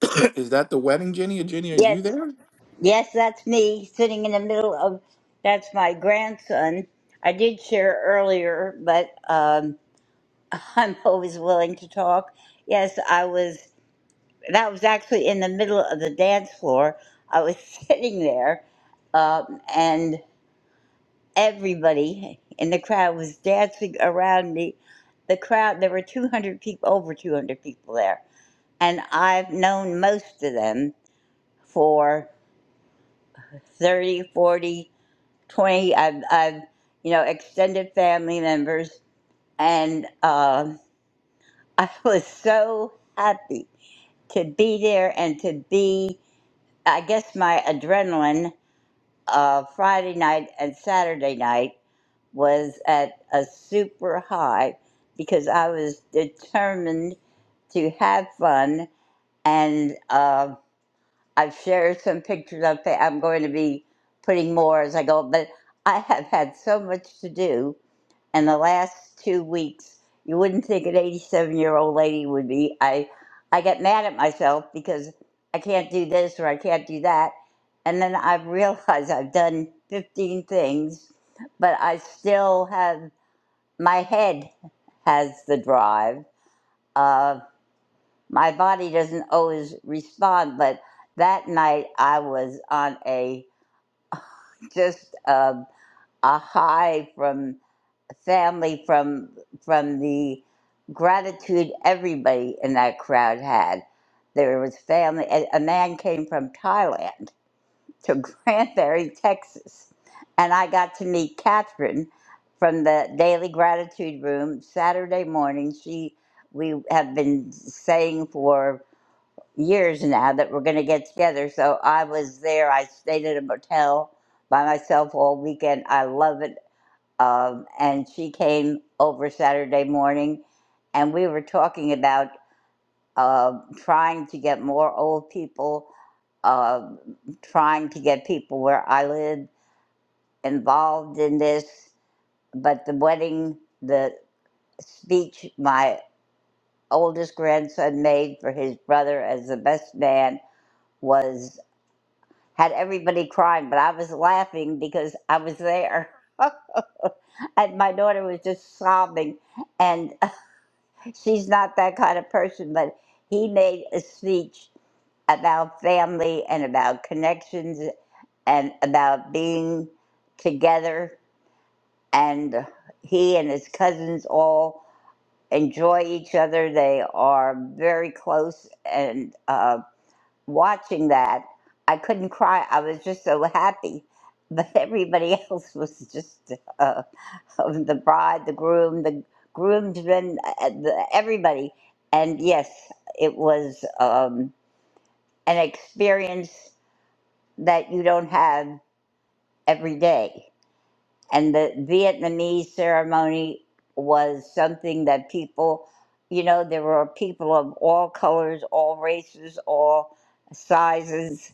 is that the wedding, Jenny? Or Jenny, are
Yes,
you there?
yes, that's me sitting in the middle of. That's my grandson. I did share earlier, but um, I'm always willing to talk. Yes, I was. that was actually in the middle of the dance floor. I was sitting there, um, and everybody in the crowd was dancing around me. The crowd, there were 200 people, over 200 people there. And I've known most of them for thirty, forty, twenty. I've, I've you know, extended family members. And um I was so happy to be there and to be I guess my adrenaline. uh, Friday night and Saturday night was at a super high because I was determined to have fun. And uh, I've shared some pictures of it. I'm going to be putting more as I go, but I have had so much to do and the last two weeks you wouldn't think an 87 year old lady would be i i get mad at myself because i can't do this or i can't do that and then i've realized i've done 15 things but i still have my head has the drive uh, my body doesn't always respond but that night i was on a just a, a high from family from from the gratitude everybody in that crowd had. There was family. A, a man came from Thailand to Granbury, Texas, and I got to meet Catherine from the Daily Gratitude Room Saturday morning. She we have been saying for years now that we're going to get together. So I was there. I stayed at a motel by myself all weekend. I love it um, and she came over Saturday morning, and we were talking about uh, trying to get more old people, uh, trying to get people where I live involved in this. But the wedding, the speech my oldest grandson made for his brother as the best man was had everybody crying, but I was laughing because I was there. and my daughter was just sobbing. And she's not that kind of person, but he made a speech about family and about connections and about being together. And he and his cousins all enjoy each other. They are very close. And uh, watching that, I couldn't cry. I was just so happy. But everybody else was just. uh, of the bride, the groom, the groomsmen, uh, everybody. And yes, it was um, an experience that you don't have every day. And the Vietnamese ceremony was something that people, you know, there were people of all colors, all races, all sizes,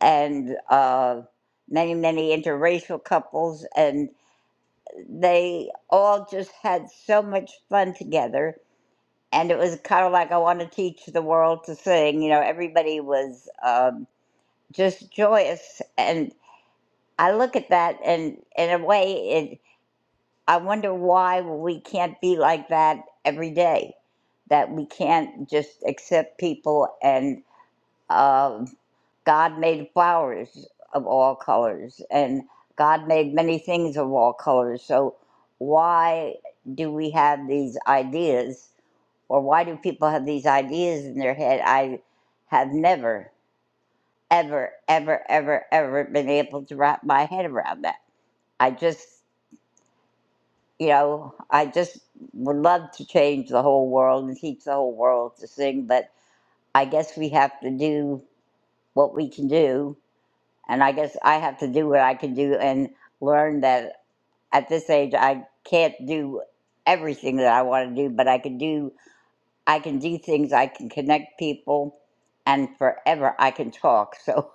and uh, many, many interracial couples. And they all just had so much fun together and it was kind of like I want to teach the world to sing. You know, everybody was um, just joyous, and I look at that, and in a way, it. I wonder why we can't be like that every day. That we can't just accept people, and um God made flowers of all colors, and God made many things of all colors. So why do we have these ideas? or why do people have these ideas in their head? I have never, ever, ever, ever, ever been able to wrap my head around that. I just, you know, I just would love to change the whole world and teach the whole world to sing, but I guess we have to do what we can do. And I guess I have to do what I can do and learn that at this age, I can't do everything that I want to do, but I can do I can do things, I can connect people, and forever I can talk. So,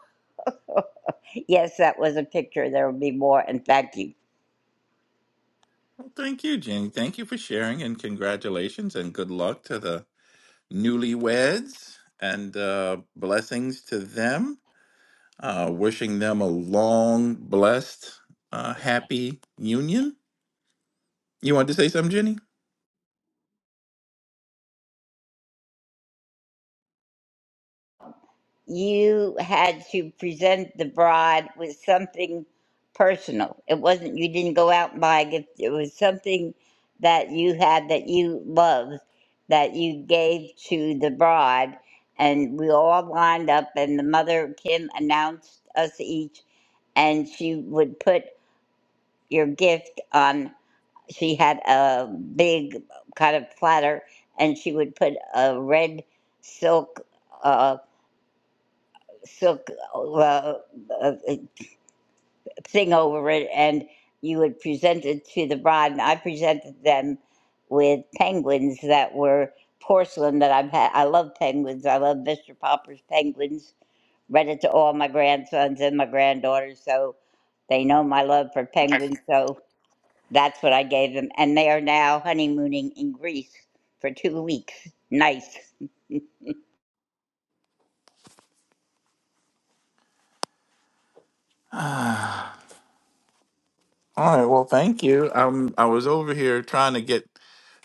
yes, that was a picture. There will be more, and thank you.
Well, thank you, Jenny. Thank you for sharing and congratulations and good luck to the newlyweds and uh blessings to them. Uh wishing them a long, blessed, uh happy union. You wanted to say something, Jenny?
You had to present the bride with something personal. It wasn't, you didn't go out and buy a gift, it was something that you had that you loved that you gave to the bride. And we all lined up, and the mother, Kim, announced us each, and she would put your gift on she had a big kind of platter and she would put a red silk uh, silk uh, uh, thing over it and you would present it to the bride and i presented them with penguins that were porcelain that i've had i love penguins i love mr popper's penguins read it to all my grandsons and my granddaughters so they know my love for penguins so That's what I gave them. And they are now honeymooning in Greece for two weeks. Nice.
Ah, All right. Well, thank you. Um, I was over here trying to get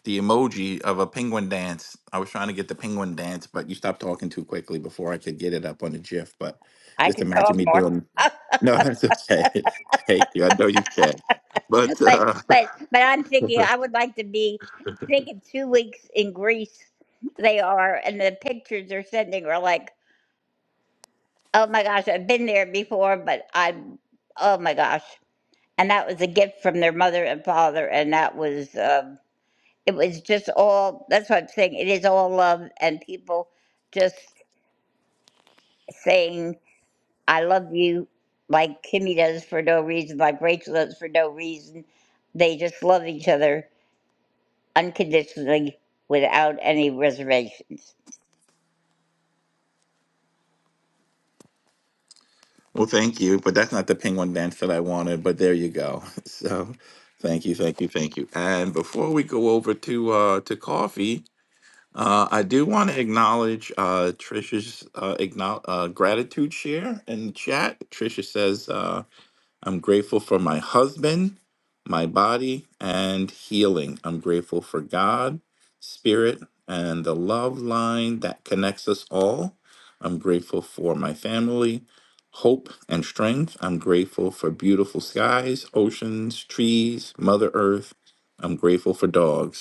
the emoji of a penguin dance. I was trying to get the penguin dance, but you stopped talking too quickly before I could get it up on the GIF. But
I
just
can
imagine
talk
me
more.
doing. No, that's okay. Thank you. I know you can. But
But
uh,
but but I'm thinking I would like to be thinking two weeks in Greece they are and the pictures they're sending are like, Oh my gosh, I've been there before but I'm oh my gosh. And that was a gift from their mother and father and that was um it was just all that's what I'm saying. It is all love and people just saying I love you like Kimmy does for no reason, like Rachel does for no reason. They just love each other unconditionally without any reservations.
well, thank you. But that's not the penguin dance that I wanted. But there you go. So, thank you, thank you, thank you. And before we go over to uh, to coffee, Uh, I do want to acknowledge uh, Trisha's uh, acknow- uh, gratitude share in the chat. Trisha says, uh, I'm grateful for my husband, my body, and healing. I'm grateful for God, spirit, and the love line that connects us all. I'm grateful for my family, hope, and strength. I'm grateful for beautiful skies, oceans, trees, Mother Earth. I'm grateful for dogs.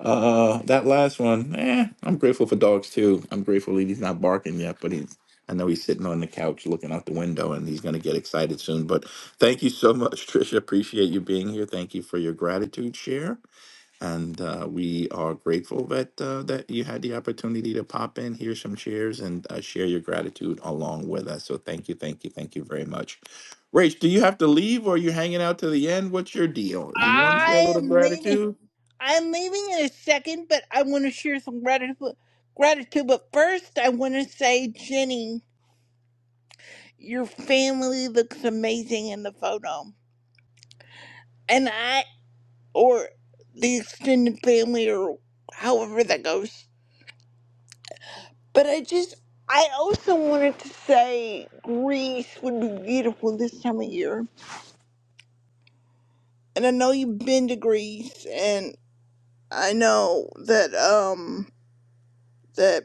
Uh, that last one, eh, I'm grateful for dogs too. I'm grateful that he's not barking yet, but he's, I know he's sitting on the couch looking out the window and he's going to get excited soon. But thank you so much, Trisha. Appreciate you being here. Thank you for your gratitude share. And uh, we are grateful that uh, that you had the opportunity to pop in, hear some shares, and uh, share your gratitude along with us. So thank you, thank you, thank you very much. Rach, do you have to leave or are you hanging out to the end? What's your deal? Do you want to say a
I
little
am leaving.
gratitude?
I'm leaving in a second, but I want to share some gratitude. Gratitude, but first I want to say, Jenny, your family looks amazing in the photo, and I or the extended family or however that goes. But I just, I also wanted to say Greece would be beautiful this time of year and I know you've been to Greece, and I know that um that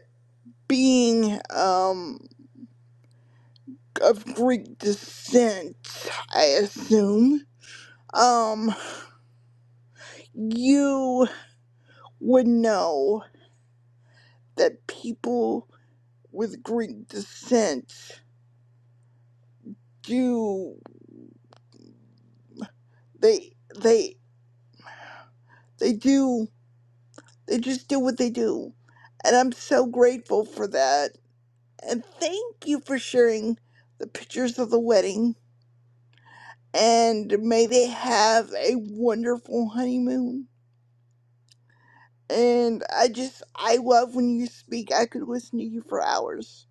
being um of Greek descent, I assume, um, you would know that people with Greek descent do they they they do they just do what they do and i'm so grateful for that and thank you for sharing the pictures of the wedding and may they have a wonderful honeymoon. And I just, I love when you speak. I could listen to you for hours.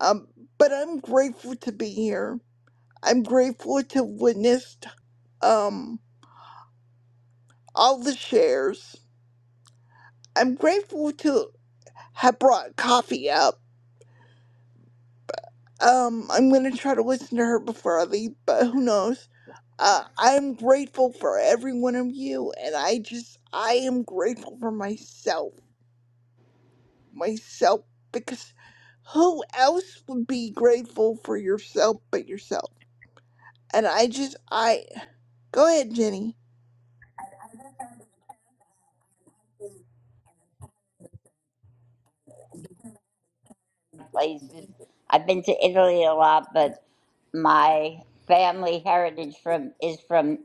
Um, but I'm grateful to be here. I'm grateful to witnessed um all the shares. I'm grateful to have brought coffee up. Um, I'm gonna try to listen to her before I leave, but who knows? Uh, I'm grateful for every one of you, and I just, I am grateful for myself myself because who else would be grateful for yourself but yourself? And I just, I, go ahead, Jenny.
Places I've been to Italy a lot, but my family heritage from is from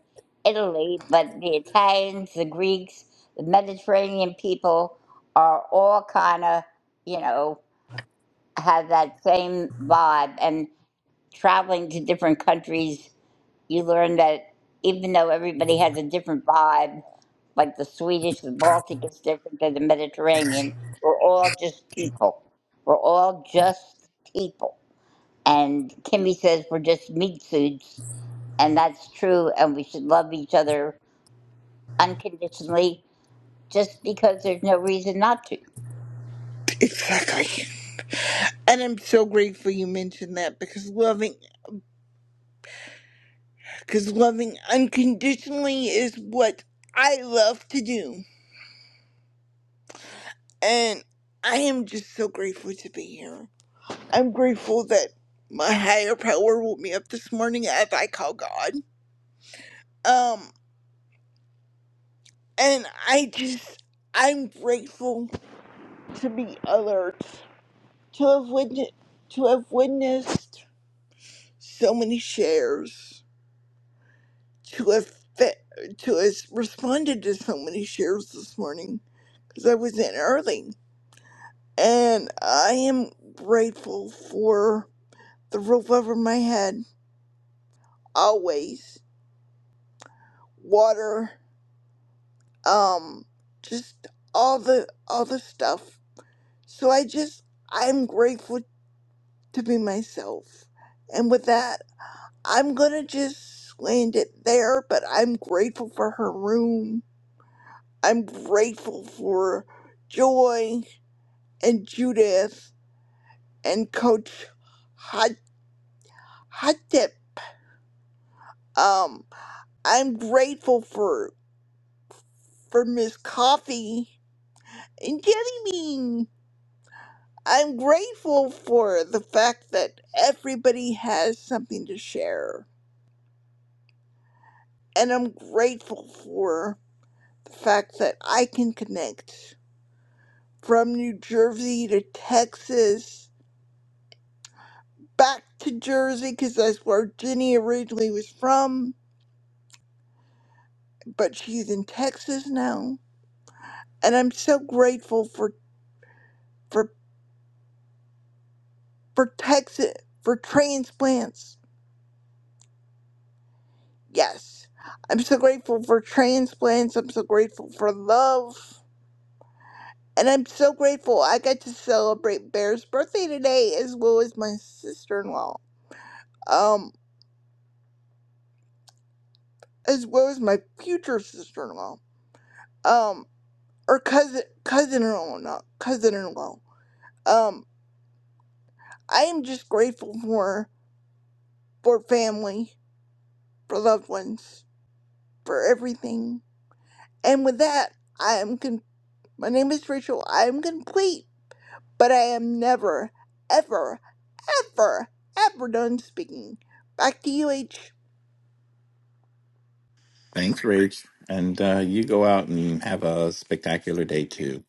Italy, but the Italians, the Greeks, the Mediterranean people are all kind of, you know, have that same vibe and traveling to different countries you learn that even though everybody has a different vibe, like the Swedish, the Baltic is different than the Mediterranean, we're all just people. We're all just people. And Kimmy says we're just meat suits, and that's true, and we should love each other unconditionally just because there's no reason not to.
Exactly. And I'm so grateful you mentioned that because loving, because loving unconditionally is what I love to do. And I am just so grateful to be here. I'm grateful that my higher power woke me up this morning as I call God. Um, and I just, I'm grateful to be alert, to have witnessed, to have witnessed so many shares, to have fe- to have responded to so many shares this morning because I was in early, and I am grateful for the roof over my head, always water, um, just all the all the stuff. So I just I'm grateful to be myself, and with that. I'm gonna just land it there, but I'm grateful for her room. I'm grateful for Joy and Judith and Coach Hot Hotep. Um, I'm grateful for for Miss Coffee and Jelly Bean. I'm grateful for the fact that everybody has something to share, and I'm grateful for the fact that I can connect. from New Jersey to Texas, back to Jersey because that's where Jenny originally was from, but she's in Texas now. And I'm so grateful for for for Texas for transplants. Yes. I'm so grateful for transplants. I'm so grateful for love. And I'm so grateful I got to celebrate Bear's birthday today as well as my sister-in-law. Um as well as my future sister-in-law. um. or cousin cousin-in-law, not cousin-in-law. Um, I am just grateful for for family, for loved ones, for everything. And with that, I am con- my name is Rachel. I am complete, but I am never, ever, ever, ever done speaking. Back to you, H.
Thanks, Rach. And uh, you go out and have a spectacular day too.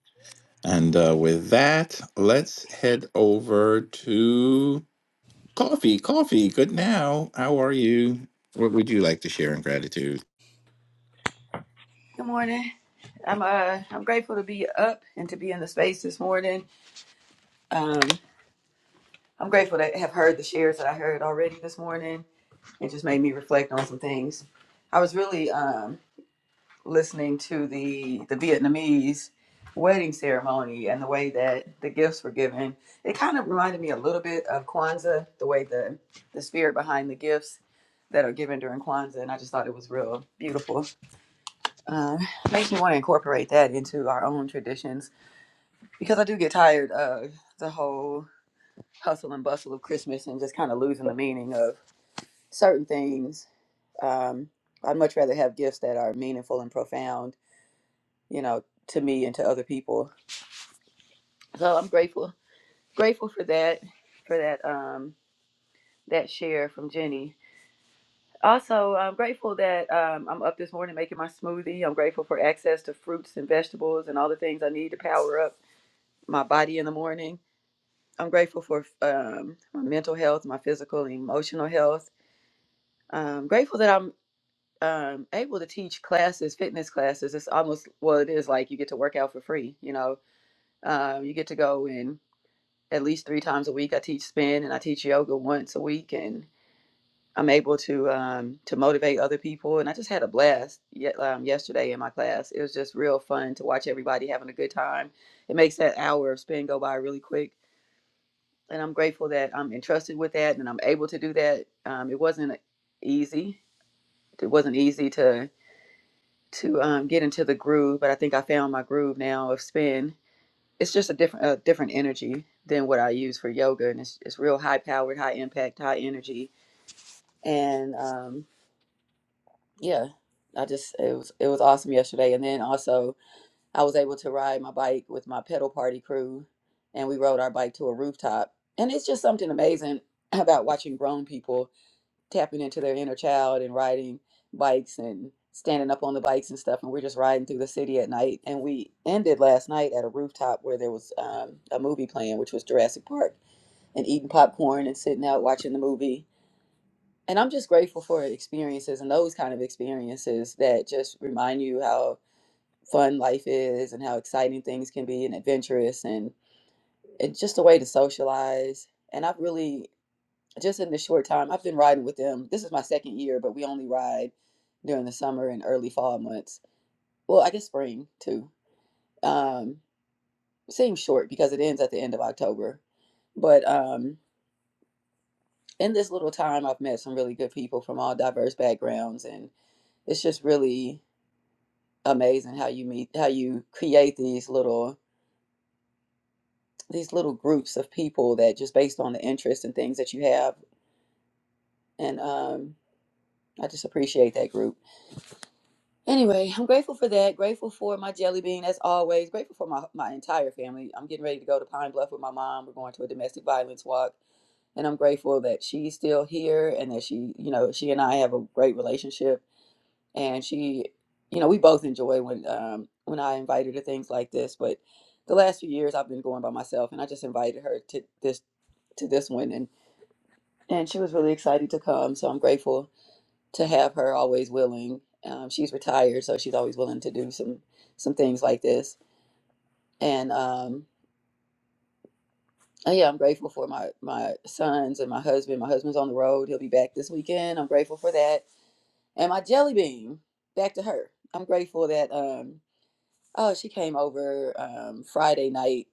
And uh, with that, let's head over to coffee. Coffee, good now. How are you? What would you like to share in gratitude?
Good morning. I'm uh I'm grateful to be up and to be in the space this morning. Um I'm grateful to have heard the shares that I heard already this morning. It just made me reflect on some things. I was really um listening to the the Vietnamese wedding ceremony and the way that the gifts were given. It kind of reminded me a little bit of Kwanzaa, the way the the spirit behind the gifts that are given during Kwanzaa, and I just thought it was real beautiful. Um, makes me want to incorporate that into our own traditions because I do get tired of the whole hustle and bustle of Christmas and just kind of losing the meaning of certain things. Um, I'd much rather have gifts that are meaningful and profound, you know, to me and to other people. So I'm grateful, grateful for that, for that, um, that share from Jenny. Also, I'm grateful that um, I'm up this morning making my smoothie. I'm grateful for access to fruits and vegetables and all the things I need to power up my body in the morning. I'm grateful for um, my mental health, my physical and emotional health. I'm grateful that I'm um, able to teach classes, fitness classes. It's almost, well, it is like you get to work out for free. You know, um, you get to go in at least three times a week. I teach spin and I teach yoga once a week, and I'm able to um, to motivate other people. And I just had a blast ye- um, yesterday in my class. It was just real fun to watch everybody having a good time. It makes that hour of spin go by really quick and I'm grateful that I'm entrusted with that and I'm able to do that. Um, it wasn't easy. It wasn't easy to to um, get into the groove, but I think I found my groove now of spin. It's just a different a different energy than what I use for yoga, and it's it's real high powered, high impact, high energy, and um, yeah, I just it was it was awesome yesterday. And then also I was able to ride my bike with my pedal party crew, and we rode our bike to a rooftop, and it's just something amazing about watching grown people tapping into their inner child and riding bikes and standing up on the bikes and stuff and we're just riding through the city at night and we ended last night at a rooftop where there was um, a movie playing which was jurassic park and eating popcorn and sitting out watching the movie and i'm just grateful for experiences and those kind of experiences that just remind you how fun life is and how exciting things can be and adventurous and it's just a way to socialize and i've really just in the short time I've been riding with them. This is my second year, but we only ride during the summer and early fall months. Well, I guess spring too. Um, seems short because it ends at the end of October. But um, in this little time, I've met some really good people from all diverse backgrounds, and it's just really amazing how you meet, how you create these little these little groups of people that just based on the interests and things that you have. And um, I just appreciate that group. Anyway, I'm grateful for that. Grateful for my jelly bean, as always. Grateful for my, my entire family. I'm getting ready to go to Pine Bluff with my mom. We're going to a domestic violence walk. And I'm grateful that she's still here and that she, you know, she and I have a great relationship. And she, you know, we both enjoy when um when I invite her to things like this. But the last few years I've been going by myself and I just invited her to this to this one and and she was really excited to come. So I'm grateful to have her always willing. Um, she's retired, so she's always willing to do some some things like this. And um, uh, yeah, I'm grateful for my my sons and my husband. My husband's on the road; he'll be back this weekend. I'm grateful for that. And my jelly bean, back to her. I'm grateful that um, oh, she came over um, Friday night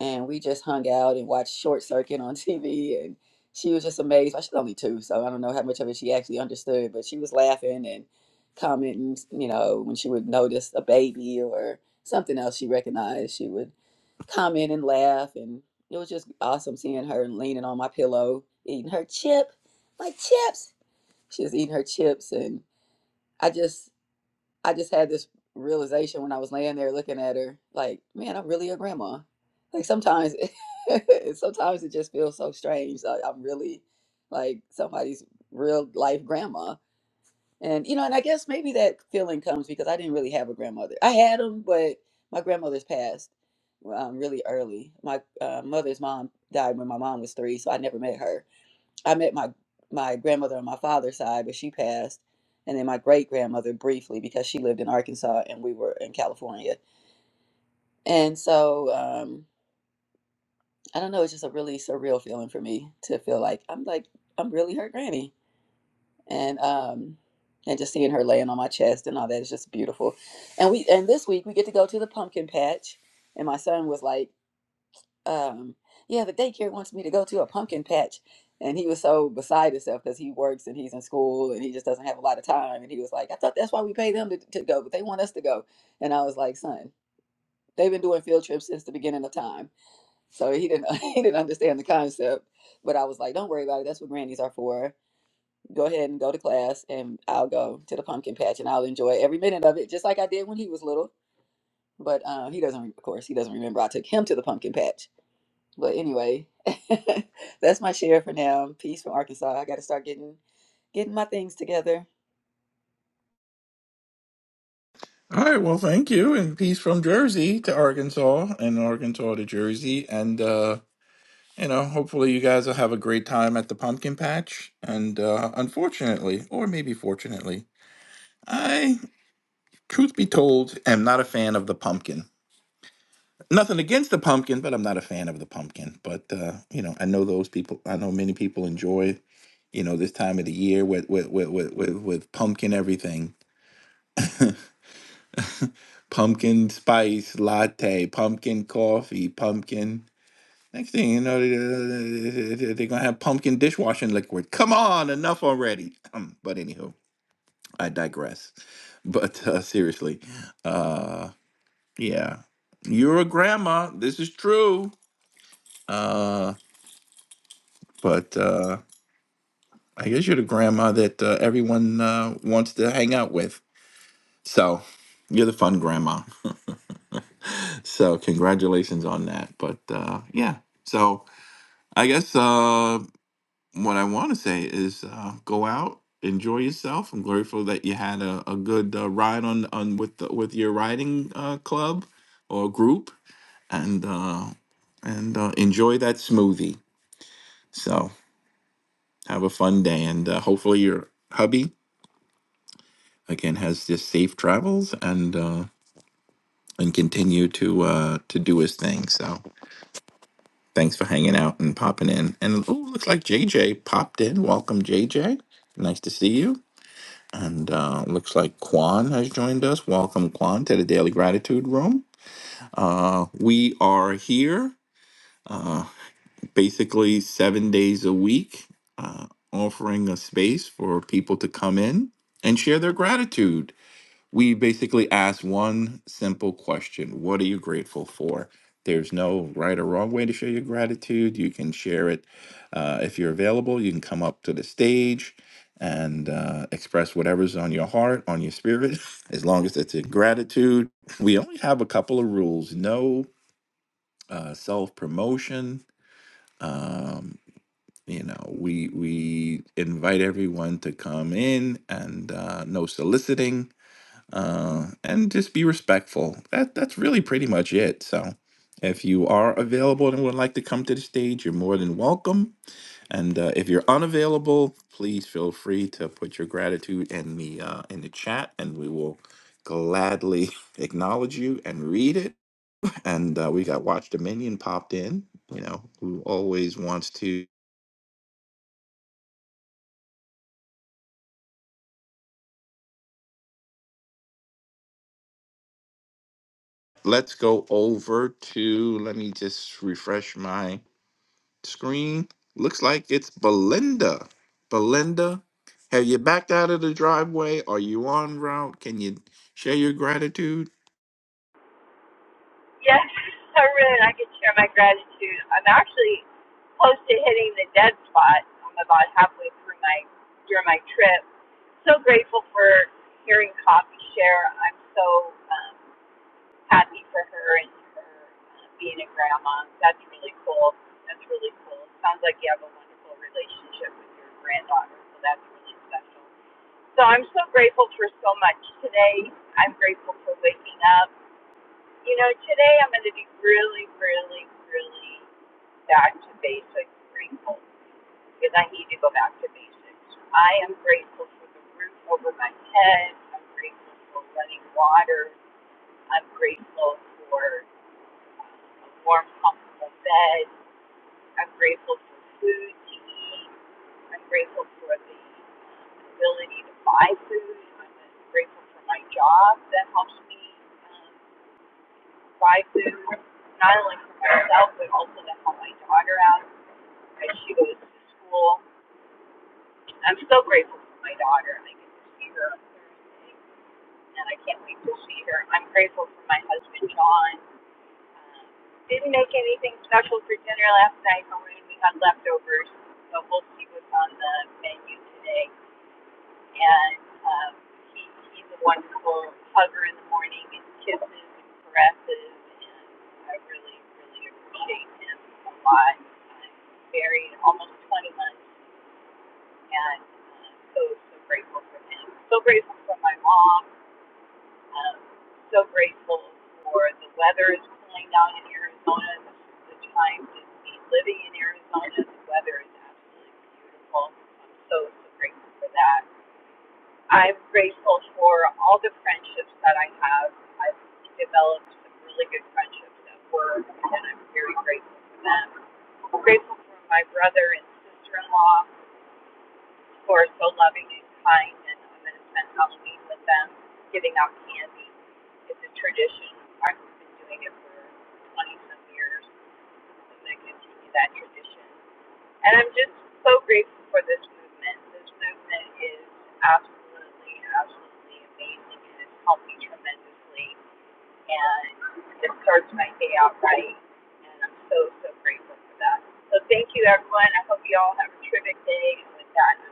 and we just hung out and watched Short Circuit on TV. And she was just amazed. Well, she's only two, so I don't know how much of it she actually understood, but she was laughing and commenting. You know, when she would notice a baby or something else she recognized, she would comment and laugh. And it was just awesome seeing her leaning on my pillow, eating her chip, my chips. She was eating her chips, and I just I just had this realization when I was laying there looking at her, like, man, I'm really a grandma. Like sometimes, sometimes it just feels so strange. Like I'm really like somebody's real life grandma, and you know, and I guess maybe that feeling comes because I didn't really have a grandmother. I had them, but my grandmother's passed um, really early. My uh, mother's mom died when my mom was three, so I never met her I met my my grandmother on my father's side, but she passed, and then my great grandmother briefly because she lived in Arkansas and we were in California. And so um, I don't know, it's just a really surreal feeling for me to feel like I'm like I'm really her granny, and um, and just seeing her laying on my chest and all that is just beautiful. And we and this week we get to go to the pumpkin patch, and my son was like. um yeah the daycare wants me to go to a pumpkin patch and he was so beside himself because he works and he's in school and he just doesn't have a lot of time and he was like i thought that's why we pay them to, to go but they want us to go and i was like son they've been doing field trips since the beginning of time so he didn't he didn't understand the concept but i was like don't worry about it that's what grannies are for go ahead and go to class and i'll go to the pumpkin patch and i'll enjoy every minute of it just like i did when he was little but uh, he doesn't of course he doesn't remember i took him to the pumpkin patch but anyway, that's my share for now. Peace from Arkansas. I got to start getting getting my things together.
All right, well, thank you, and peace from Jersey to Arkansas, and Arkansas to Jersey, and uh, you know, hopefully, you guys will have a great time at the pumpkin patch. And uh, unfortunately, or maybe fortunately, I, truth be told, am not a fan of the pumpkin. Nothing against the pumpkin, but I'm not a fan of the pumpkin. But uh, you know, I know those people. I know many people enjoy, you know, this time of the year with with with with, with, with pumpkin everything, pumpkin spice latte, pumpkin coffee, pumpkin. Next thing you know, they- they- are gonna have pumpkin dishwashing liquid. Come on, enough already. but anywho, I digress. But uh, seriously, uh, yeah, you're a grandma. This is true. Uh, but. Uh, I guess you're the grandma that uh, everyone uh, wants to hang out with. So you're the fun grandma. so congratulations on that. But uh, yeah, so I guess uh, what I want to say is uh, go out, enjoy yourself. I'm grateful that you had a, a good uh, ride on on with the, with your riding uh, club or group, and uh, and uh, enjoy that smoothie. So have a fun day, and uh, hopefully your hubby again has just safe travels and uh, and continue to uh, to do his thing. So thanks for hanging out and popping in. And oh, looks like JJ popped in. Welcome, JJ. Nice to see you. And uh, looks like Kwan has joined us. Welcome, Kwan, to the Daily Gratitude Room. Uh, we are here uh, basically seven days a week, uh, offering a space for people to come in and share their gratitude. we basically ask one simple question What are you grateful for? There's no right or wrong way to show your gratitude. You can share it uh, if you're available. You can come up to the stage and uh, express whatever's on your heart, on your spirit, as long as it's a gratitude. We only have a couple of rules no uh, self promotion. Um, you know, we we invite everyone to come in, and uh, no soliciting uh, and just be respectful. That that's really pretty much it. So, if you are available and would like to come to the stage, you're more than welcome. And uh, if you're unavailable, please feel free to put your gratitude in the uh, in the chat, and we will gladly acknowledge you and read it. And uh, we got Watch Dominion popped in. You know, who always wants to. Let's go over to. Let me just refresh my Screen looks like it's Belinda. Belinda, have you backed out of the driveway? Are you on route? Can you share your gratitude?
Yes, I really I could share my gratitude. I'm actually close to hitting the dead spot. I'm about halfway through my during my trip. So grateful for hearing Coffee share. I'm so um, happy for her and her uh, being a grandma. That's really cool. That's really cool. Sounds like you have a wonderful relationship with your granddaughter, so that's really special. So I'm so grateful for so much today. I'm grateful for waking up. You know, today I'm going to be really, really, really back to basics, grateful, because I need to go back to basics. I am grateful for the roof over my head. I'm grateful for running water. I'm grateful for a warm, comfortable bed. I'm grateful for food to eat. I'm grateful for the ability to buy food. I'm grateful for my job that helps me. um, try to, not only for myself, but also to help my daughter out as she goes to school. I'm so grateful for my daughter, and I get to see her, and I can't wait to see her. I'm grateful for my husband, John. Um, Didn't make anything special for dinner last night, but we had leftovers, so we'll see what's on the menu today. and um, he, he's a wonderful hugger in the morning and kisses and caresses, and I really, really appreciate him a lot. I'm married almost 20 months, and uh, so, so grateful for him. So grateful for my mom. Um, so grateful for the weather is cooling down in Arizona. This is the time to be living in Arizona. The weather is absolutely beautiful. I'm so, so grateful for that I'm grateful for all the friendships that I have. I've developed some really good friendships at work, and I'm very grateful for them. I'm grateful for my brother and sister-in-law who are so loving and kind, and I'm going to spend Halloween with them, giving out candy. It's a tradition. I've been doing it for 20 some years. I'm going to continue that tradition. And I'm just so grateful for this movement. This movement is absolutely, absolutely amazing and it's helped me tremendously. And it starts my day out right. And I'm so, so grateful for that. So thank you, everyone. I hope you all have a terrific day. And with that,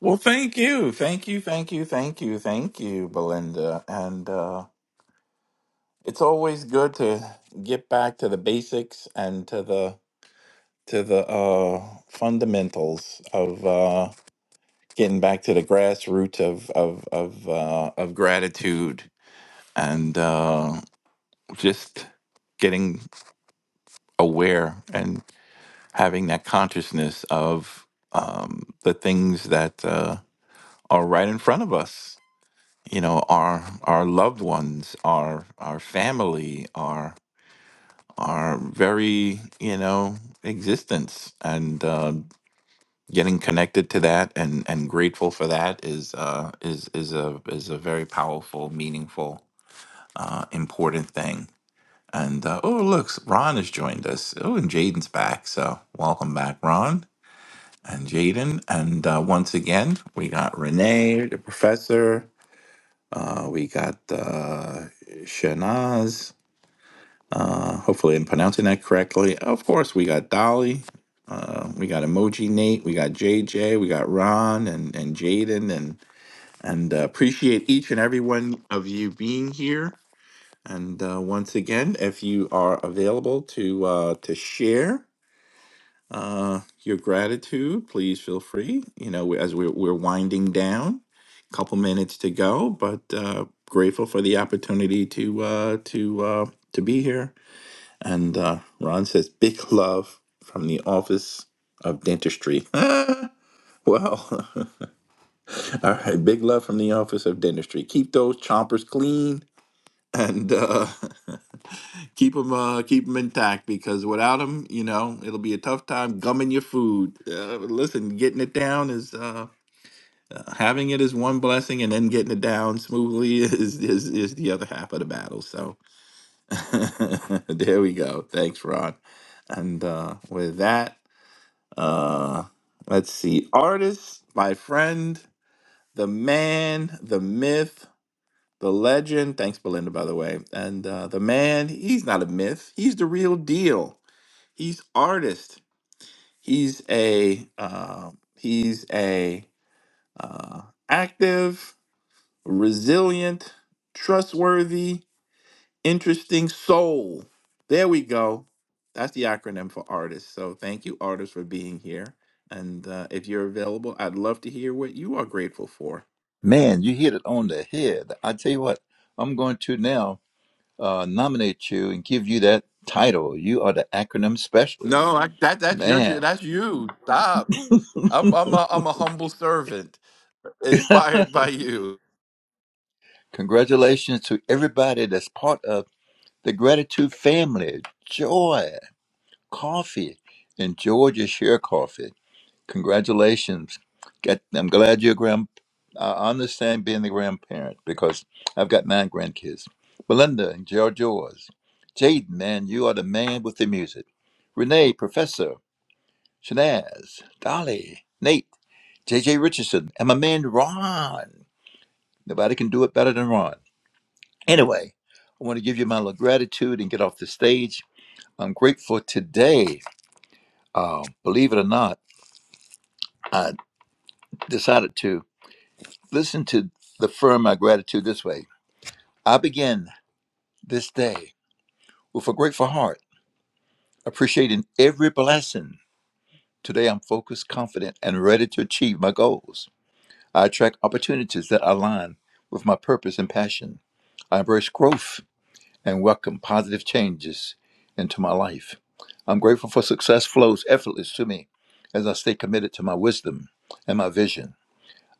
Well, thank you. Thank you. Thank you. Thank you. Thank you, Belinda. And uh, it's always good to get back to the basics and to the to the uh, fundamentals of uh, getting back to the grassroots of of of, uh, of gratitude and uh, just getting aware and having that consciousness of um, the things that uh, are right in front of us. You know, our our loved ones, our our family, our our very you know existence, and uh, getting connected to that and and grateful for that is uh, is is a is a very powerful, meaningful, uh, important thing. And uh, oh, look, Ron has joined us. Oh, and Jaden's back. So welcome back, Ron. and Jaden. And uh, once again, we got Renee, the professor. Uh, we got uh, Shanaz. Uh, hopefully, I'm pronouncing that correctly. Of course, we got Dolly. Uh, we got Emoji Nate. We got JJ. We got Ron and, and Jaden. And, and uh, appreciate each and every one of you being here. And uh, once again, if you are available to uh, to share, uh, your gratitude. Please feel free. You know, as we're, we're winding down, a couple minutes to go, but uh, grateful for the opportunity to uh, to uh, to be here. And uh, Ron says, "Big love from the office of dentistry." Well, all right. Big love from the office of dentistry. Keep those chompers clean and uh, keep them uh keep 'em intact because without them you know it'll be a tough time gumming your food uh, listen getting it down is uh uh, having it is one blessing and then getting it down smoothly is is, is the other half of the battle so there we go thanks ron and uh with that uh let's see artist my friend the man the myth the legend thanks belinda by the way and uh the man he's not a myth he's the real deal He's artist. He's a uh, he's a uh, active, resilient, trustworthy, interesting soul. There we go. That's the acronym for artist. So thank you, artists, for being here. And uh, if you're available, I'd love to hear what you are grateful for.
Man, you hit it on the head. I tell you what, I'm going to now uh, nominate you and give you that title. You are the acronym specialist.
No, I, that that's your ju-
Man,
that's you. Stop. I'm I'm a, I'm a humble servant, inspired by you.
congratulations to everybody that's part of the gratitude family. Joy, coffee, and Georgia share coffee. Congratulations. Get, I'm glad you're grand. I understand being the grandparent because I've got nine grandkids. Belinda and George yours. Jaden, man, you are the man with the music. Renee, Professor, Shanaz, Dolly, Nate, JJ Richardson, and my man Ron. Nobody can do it better than Ron. Anyway, I want to give you my little gratitude and get off the stage. I'm grateful today. Uh, believe it or not, I decided to. Listen to the firm my gratitude this way. I begin this day with a grateful heart, appreciating every blessing. Today I'm focused, confident, and ready to achieve my goals. I attract opportunities that align with my purpose and passion. I embrace growth and welcome positive changes into my life. I'm grateful for success flows effortless to me as I stay committed to my wisdom and my vision.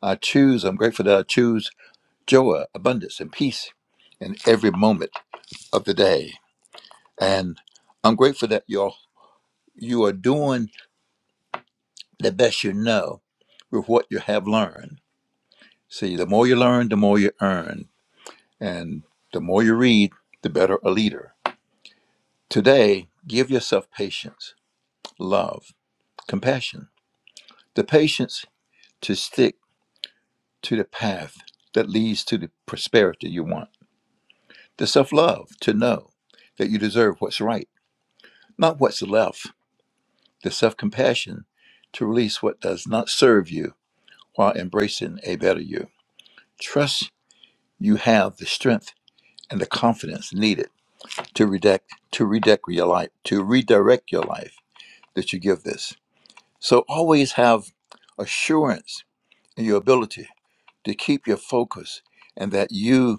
I choose, I'm grateful that I choose joy, abundance, and peace in every moment of the day. And I'm grateful that y'all you are doing the best you know with what you have learned. See, the more you learn, the more you earn, and the more you read, the better a leader. Today, give yourself patience, love, compassion, the patience to stick to the path that leads to the prosperity you want, the self love to know that you deserve what's right, not what's left the self compassion to release what does not serve you while embracing a better you. Trust you have the strength and the confidence needed to redact to redirect your life, to redirect your life that you give this. So always have assurance in your ability to keep your focus and that you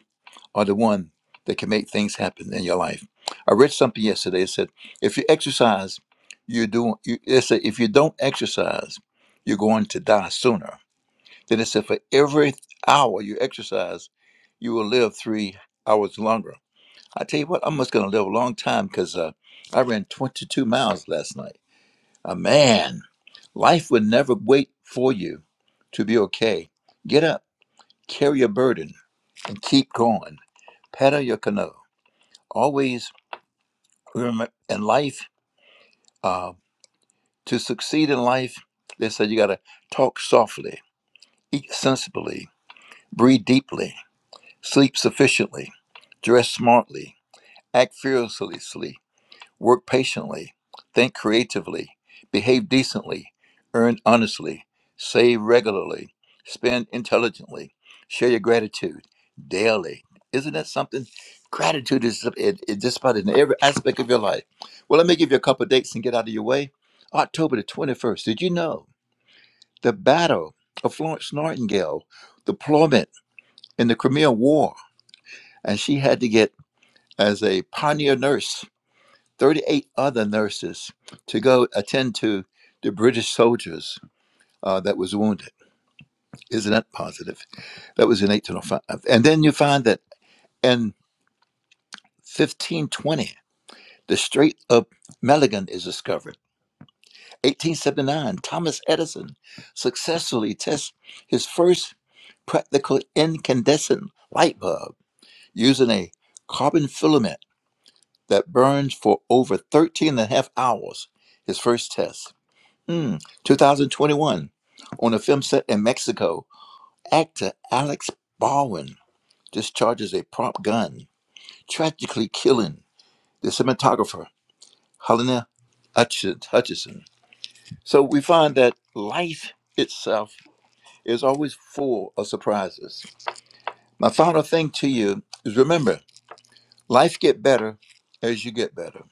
are the one that can make things happen in your life. I read something yesterday. It said, if you exercise, you're doing, you, it said, if you don't exercise, you're going to die sooner. Then it said, for every hour you exercise, you will live three hours longer. I tell you what, I'm just going to live a long time because uh, I ran 22 miles last night. Uh, man, life would never wait for you to be okay. Get up, carry your burden, and keep going. Paddle your canoe always remember in life, uh, to succeed in life, they said you got to talk softly, eat sensibly, breathe deeply, sleep sufficiently, dress smartly, act fearlessly, work patiently, think creatively, behave decently, earn honestly, save regularly, spend intelligently, share your gratitude daily. Isn't that something? Gratitude is it, it just about in every aspect of your life. Well, let me give you a couple of dates and get out of your way. October the 21st, did you know the battle of Florence Nightingale, deployment in the Crimean War, and she had to get as a pioneer nurse 38 other nurses to go attend to the British soldiers uh, that was wounded. Isn't that positive? That was in 1805. And then you find that in 1520, the Strait of Magellan is discovered. 1879, Thomas Edison successfully tests his first practical incandescent light bulb using a carbon filament that burns for over 13 and a half hours, his first test. Mm, 2021, on a film set in Mexico, actor Alex Baldwin discharges a prop gun, tragically killing the cinematographer Helena Hutch- Hutchison. So we find that life itself is always full of surprises. My final thing to you is remember, life get better as you get better.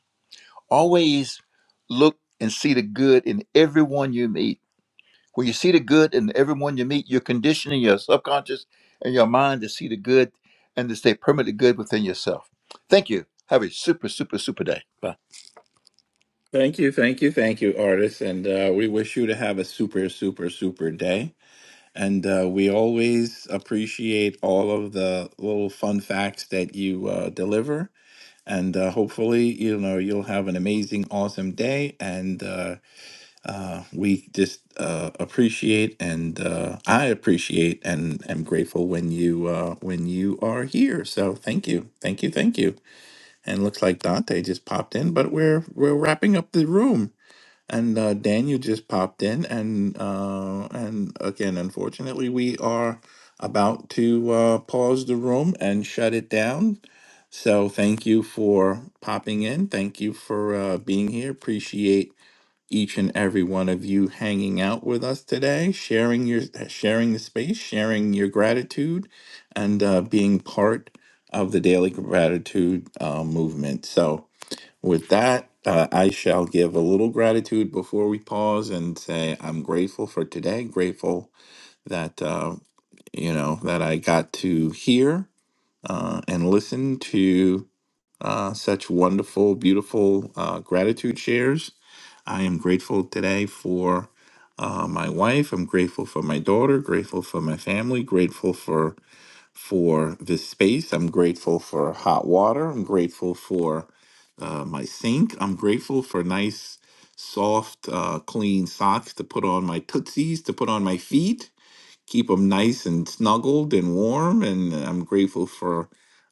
Always look and see the good in everyone you meet When you see the good in everyone you meet, you're conditioning your subconscious and your mind to see the good and to stay permanently good within yourself. Thank you. Have a super, super, super day. Bye.
Thank you, thank you, thank you, artists, and uh, we wish you to have a super, super, super day. And uh, we always appreciate all of the little fun facts that you uh, deliver. And uh, hopefully, you know, you'll have an amazing, awesome day. And uh, uh, we just uh, appreciate, and uh, I appreciate, and am grateful when you uh, when you are here. So thank you, thank you, thank you. And looks like Dante just popped in, but we're we're wrapping up the room. And uh, Dan, you just popped in, and uh, and again, unfortunately, we are about to uh, pause the room and shut it down. So thank you for popping in. Thank you for uh, being here. Appreciate each and every one of you hanging out with us today, sharing your sharing the space, sharing your gratitude, and uh, being part of the daily gratitude uh, movement. So. With that, uh, I shall give a little gratitude before we pause and say I'm grateful for today. Grateful that uh, you know that I got to hear uh, and listen to uh, such wonderful, beautiful uh, gratitude shares. I am grateful today for uh, my wife. I'm grateful for my daughter. Grateful for my family. Grateful for for this space. I'm grateful for hot water. I'm grateful for uh, my sink. I'm grateful for nice, soft, uh, clean socks to put on my tootsies, to put on my feet, keep them nice and snuggled and warm. And I'm grateful for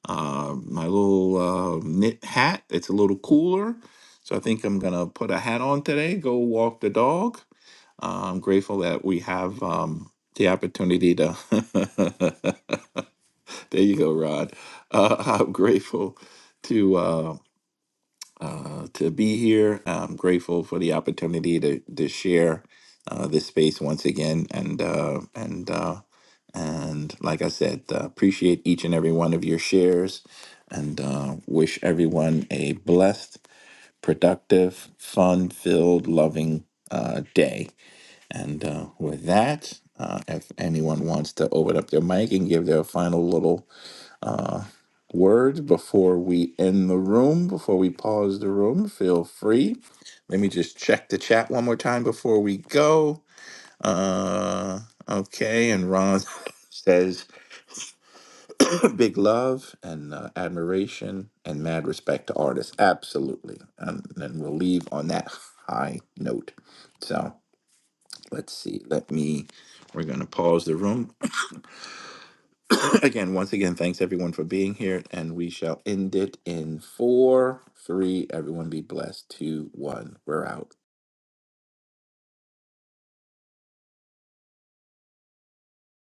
uh, my little uh, knit hat. It's a little cooler. So I think I'm going to put a hat on today, go walk the dog. Uh, I'm grateful that we have um, the opportunity to There you go, Rod. Uh, I'm grateful to uh, uh, to be here. I'm grateful for the opportunity to to share uh, this space once again, and uh, and uh, and like I said, uh, appreciate each and every one of your shares, and uh, wish everyone a blessed, productive, fun-filled, loving uh, day. And uh, with that, uh, if anyone wants to open up their mic and give their final little uh, word before we end the room, before we pause the room. Feel free. Let me just check the chat one more time before we go. Uh, okay, and Ron says big love and uh, admiration and mad respect to artists. Absolutely. And then we'll leave on that high note. So let's see. Let me, we're going to pause the room. again, once again, thanks everyone for being here, and we shall end it in four, three. Everyone be blessed. Two, one. We're out.